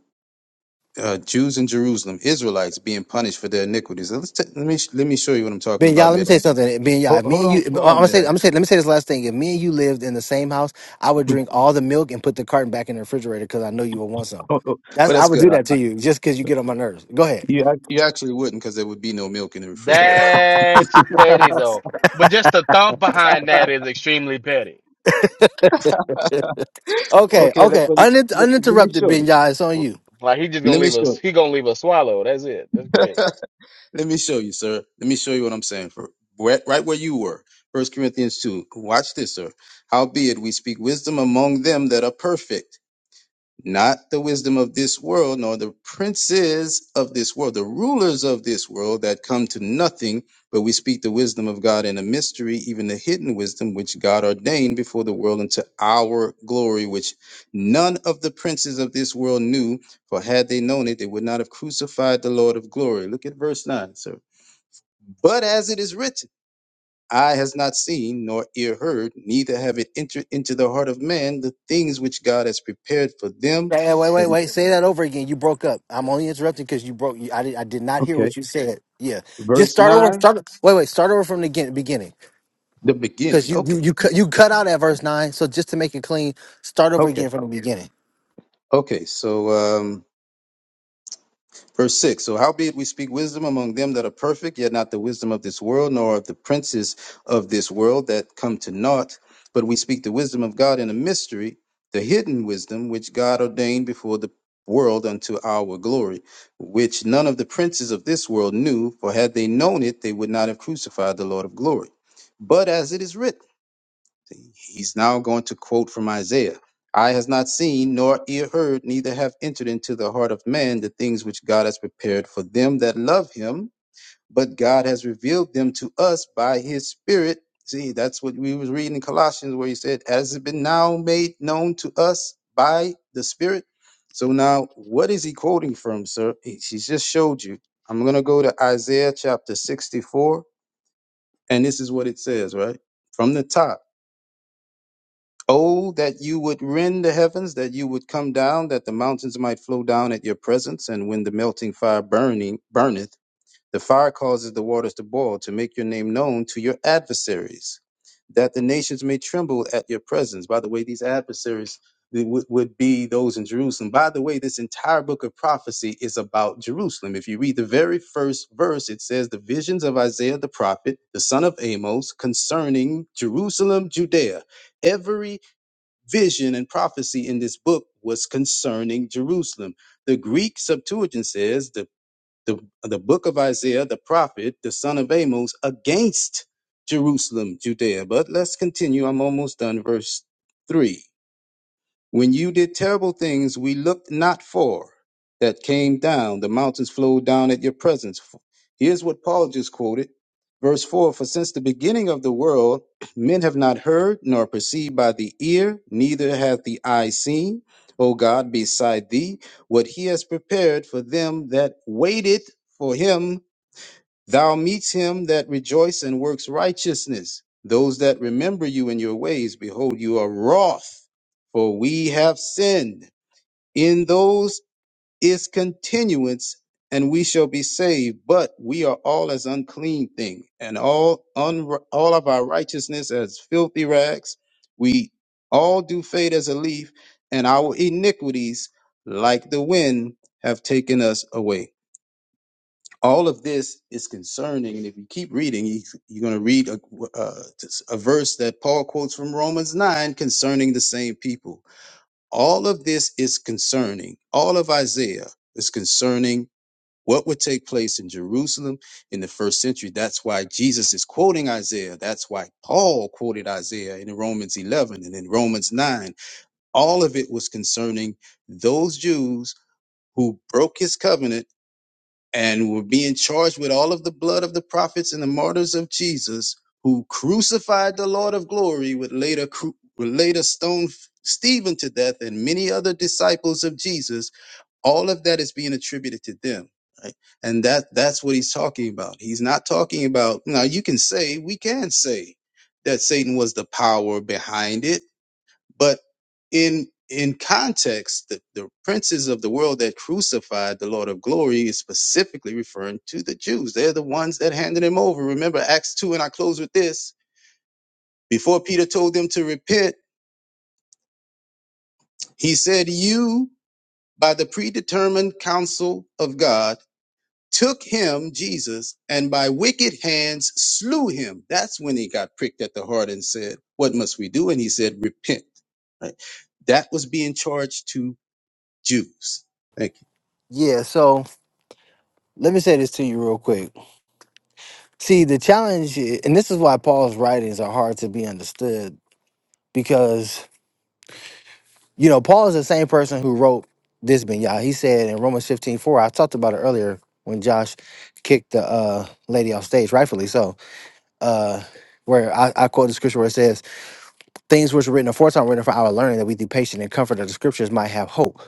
uh, Jews in Jerusalem, Israelites being punished for their iniquities. Let's t- let me let me show you what I'm talking Ben, y'all, about, let me say Midak. something. Ben, y'all, Hold, if me hold and on, you, I'm hold on, gonna say, I'm Midak. gonna say, let me say this last thing. If me and you lived in the same house, I would drink all the milk and put the carton back in the refrigerator because I know you would want some. Hold on. That's but I that's would good. do I- that to you just because you get on my nerves. Go ahead. You ac- you actually wouldn't because there would be no milk in the refrigerator. That's petty though. But just the thought behind that is extremely petty. Okay, Okay, let, okay. but Unin- let, let me uninterrupted, show Ben, you. y'all. It's on you. Like he just gonna Let me leave us. show He gonna leave us swallow. That's it. That's you. great. let me show you, sir. Let me show you what I'm saying. For right, right where you were, First Corinthians two. Watch this, sir. Howbeit we speak wisdom among them that are perfect not the wisdom of this world, nor the princes of this world, the rulers of this world that come to nothing, but we speak the wisdom of God in a mystery, even the hidden wisdom which God ordained before the world unto our glory, which none of the princes of this world knew, for had they known it, they would not have crucified the Lord of glory. Look at verse 9, sir. But as it is written, Eye has not seen, nor ear heard, neither have it entered into the heart of man the things which God has prepared for them Say- hey, Wait, wait, wait. Say that over again. You broke up. I'm only interrupting because you broke. You, I did. I did not hear Okay. what you said. Yeah. Just Verse start over. 9. Start. Wait, wait. Start over from the begin- beginning The because beginning. you you Okay. you cut you cut out at verse nine. So just to make it clean, start over Okay. again from the beginning. Okay, so um, verse 6. So, howbeit we speak wisdom among them that are perfect, yet not the wisdom of this world, nor of the princes of this world that come to naught, but we speak the wisdom of God in a mystery, the hidden wisdom which God ordained before the world unto our glory, which none of the princes of this world knew, for had they known it, they would not have crucified the Lord of glory. But as it is written, He's now going to quote from Isaiah Eye has not seen, nor ear heard, neither have entered into the heart of man the things which God has prepared for them that love him, but God has revealed them to us by his Spirit. See, that's what we was reading in Colossians where he said, Has it been now made known to us by the Spirit? So now what is he quoting from, sir? He- She's just showed you. I'm gonna go to Isaiah chapter 64, and this is what it says, right? From the top. Oh, that you would rend the heavens, that you would come down, that the mountains might flow down at your presence. And when the melting fire burning burneth, the fire causes the waters to boil, to make your name known to your adversaries, that the nations may tremble at your presence. By the way, these adversaries they would, would be those in Jerusalem. By the way, this entire book of prophecy is about Jerusalem. If you read the very first verse, it says the visions of Isaiah the prophet, the son of Amos, concerning Jerusalem, Judea. Every vision and prophecy in this book was concerning Jerusalem. The Greek Septuagint says the, the, the book of Isaiah, the prophet, the son of Amos, against Jerusalem, Judea. But let's continue. I'm almost done. Verse 3. When you did terrible things we looked not for, that came down, the mountains flowed down at your presence. Here's what Paul just quoted. Verse 4 For since the beginning of the world, men have not heard, nor perceived by the ear, neither hath the eye seen, O God, beside thee, what he has prepared for them that waited for him Thou meets him that rejoice and works righteousness. Those that remember you in your ways, behold, you are wroth, for we have sinned. In those is continuance, and we shall be saved. But we are all as unclean thing, and all un, all of our righteousness as filthy rags. We all do fade as a leaf, and our iniquities, like the wind, have taken us away all of this is concerning. And if you keep reading, you, you're going to read a, uh, a verse that Paul quotes from Romans 9 concerning the same people. All of this is concerning. All of Isaiah is concerning what would take place in Jerusalem in the first century. That's why Jesus is quoting Isaiah. That's why Paul quoted Isaiah in Romans 11 and in Romans 9. All of it was concerning those Jews who broke his covenant and were being charged with all of the blood of the prophets and the martyrs of Jesus, who crucified the Lord of glory, would later cru- would later stone Stephen to death, and many other disciples of Jesus. All of that is being attributed to them. Right? And that that's what he's talking about. He's not talking about now. You can say we can say that Satan was the power behind it but in in context, the, the princes of the world that crucified the Lord of glory is specifically referring to the Jews. They're the ones that handed him over. Remember Acts 2, and I close with this. Before Peter told them to repent, he said, You, by the predetermined counsel of God, took him, Jesus, and by wicked hands slew him. That's when he got pricked at the heart and said, What must we do? And he said, Repent. Right? That was being charged to Jews. Thank Yeah. So. let me say this to you real quick. See, the challenge, i- and this is why Paul's writings are hard to be understood because, you know, Paul is the same person who wrote this Binyah. He said in Romans 15 4. I talked about it earlier when Josh kicked the uh, lady off stage, rightfully so, uh, where I, I quote the scripture where it says, Things which were written aforetime were written for our learning that we, through patient and comfort of the scriptures, might have hope.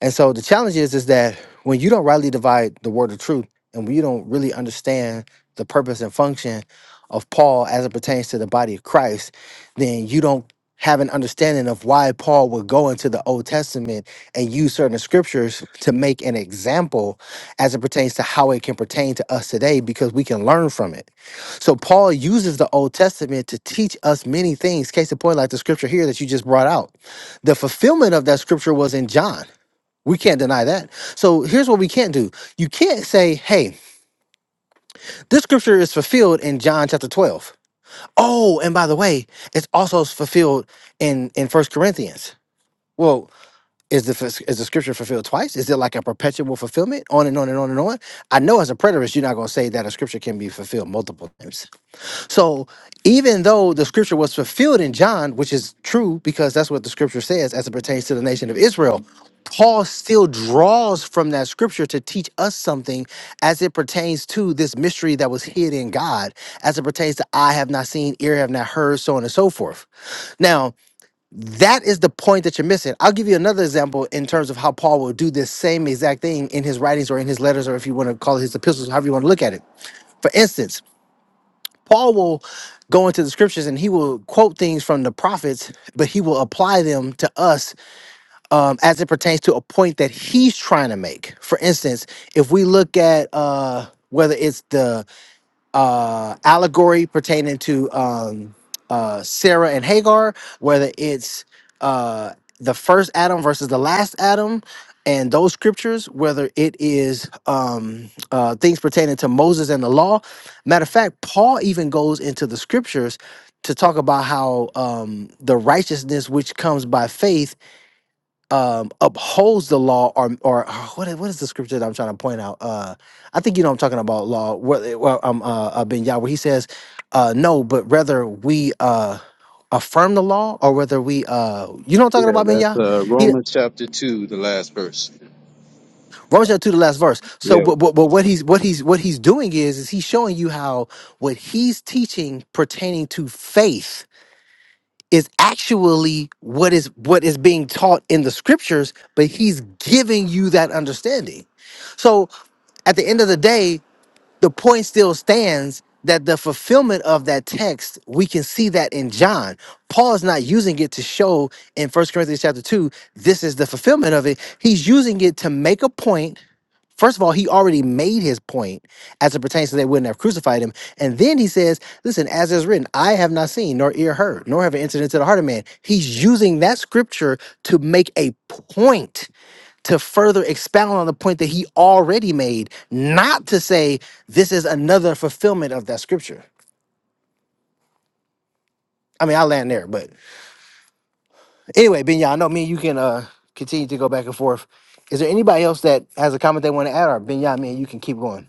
And so the challenge is is that when you don't rightly divide the word of truth and when you don't really understand the purpose and function of Paul as it pertains to the body of Christ, then you don't have an understanding of why Paul would go into the Old Testament and use certain scriptures to make an example as it pertains to how it can pertain to us today because we can learn from it. So Paul uses the Old Testament to teach us many things. Case in point, like the scripture here that you just brought out. The fulfillment of that scripture was in John. We can't deny that. So here's what we can't do. You can't say, hey, this scripture is fulfilled in John chapter 12. Oh, and by the way, it's also fulfilled in, in First Corinthians. Well, is the, is the scripture fulfilled twice? Is it like a perpetual fulfillment? On and on and on and on. I know as a preterist, you're not going to say that a scripture can be fulfilled multiple times. So even though the scripture was fulfilled in John, which is true because that's what the scripture says as it pertains to the nation of Israel, Paul still draws from that scripture to teach us something as it pertains to this mystery that was hid in God, as it pertains to I have not seen, ear have not heard, so on and so forth. Now, that is the point that you're missing. I'll give you another example in terms of how Paul will do this same exact thing in his writings or in his letters, or if you want to call it his epistles, however you want to look at it. For instance, Paul will go into the scriptures and he will quote things from the prophets, but he will apply them to us um, as it pertains to a point that he's trying to make. For instance, if we look at uh, whether it's the uh, allegory pertaining to um, uh, Sarah and Hagar, whether it's uh, the first Adam versus the last Adam, and those scriptures, whether it is um, uh, things pertaining to Moses and the law. Matter of fact, Paul even goes into the scriptures to talk about how um, the righteousness which comes by faith um upholds the law or or ah, what is, what is the scripture that I'm trying to point out? Uh I think you know what I'm talking about law where well um uh, uh Ben Yah where he says uh no but rather we uh affirm the law or whether we uh you know what I'm talking about Ben Yah? He you. Romans chapter two the last verse. So Yeah, but, but but what he's what he's what he's doing is is he's showing you how what he's teaching pertaining to faith is actually what is what is being taught in the scriptures but he's giving you that understanding so at the end of the day the point still stands that the fulfillment of that text we can see that in john paul is not using it to show in First corinthians chapter 2 this is the fulfillment of it he's using it to make a point. point first of all he already made his point as it pertains to they wouldn't have crucified him and then he says listen as is written i have not seen nor ear heard nor have an entered into the heart of man he's using that scripture to make a point to further expound on the point that he already made, not to say this is another fulfillment of that scripture. I mean, I land there, but anyway, Ben, I know me and you can uh continue to go back and forth. Is there anybody else that has a comment they want to add, or Ben, y'all, me and you can keep going?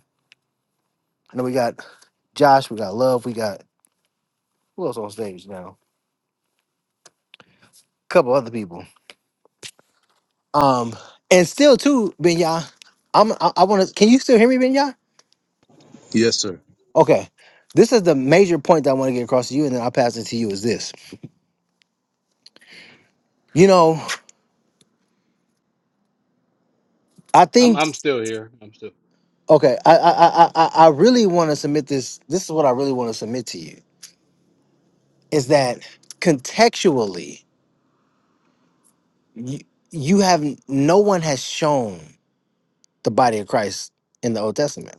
I know we got Josh, we got Love, we got who else on stage now? A couple other people. Um, and still too, Benya, I'm I, I want to. Can you still hear me, Benya? Yes, sir. Okay, this is the major point that I want to get across to you, and then I'll pass it to you. Is this? You know. I I'm think I'm still here. I'm still. okay. I I I I, I really want to submit this. This is what I really want to submit to you is that contextually, you, you have no one has shown the body of Christ in the Old Testament.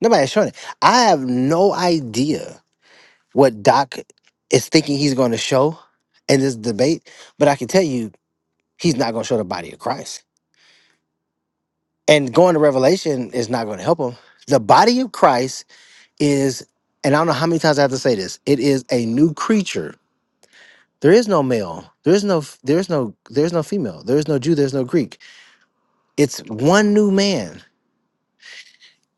Nobody has shown it. I have no idea what Doc is thinking he's going to show in this debate, but I can tell you he's not going to show the body of Christ. And going to Revelation is not going to help him. The body of Christ is, and I don't know how many times I have to say this, it is a new creature. There is no male. There is no there's no there's no female. There's no Jew, there's no Greek. It's one new man.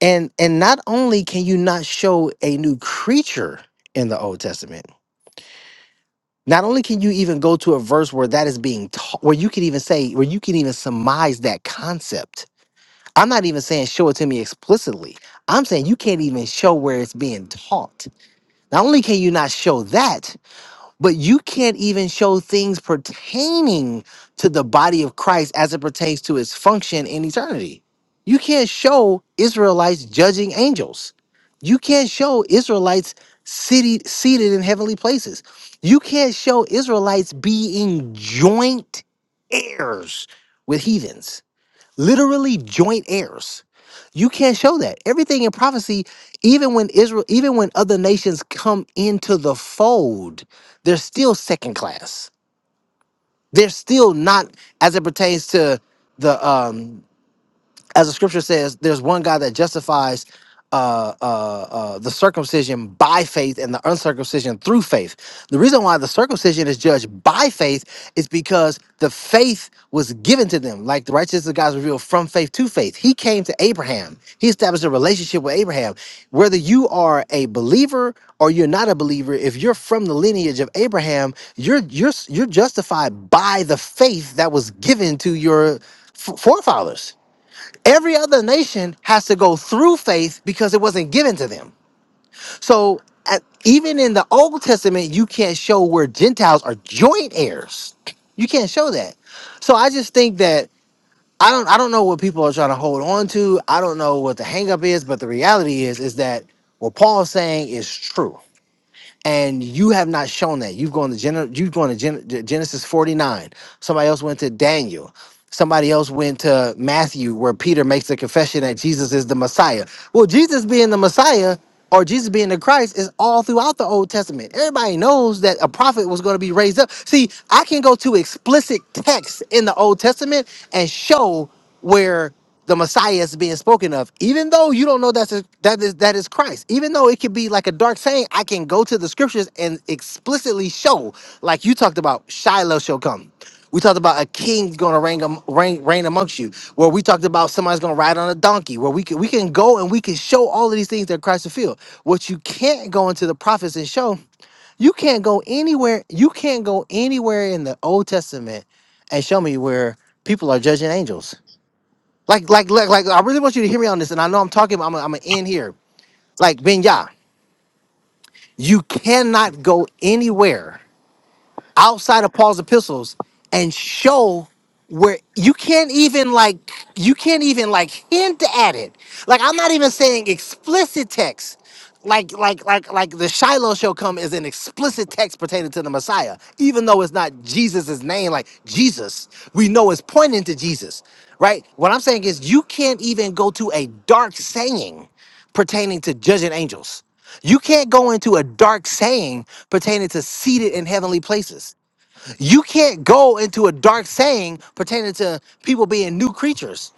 And and not only can you not show a new creature in the Old Testament, not only can you even go to a verse where that is being taught, where you can even say, where you can even surmise that concept. I'm not even saying show it to me explicitly. I'm saying you can't even show where it's being taught. Not only can you not show that, but you can't even show things pertaining to the body of Christ as it pertains to its function in eternity. You can't show Israelites judging angels. You can't show Israelites seated seated in heavenly places. You can't show Israelites being joint heirs with heathens literally joint heirs. You can't show that. Everything in prophecy, even when Israel, even when other nations come into the fold, they're still second class. They're still not as it pertains to the um as the scripture says, there's one God that justifies uh, uh, uh, the circumcision by faith and the uncircumcision through faith. The reason why the circumcision is judged by faith is because the faith was given to them, like the righteousness of God is revealed from faith to faith. He came to Abraham, he established a relationship with Abraham. Whether you are a believer or you're not a believer, if you're from the lineage of Abraham, you're you're you're justified by the faith that was given to your f- forefathers Every other nation has to go through faith because it wasn't given to them. So at, even in the Old Testament, you can't show where Gentiles are joint heirs. You can't show that. So I just think that I don't I don't know what people are trying to hold on to. I don't know what the hangup is, but the reality is is that what Paul's saying is true and you have not shown that. You've gone to Gen- you've gone to Gen- Genesis 49. Somebody else went to Daniel. Somebody else went to Matthew, where Peter makes the confession that Jesus is the Messiah. Well, Jesus being the Messiah or Jesus being the Christ is all throughout the Old Testament. Everybody knows that a prophet was going to be raised up. See, I can go to explicit texts in the Old Testament and show where the Messiah is being spoken of, even though you don't know that's a, that is that is Christ, even though it could be like a dark saying, I can go to the scriptures and explicitly show, like you talked about, Shiloh shall come. We talked about a king's gonna reign, am- reign, reign amongst you. Where we talked about somebody's gonna ride on a donkey. Where we can we can go and we can show all of these things that Christ fulfilled. What you can't go into the prophets and show, you can't go anywhere. You can't go anywhere in the Old Testament and show me where people are judging angels like, like, like, like, I really want you to hear me on this, and I know I'm talking, but I'm, I'm gonna end here. Like, Benya, you cannot go anywhere outside of Paul's epistles and show where you can't even like you can't even like hint at it. Like I'm not even saying explicit text. Like like like like the Shiloh shall come is an explicit text pertaining to the Messiah, even though it's not Jesus' name, like Jesus. We know it's pointing to Jesus. Right? What I'm saying is you can't even go to a dark saying pertaining to judging angels. You can't go into a dark saying pertaining to seated in heavenly places. You can't go into a dark saying pertaining to people being new creatures.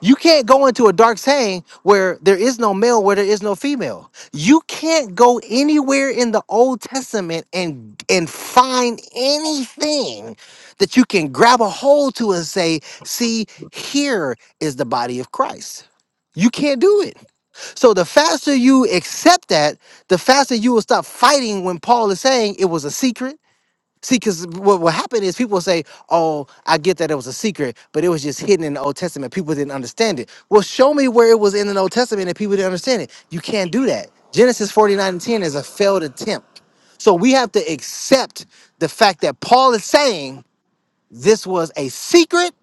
You can't go into a dark saying where there is no male, where there is no female. You can't go anywhere in the Old Testament and and find anything that you can grab a hold to and say, "See, here is the body of Christ." You can't do it. So the faster you accept that, the faster you will stop fighting when Paul is saying it was a secret. See, because what, what happened is people say, oh, I get that it was a secret, but it was just hidden in the Old Testament. People didn't understand it. Well, show me where it was in the Old Testament and people didn't understand it. You can't do that. Genesis 49 and 10 is a failed attempt. So we have to accept the fact that Paul is saying this was a secret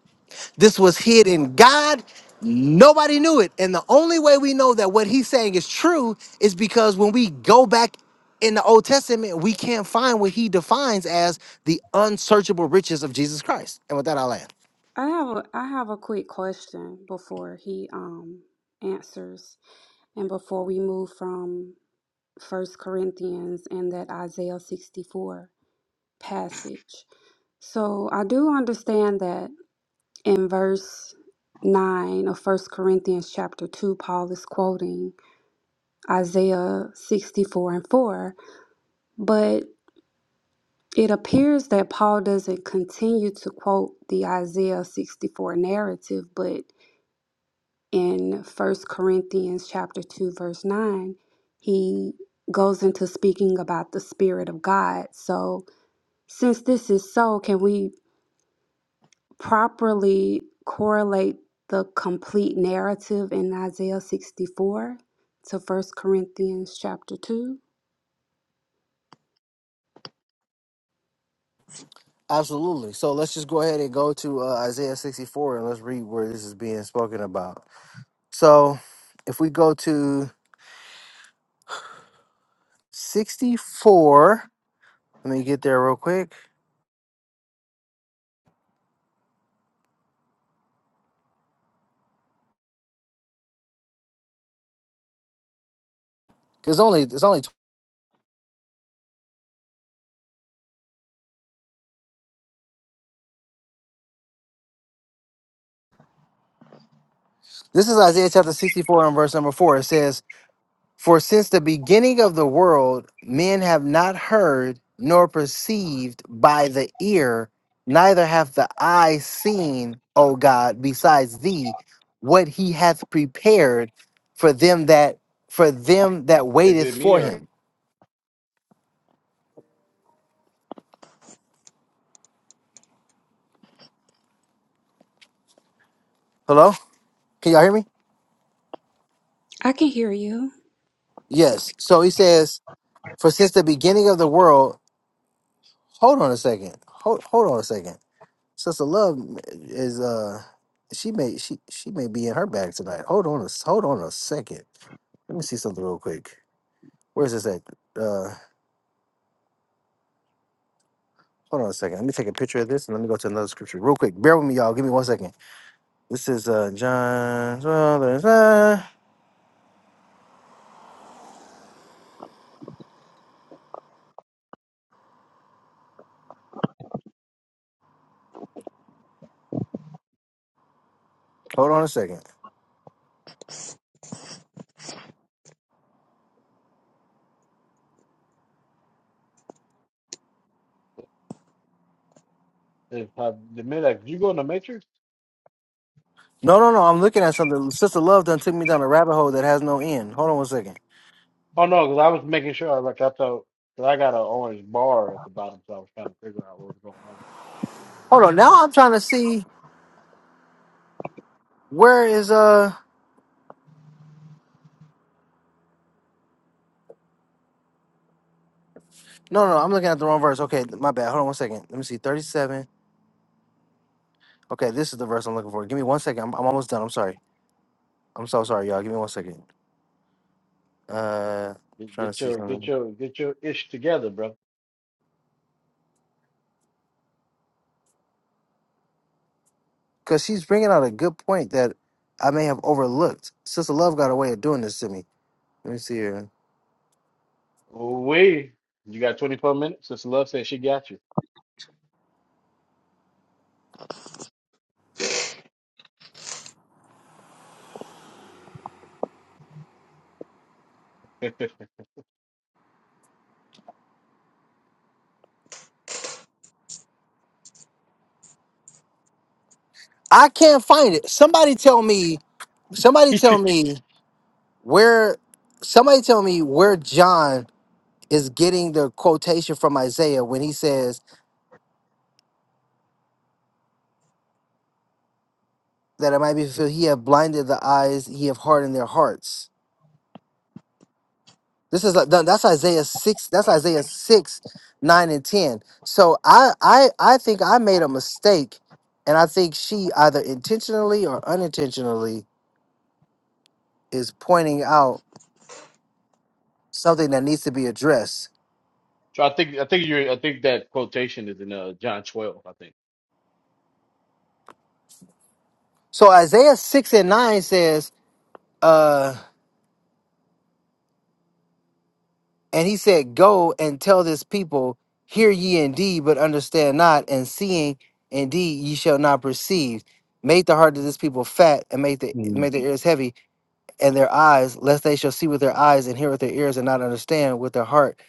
this was hid in God. Nobody knew it. And the only way we know that what he's saying is true is because when we go back in the Old Testament, we can't find what he defines as the unsearchable riches of Jesus Christ. And with that, I'll land. I have a I have a quick question before he um answers and before we move from First Corinthians and that Isaiah 64 passage. So I do understand that in verse 9 of First Corinthians chapter 2, Paul is quoting Isaiah 64 and 4, but it appears that Paul doesn't continue to quote the Isaiah 64 narrative, but in First Corinthians chapter 2, verse 9, he goes into speaking about the Spirit of God. So since this is so, can we properly correlate the complete narrative in Isaiah 64 to First Corinthians chapter 2. Absolutely. So let's just go ahead and go to uh, Isaiah 64 and let's read where this is being spoken about. So if we go to 64, let me get there real quick. There's only, there's only, this is Isaiah chapter 64 and verse number 4. It says, For since the beginning of the world, men have not heard nor perceived by the ear, neither have the eye seen, O God, besides thee, what he hath prepared for them that for them that waiteth for him. Hello? Can y'all hear me? I can hear you. Yes. So he says, For since the beginning of the world, hold on a second. Hold hold on a second. Sister Love is uh she may she she may be in her bag tonight. Hold on a s- hold on a second. Let me see something real quick. Where's this at? Uh hold on a second. Let me take a picture of this and let me go to another scripture real quick. Bear with me, y'all. Give me one second. This is uh John. Hold on a second. If I, the minute like, you go in the matrix? No, no, no. I'm looking at something. Sister Love done took me down a rabbit hole that has no end. Hold on one second. Oh no, because I was making sure. Like I thought, because I got an orange bar at the bottom, so I was trying to figure out what was going Hold on. Now I'm trying to see where is uh no no I'm looking at the wrong verse. Okay, my bad. Hold on one second. Let me see. 37. Okay, this is the verse I'm looking for. Give me one second. I'm, I'm almost done. I'm sorry. I'm so sorry, y'all. Give me one second. Uh, trying to see something. Cause she's bringing out a good point that I may have overlooked. Sister Love got a way of doing this to me. Let me see here. on. Wait, you got 24 minutes? Sister Love said she got you. I can't find it. Somebody tell me. Somebody tell me where. Somebody tell me where John is getting the quotation from Isaiah when he says that it might be fulfilled. He have blinded the eyes. He have hardened their hearts. This is like that's Isaiah six. That's Isaiah six, nine and ten. So I I I think I made a mistake, and I think she either intentionally or unintentionally is pointing out something that needs to be addressed. so I think I think you I think that quotation is in uh, John 12. I think. So Isaiah six and nine says, uh, and he said, "Go and tell this people, hear ye indeed, but understand not, and seeing indeed ye shall not perceive." Make the heart of this people fat and make the make their ears heavy and their eyes, lest they shall see with their eyes and hear with their ears and not understand with their heart.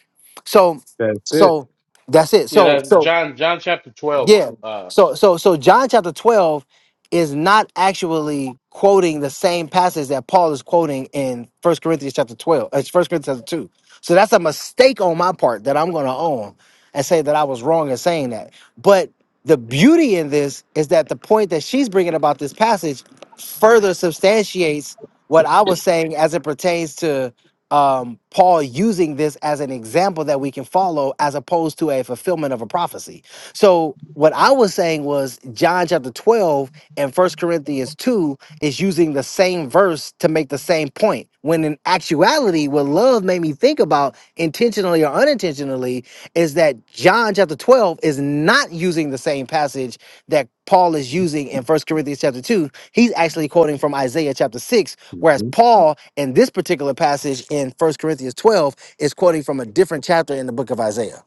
So, that's it. so that's it. Yeah, So that John John chapter 12. yeah. uh, So so so John chapter 12 is not actually quoting the same passage that Paul is quoting in First Corinthians chapter 12. It's 1 Corinthians chapter 2. So that's a mistake on my part that I'm going to own and say that I was wrong in saying that. But the beauty in this is that the point that she's bringing about this passage further substantiates what I was saying as it pertains to um, Paul using this as an example that we can follow as opposed to a fulfillment of a prophecy. So what I was saying was John chapter 12 and First Corinthians 2 is using the same verse to make the same point. When in actuality, what love made me think about intentionally or unintentionally is that John chapter 12 is not using the same passage that Paul is using in First Corinthians chapter 2. He's actually quoting from Isaiah chapter 6, whereas hmm Paul in this particular passage in First Corinthians 12 is quoting from a different chapter in the book of Isaiah.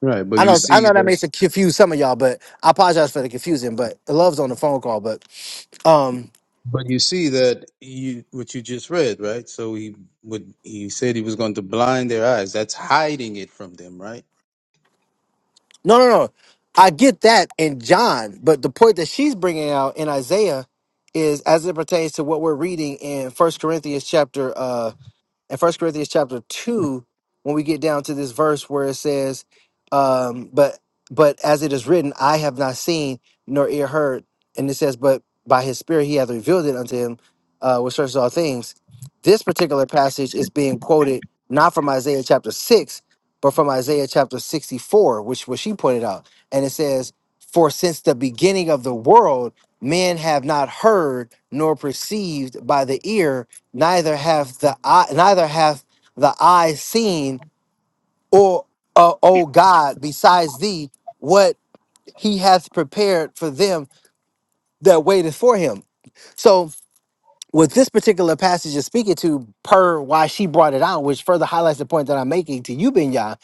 Right, but I you know I see know that may that, confuse some of y'all, but I apologize for the confusion. But the love's on the phone call. But um, but you see that you what you just read, right? So he would he said he was going to blind their eyes. That's hiding it from them, right? no, no, no. I get that in John, but the point that she's bringing out in Isaiah is as it pertains to what we're reading in First Corinthians chapter uh, in First Corinthians chapter two, when we get down to this verse where it says, um, "But but as it is written, I have not seen nor ear heard," and it says, "But by His Spirit He hath revealed it unto him, uh, which searches all things." This particular passage is being quoted not from Isaiah chapter six, but from Isaiah chapter sixty-four, which which she pointed out, and it says, "For since the beginning of the world." Men have not heard nor perceived by the ear, neither have the eye, neither have the eye seen, or uh, O God, besides thee, what He hath prepared for them that waiteth for Him. So what this particular passage is speaking to, per why she brought it out, which further highlights the point that I'm making to you, Binya,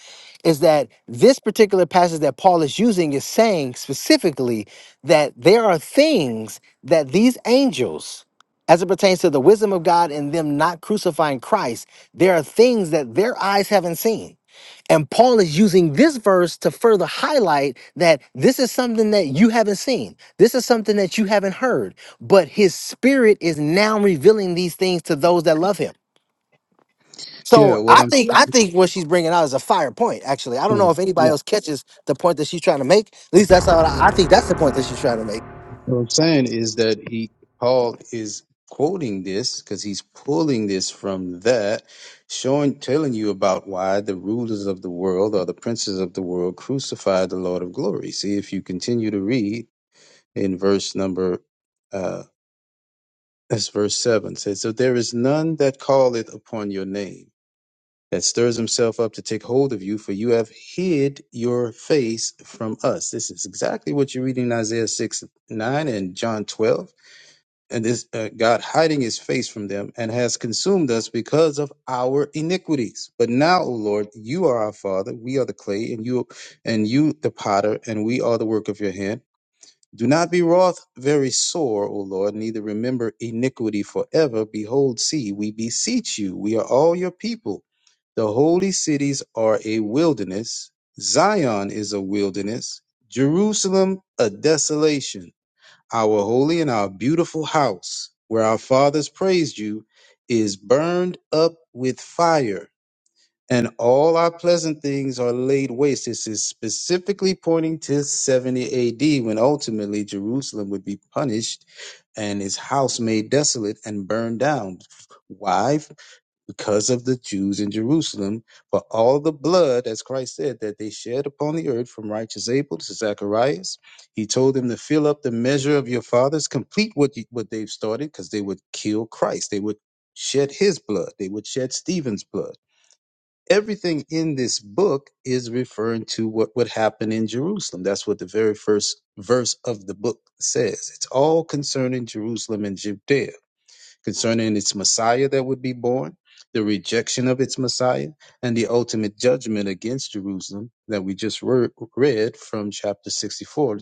is that this particular passage that Paul is using is saying specifically that there are things that these angels, as it pertains to the wisdom of God and them not crucifying Christ, there are things that their eyes haven't seen and Paul is using this verse to further highlight that this is something that you haven't seen. This is something that you haven't heard. But his spirit is now revealing these things to those that love him. Yeah. So What I I'm think I think what she's bringing out is a fire point. Actually, I don't mm, know if anybody yeah. else catches the point that she's trying to make. At least that's all I, I think. That's the point that she's trying to make. What I'm saying is that he Paul is quoting this because he's pulling this from that, showing telling you about why the rulers of the world or the princes of the world crucified the Lord of glory. See if you continue to read. in verse number uh that's verse seven says, So there is none that calleth upon your name, that stirs himself up to take hold of you, for you have hid your face from us. This is exactly what you read in Isaiah 6 9 and John 12. And this uh, God hiding his face from them and has consumed us because of our iniquities. But now, O Lord, you are our Father, we are the clay, and you and you the potter, and we are the work of your hand do not be wroth very sore, O Lord, neither remember iniquity forever. Behold, see, we beseech you, we are all your people. The holy cities are a wilderness, Zion is a wilderness, Jerusalem a desolation. Our holy and our beautiful house, where our fathers praised you, is burned up with fire and all our pleasant things are laid waste. This is specifically pointing to 70 AD when ultimately Jerusalem would be punished and his house made desolate and burned down. Why? Because of the Jews in Jerusalem. For all the blood, as Christ said, that they shed upon the earth from righteous Abel to Zacharias, he told them to fill up the measure of your fathers, complete what, you, what they've started, because they would kill Christ. They would shed his blood. They would shed Stephen's blood everything in this book is referring to what would happen in Jerusalem. That's what the very first verse of the book says. It's all concerning Jerusalem and Judea, concerning its Messiah that would be born, the rejection of its Messiah, and the ultimate judgment against Jerusalem that we just re- read from chapter 64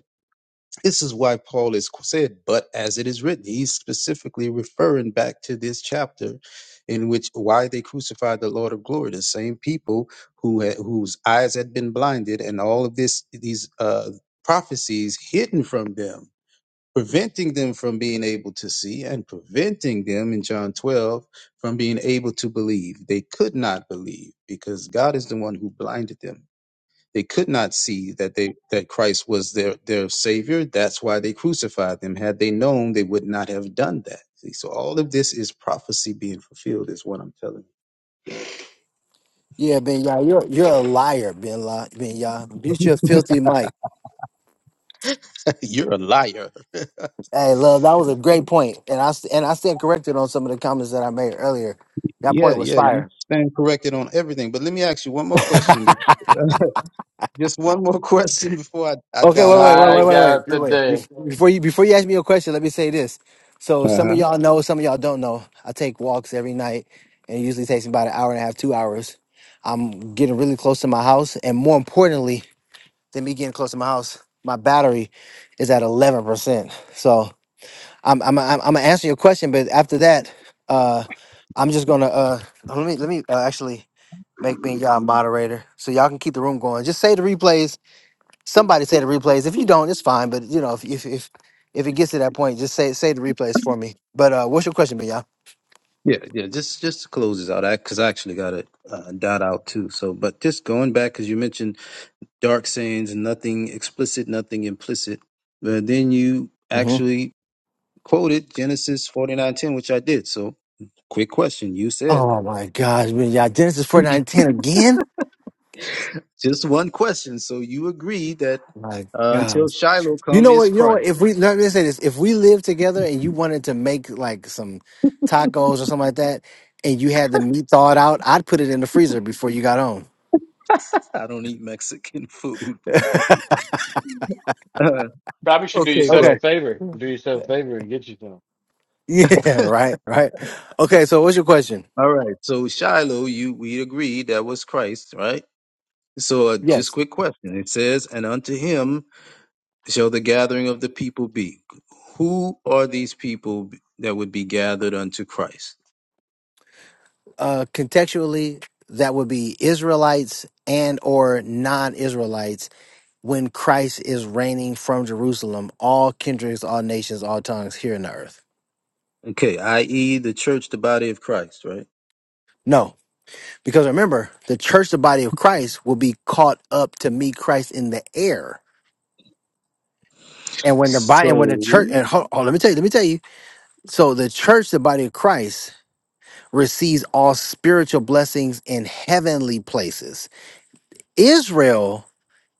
this is why Paul is said, but as it is written, he's specifically referring back to this chapter in which why they crucified the Lord of glory, the same people who had, whose eyes had been blinded and all of this these uh, prophecies hidden from them, preventing them from being able to see and preventing them in John 12 from being able to believe. They could not believe because God is the one who blinded them they could not see that they that Christ was their their savior. That's why they crucified him. Had they known, they would not have done that. See, so all of this is prophecy being fulfilled, is what I'm telling you. Yeah, Ben Yah, you're you're a liar, Ben La, Ben Yah. Mute your filthy mic. You're a liar. Hey, love, that was a great point, and I st- and I stand corrected on some of the comments that I made earlier. That Yeah, point was yeah, you fire. stand corrected on everything. But let me ask you one more question. be- Just one more question before I, I Okay, dot wait, wait, out of wait, My wait, here. wait, wait, God, wait. wait. today. Before you before you ask me your question, let me say this. So Uh some of huh. y'all know, some of y'all don't know. I take walks every night, and it usually takes me about an hour and a half, two hours. I'm getting really close to my house, and more importantly than me getting close to my house, my battery is at eleven percent. So I'm I'm I'm, I'm gonna answer your question, but after that, uh, I'm just gonna uh let me let me uh, actually make me y'all moderator so y'all can keep the room going. Just say the replays Somebody say the replays. If you don't, it's fine. But you know, if if if, if it gets to that point, just say say the replays for me. But uh, what's your question, Binya? Yeah, yeah. Just just to close this out, because I, 'cause I actually got to uh, dot out too. So, but just going back, because you mentioned dark sayings, nothing explicit, nothing implicit. But then you hmm actually quoted Genesis 49:10, which I did. So, quick question. You said Oh my gosh, Binya, Genesis forty nine ten again. just one question. So you agree that My uh, gosh. until Shiloh you come know is what? You know what? Christ. If we let me say this, if we lived together and you wanted to make like some tacos or something like that, and you had the meat thawed out, I'd put it in the freezer before you got home. I don't eat Mexican food. Uh, Probably should do okay, yourself a but Okay. favor. Do yourself a favor and get you some. Yeah. Right. Right. Okay. So, what's your question? all right. So Shiloh, you we agree that was Christ, right? So uh, Yes. just quick question. It says, and unto him shall the gathering of the people be? Who are these people that would be gathered unto Christ? uh, contextually that would be israelites and or non-israelites when christ is reigning from jerusalem all kindreds all nations all tongues here in the earth Okay, i.e., the church, the body of Christ, right? no because remember the church the body of christ will be caught up to meet christ in the air and when the So, body and when the church and hold, hold let me tell you let me tell you so the church the body of christ receives all spiritual blessings in heavenly places israel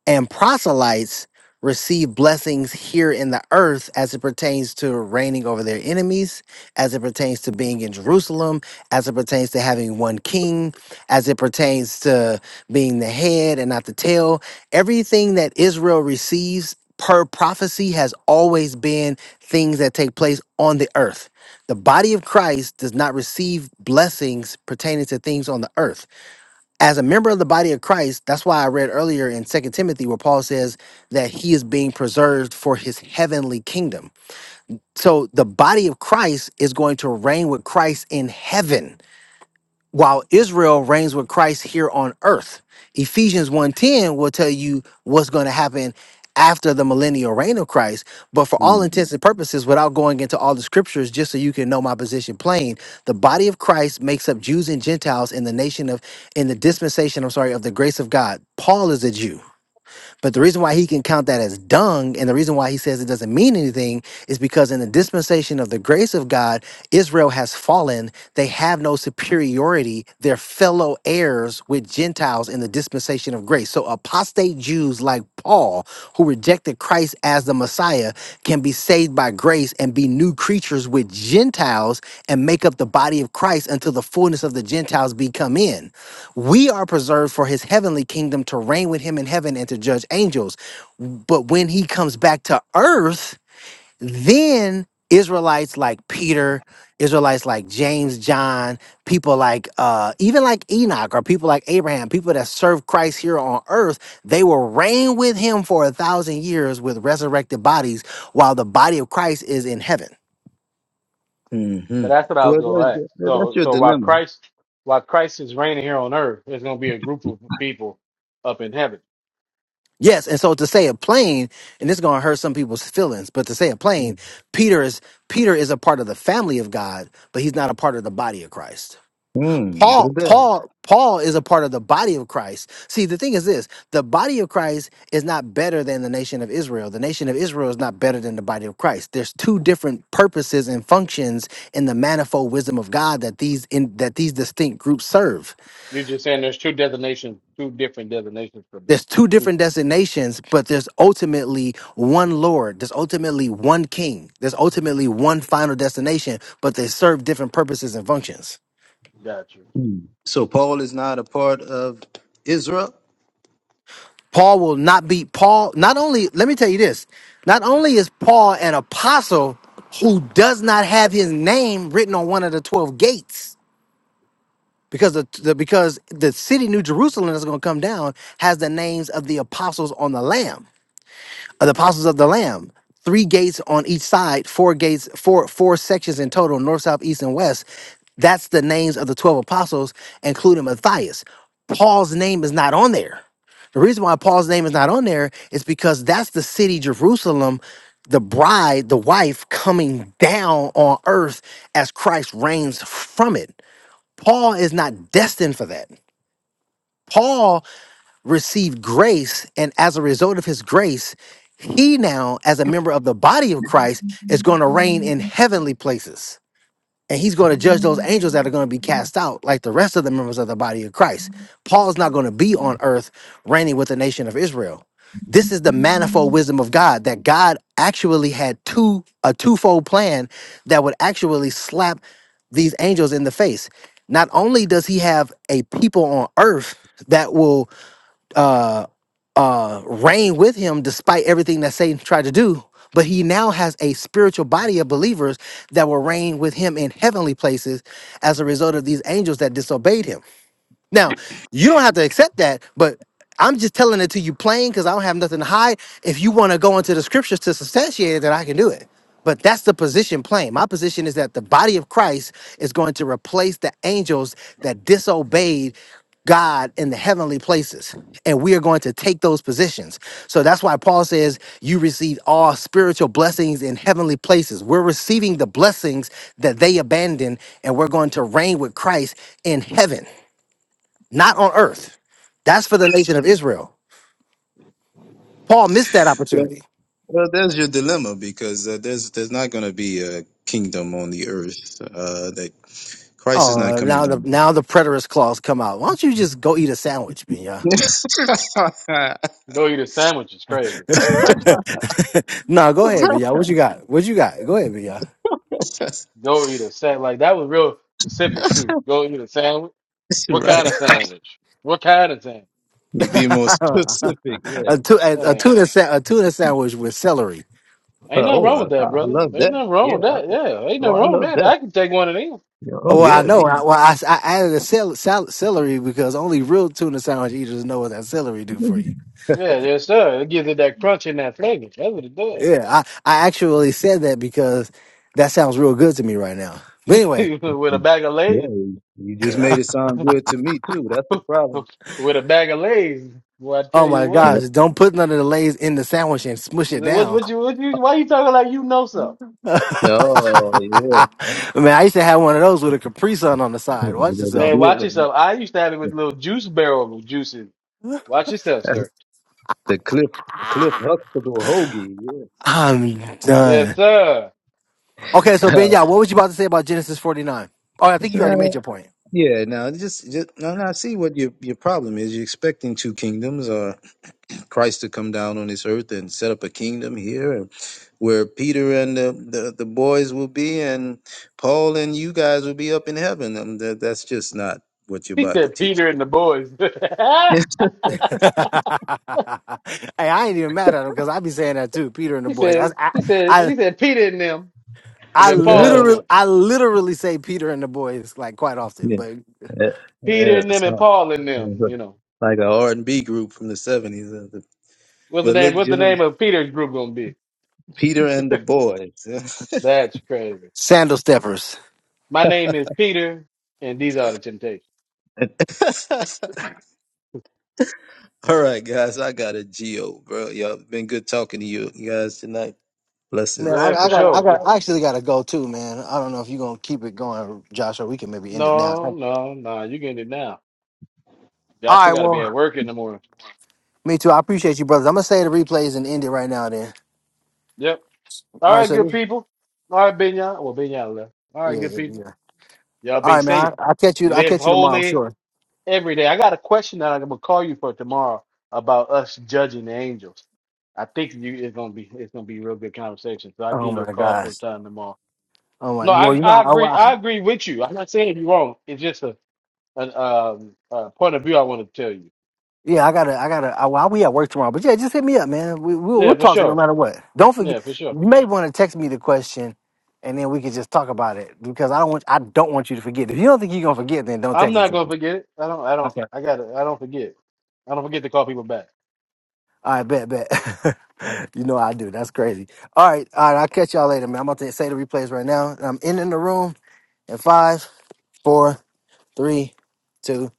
and proselytes receive blessings here in the earth as it pertains to reigning over their enemies, as it pertains to being in Jerusalem, as it pertains to having one king, as it pertains to being the head and not the tail. Everything that Israel receives per prophecy has always been things that take place on the earth. The body of Christ does not receive blessings pertaining to things on the earth as a member of the body of Christ, that's why I read earlier in Second Timothy where Paul says that he is being preserved for his heavenly kingdom. So the body of Christ is going to reign with Christ in heaven while Israel reigns with Christ here on earth. Ephesians 1:10 will tell you what's going to happen after the millennial reign of Christ. But for all intents and purposes, without going into all the scriptures, just so you can know my position plain, the body of Christ makes up Jews and Gentiles in the nation of in the dispensation, I'm sorry, of the grace of God. Paul is a Jew. But the reason why he can count that as dung and the reason why he says it doesn't mean anything is because in the dispensation of the grace of God, Israel has fallen. They have no superiority. They're fellow heirs with Gentiles in the dispensation of grace. So apostate Jews like Paul, who rejected Christ as the Messiah, can be saved by grace and be new creatures with Gentiles and make up the body of Christ until the fullness of the Gentiles be come in. We are preserved for his heavenly kingdom to reign with him in heaven and to judge angels. But when he comes back to earth, then Israelites like Peter, Israelites like James, John, people like uh, even like Enoch or people like Abraham, people that serve Christ here on earth, they will reign with him for a thousand years with resurrected bodies while the body of Christ is in heaven. But mm-hmm. that's what I was well, that's, gonna ask. that's So your so while dilemma. Christ while Christ is reigning here on earth, there's gonna be a group of people up in heaven. Yes, and so to say it plain, and this is going to hurt some people's feelings, but to say it plain, Peter is Peter is a part of the family of God, but he's not a part of the body of Christ. Mm-hmm. Paul, Paul, Paul is a part of the body of Christ. See, the thing is this: the body of Christ is not better than the nation of Israel. The nation of Israel is not better than the body of Christ. There's two different purposes and functions in the manifold wisdom of God that these in, that these distinct groups serve. You're just saying there's two designations, two different designations for this. there's two two different designations, but there's ultimately one Lord. There's ultimately one King. There's ultimately one final destination, but they serve different purposes and functions. gotcha. So, Paul is not a part of Israel? Paul will not be Paul. Not only, let me tell you this. Not only is Paul an apostle who does not have his name written on one of the 12 gates because the, the because the city New Jerusalem that's going to come down has the names of the apostles on the lamb. uh, the apostles of the lamb three gates on each side four gates four four sections in total north south east and west that's the names of the 12 apostles including matthias paul's name is not on there the reason why paul's name is not on there is because that's the city jerusalem the bride the wife coming down on earth as christ reigns from it paul is not destined for that paul received grace, and as a result of his grace, he now, as a member of the body of Christ, is going to reign in heavenly places. And he's going to judge those angels that are going to be cast out, like the rest of the members of the body of Christ. Paul's not going to be on earth reigning with the nation of Israel. This is the manifold wisdom of God that God actually had two a twofold plan that would actually slap these angels in the face. Not only does he have a people on earth that will uh, reign with him despite everything that Satan tried to do. But he now has a spiritual body of believers that will reign with him in heavenly places as a result of these angels that disobeyed him. Now, you don't have to accept that, but I'm just telling it to you plain because I don't have nothing to hide. If you want to go into the scriptures to substantiate it, then I can do it. But that's the position plain. My position is that the body of Christ is going to replace the angels that disobeyed God in the heavenly places. And we are going to take those positions. So that's why Paul says, You receive all spiritual blessings in heavenly places. We're receiving the blessings that they abandoned, and we're going to reign with Christ in heaven not on earth. That's for the nation of Israel. Paul missed that Yeah. opportunity. Well, there's your dilemma because uh, there's there's not going to be a kingdom on the earth uh, that Christ is not Oh, coming now the down. now the preterist clause come out. Why don't you just go eat a sandwich, Binya? Go eat a sandwich is crazy. no, go ahead, Binya. What you got? What you got? Go ahead, Binya. Go eat a sandwich. Like that was real specific too. Go eat a sandwich. What kind right. of sandwich? What kind of sandwich? You be more specific. Yeah. a, tu- a, a Yeah. tuna sa- a tuna sandwich with celery. Ain't Uh, nothing Oh, wrong with I, I that, I brother. love Ain't that. nothing wrong with Yeah. I, that. Yeah, ain't oh, nothing I wrong with love that. that. I can take one of these. You know, oh, Well, I yeah. I know. I, mean, well, I, I added a cel- sal- celery because only real tuna sandwich eaters know what that celery do for you. Yeah, yes, sir. It gives it that crunch and that flavor. That's what it does. Yeah, I, I actually said that because that sounds real good to me right now. But anyway, with a yeah. bag of lays, You you just made it sound good to me too. That's the problem. with a bag of lays. Well, I Oh tell you my what. Yeah. gosh, don't put none of the lays in the sandwich and smush it What, down. what you, what you, why you talking like you know something? Man, Oh, yeah. I used to have one of those with a Capri Sun on the side. yeah Watch the, the, yourself. Man, bill- watch the, yourself. I used to have it with little juice barrel juices. Watch yourself, the sir. the Cliff Cliff Huxtable hoagie. Yeah. I'm Yes, done. sir. Okay, so Ben, yeah, what was you about to say about Genesis 49? Oh, I think you already Now, made your point. yeah. Now, just just now, now, I see what your your problem is. You're expecting two kingdoms, Christ to come down on this earth and set up a kingdom here and where Peter and the, the, the boys will be and Paul and you guys will be up in heaven. Um that, that's just not what your He Bible said teaches. Peter and the boys. hey, I ain't even mad at him because I be saying that too, Peter and the he boys. I, said, I, he said, I, he said Peter and them, and I then yeah, Paul and literally, them. I literally say Peter and the boys like quite often, yeah, but Peter yeah. and them and So, Paul and them, you know. Like a R&B group from the 70s. uh, What's the But name look, what's the you know, name of Peter's group gonna be? Peter and the boys. That's crazy. sandal steppers. My name is Peter and these are the temptations. All right, guys, I got a Geo, bro. Y'all been good talking to you guys tonight. Man, I, Blessings. Yeah, I for got, I sure. got, I actually got to go too, man. I don't know if you're gonna keep it going, Josh, or we can maybe end it now. No, All no, no, you getting it now. Joshua right, gotta be at well, work in the morning. me too. I appreciate you, brothers. I'm gonna say the replays and end it right now, then. Yep. All All right, right, so good this- people. All right, Benya. Well Benya left. All right, yeah, good yeah, people. yeah. Y'all All be right, man. safe. I, I'll catch you. I'll Live catch you tomorrow. I'm holy sure. every day. I got a question that I'm gonna call you for tomorrow about us judging the angels. I think you it's gonna be it's gonna be a real good conversation. So I'll Oh give you a my call gosh. sometime tomorrow. Oh my. No, I Well, you know, I agree I, I- I agree with you. I'm not saying you're wrong. It's just a an um a point of view I want to tell you. yeah, I gotta, I gotta. I, well, we at work tomorrow, but yeah, just hit me up, man. We, we'll, Yeah, we'll for talk no sure. matter what. Don't forget. Yeah, for sure. You may want to text me the question. And then we can just talk about it because I don't want I don't want you to forget. If you don't think you're gonna forget, then don't I'm text it not to gonna me. forget it. I don't I Okay. don't I gotta I don't forget. I don't forget to call people back. I bet, bet. you know I do. That's crazy. All right, all right. I'll catch y'all later, man. I'm about to say the replays right now. I'm in in the room in five, four, three, two,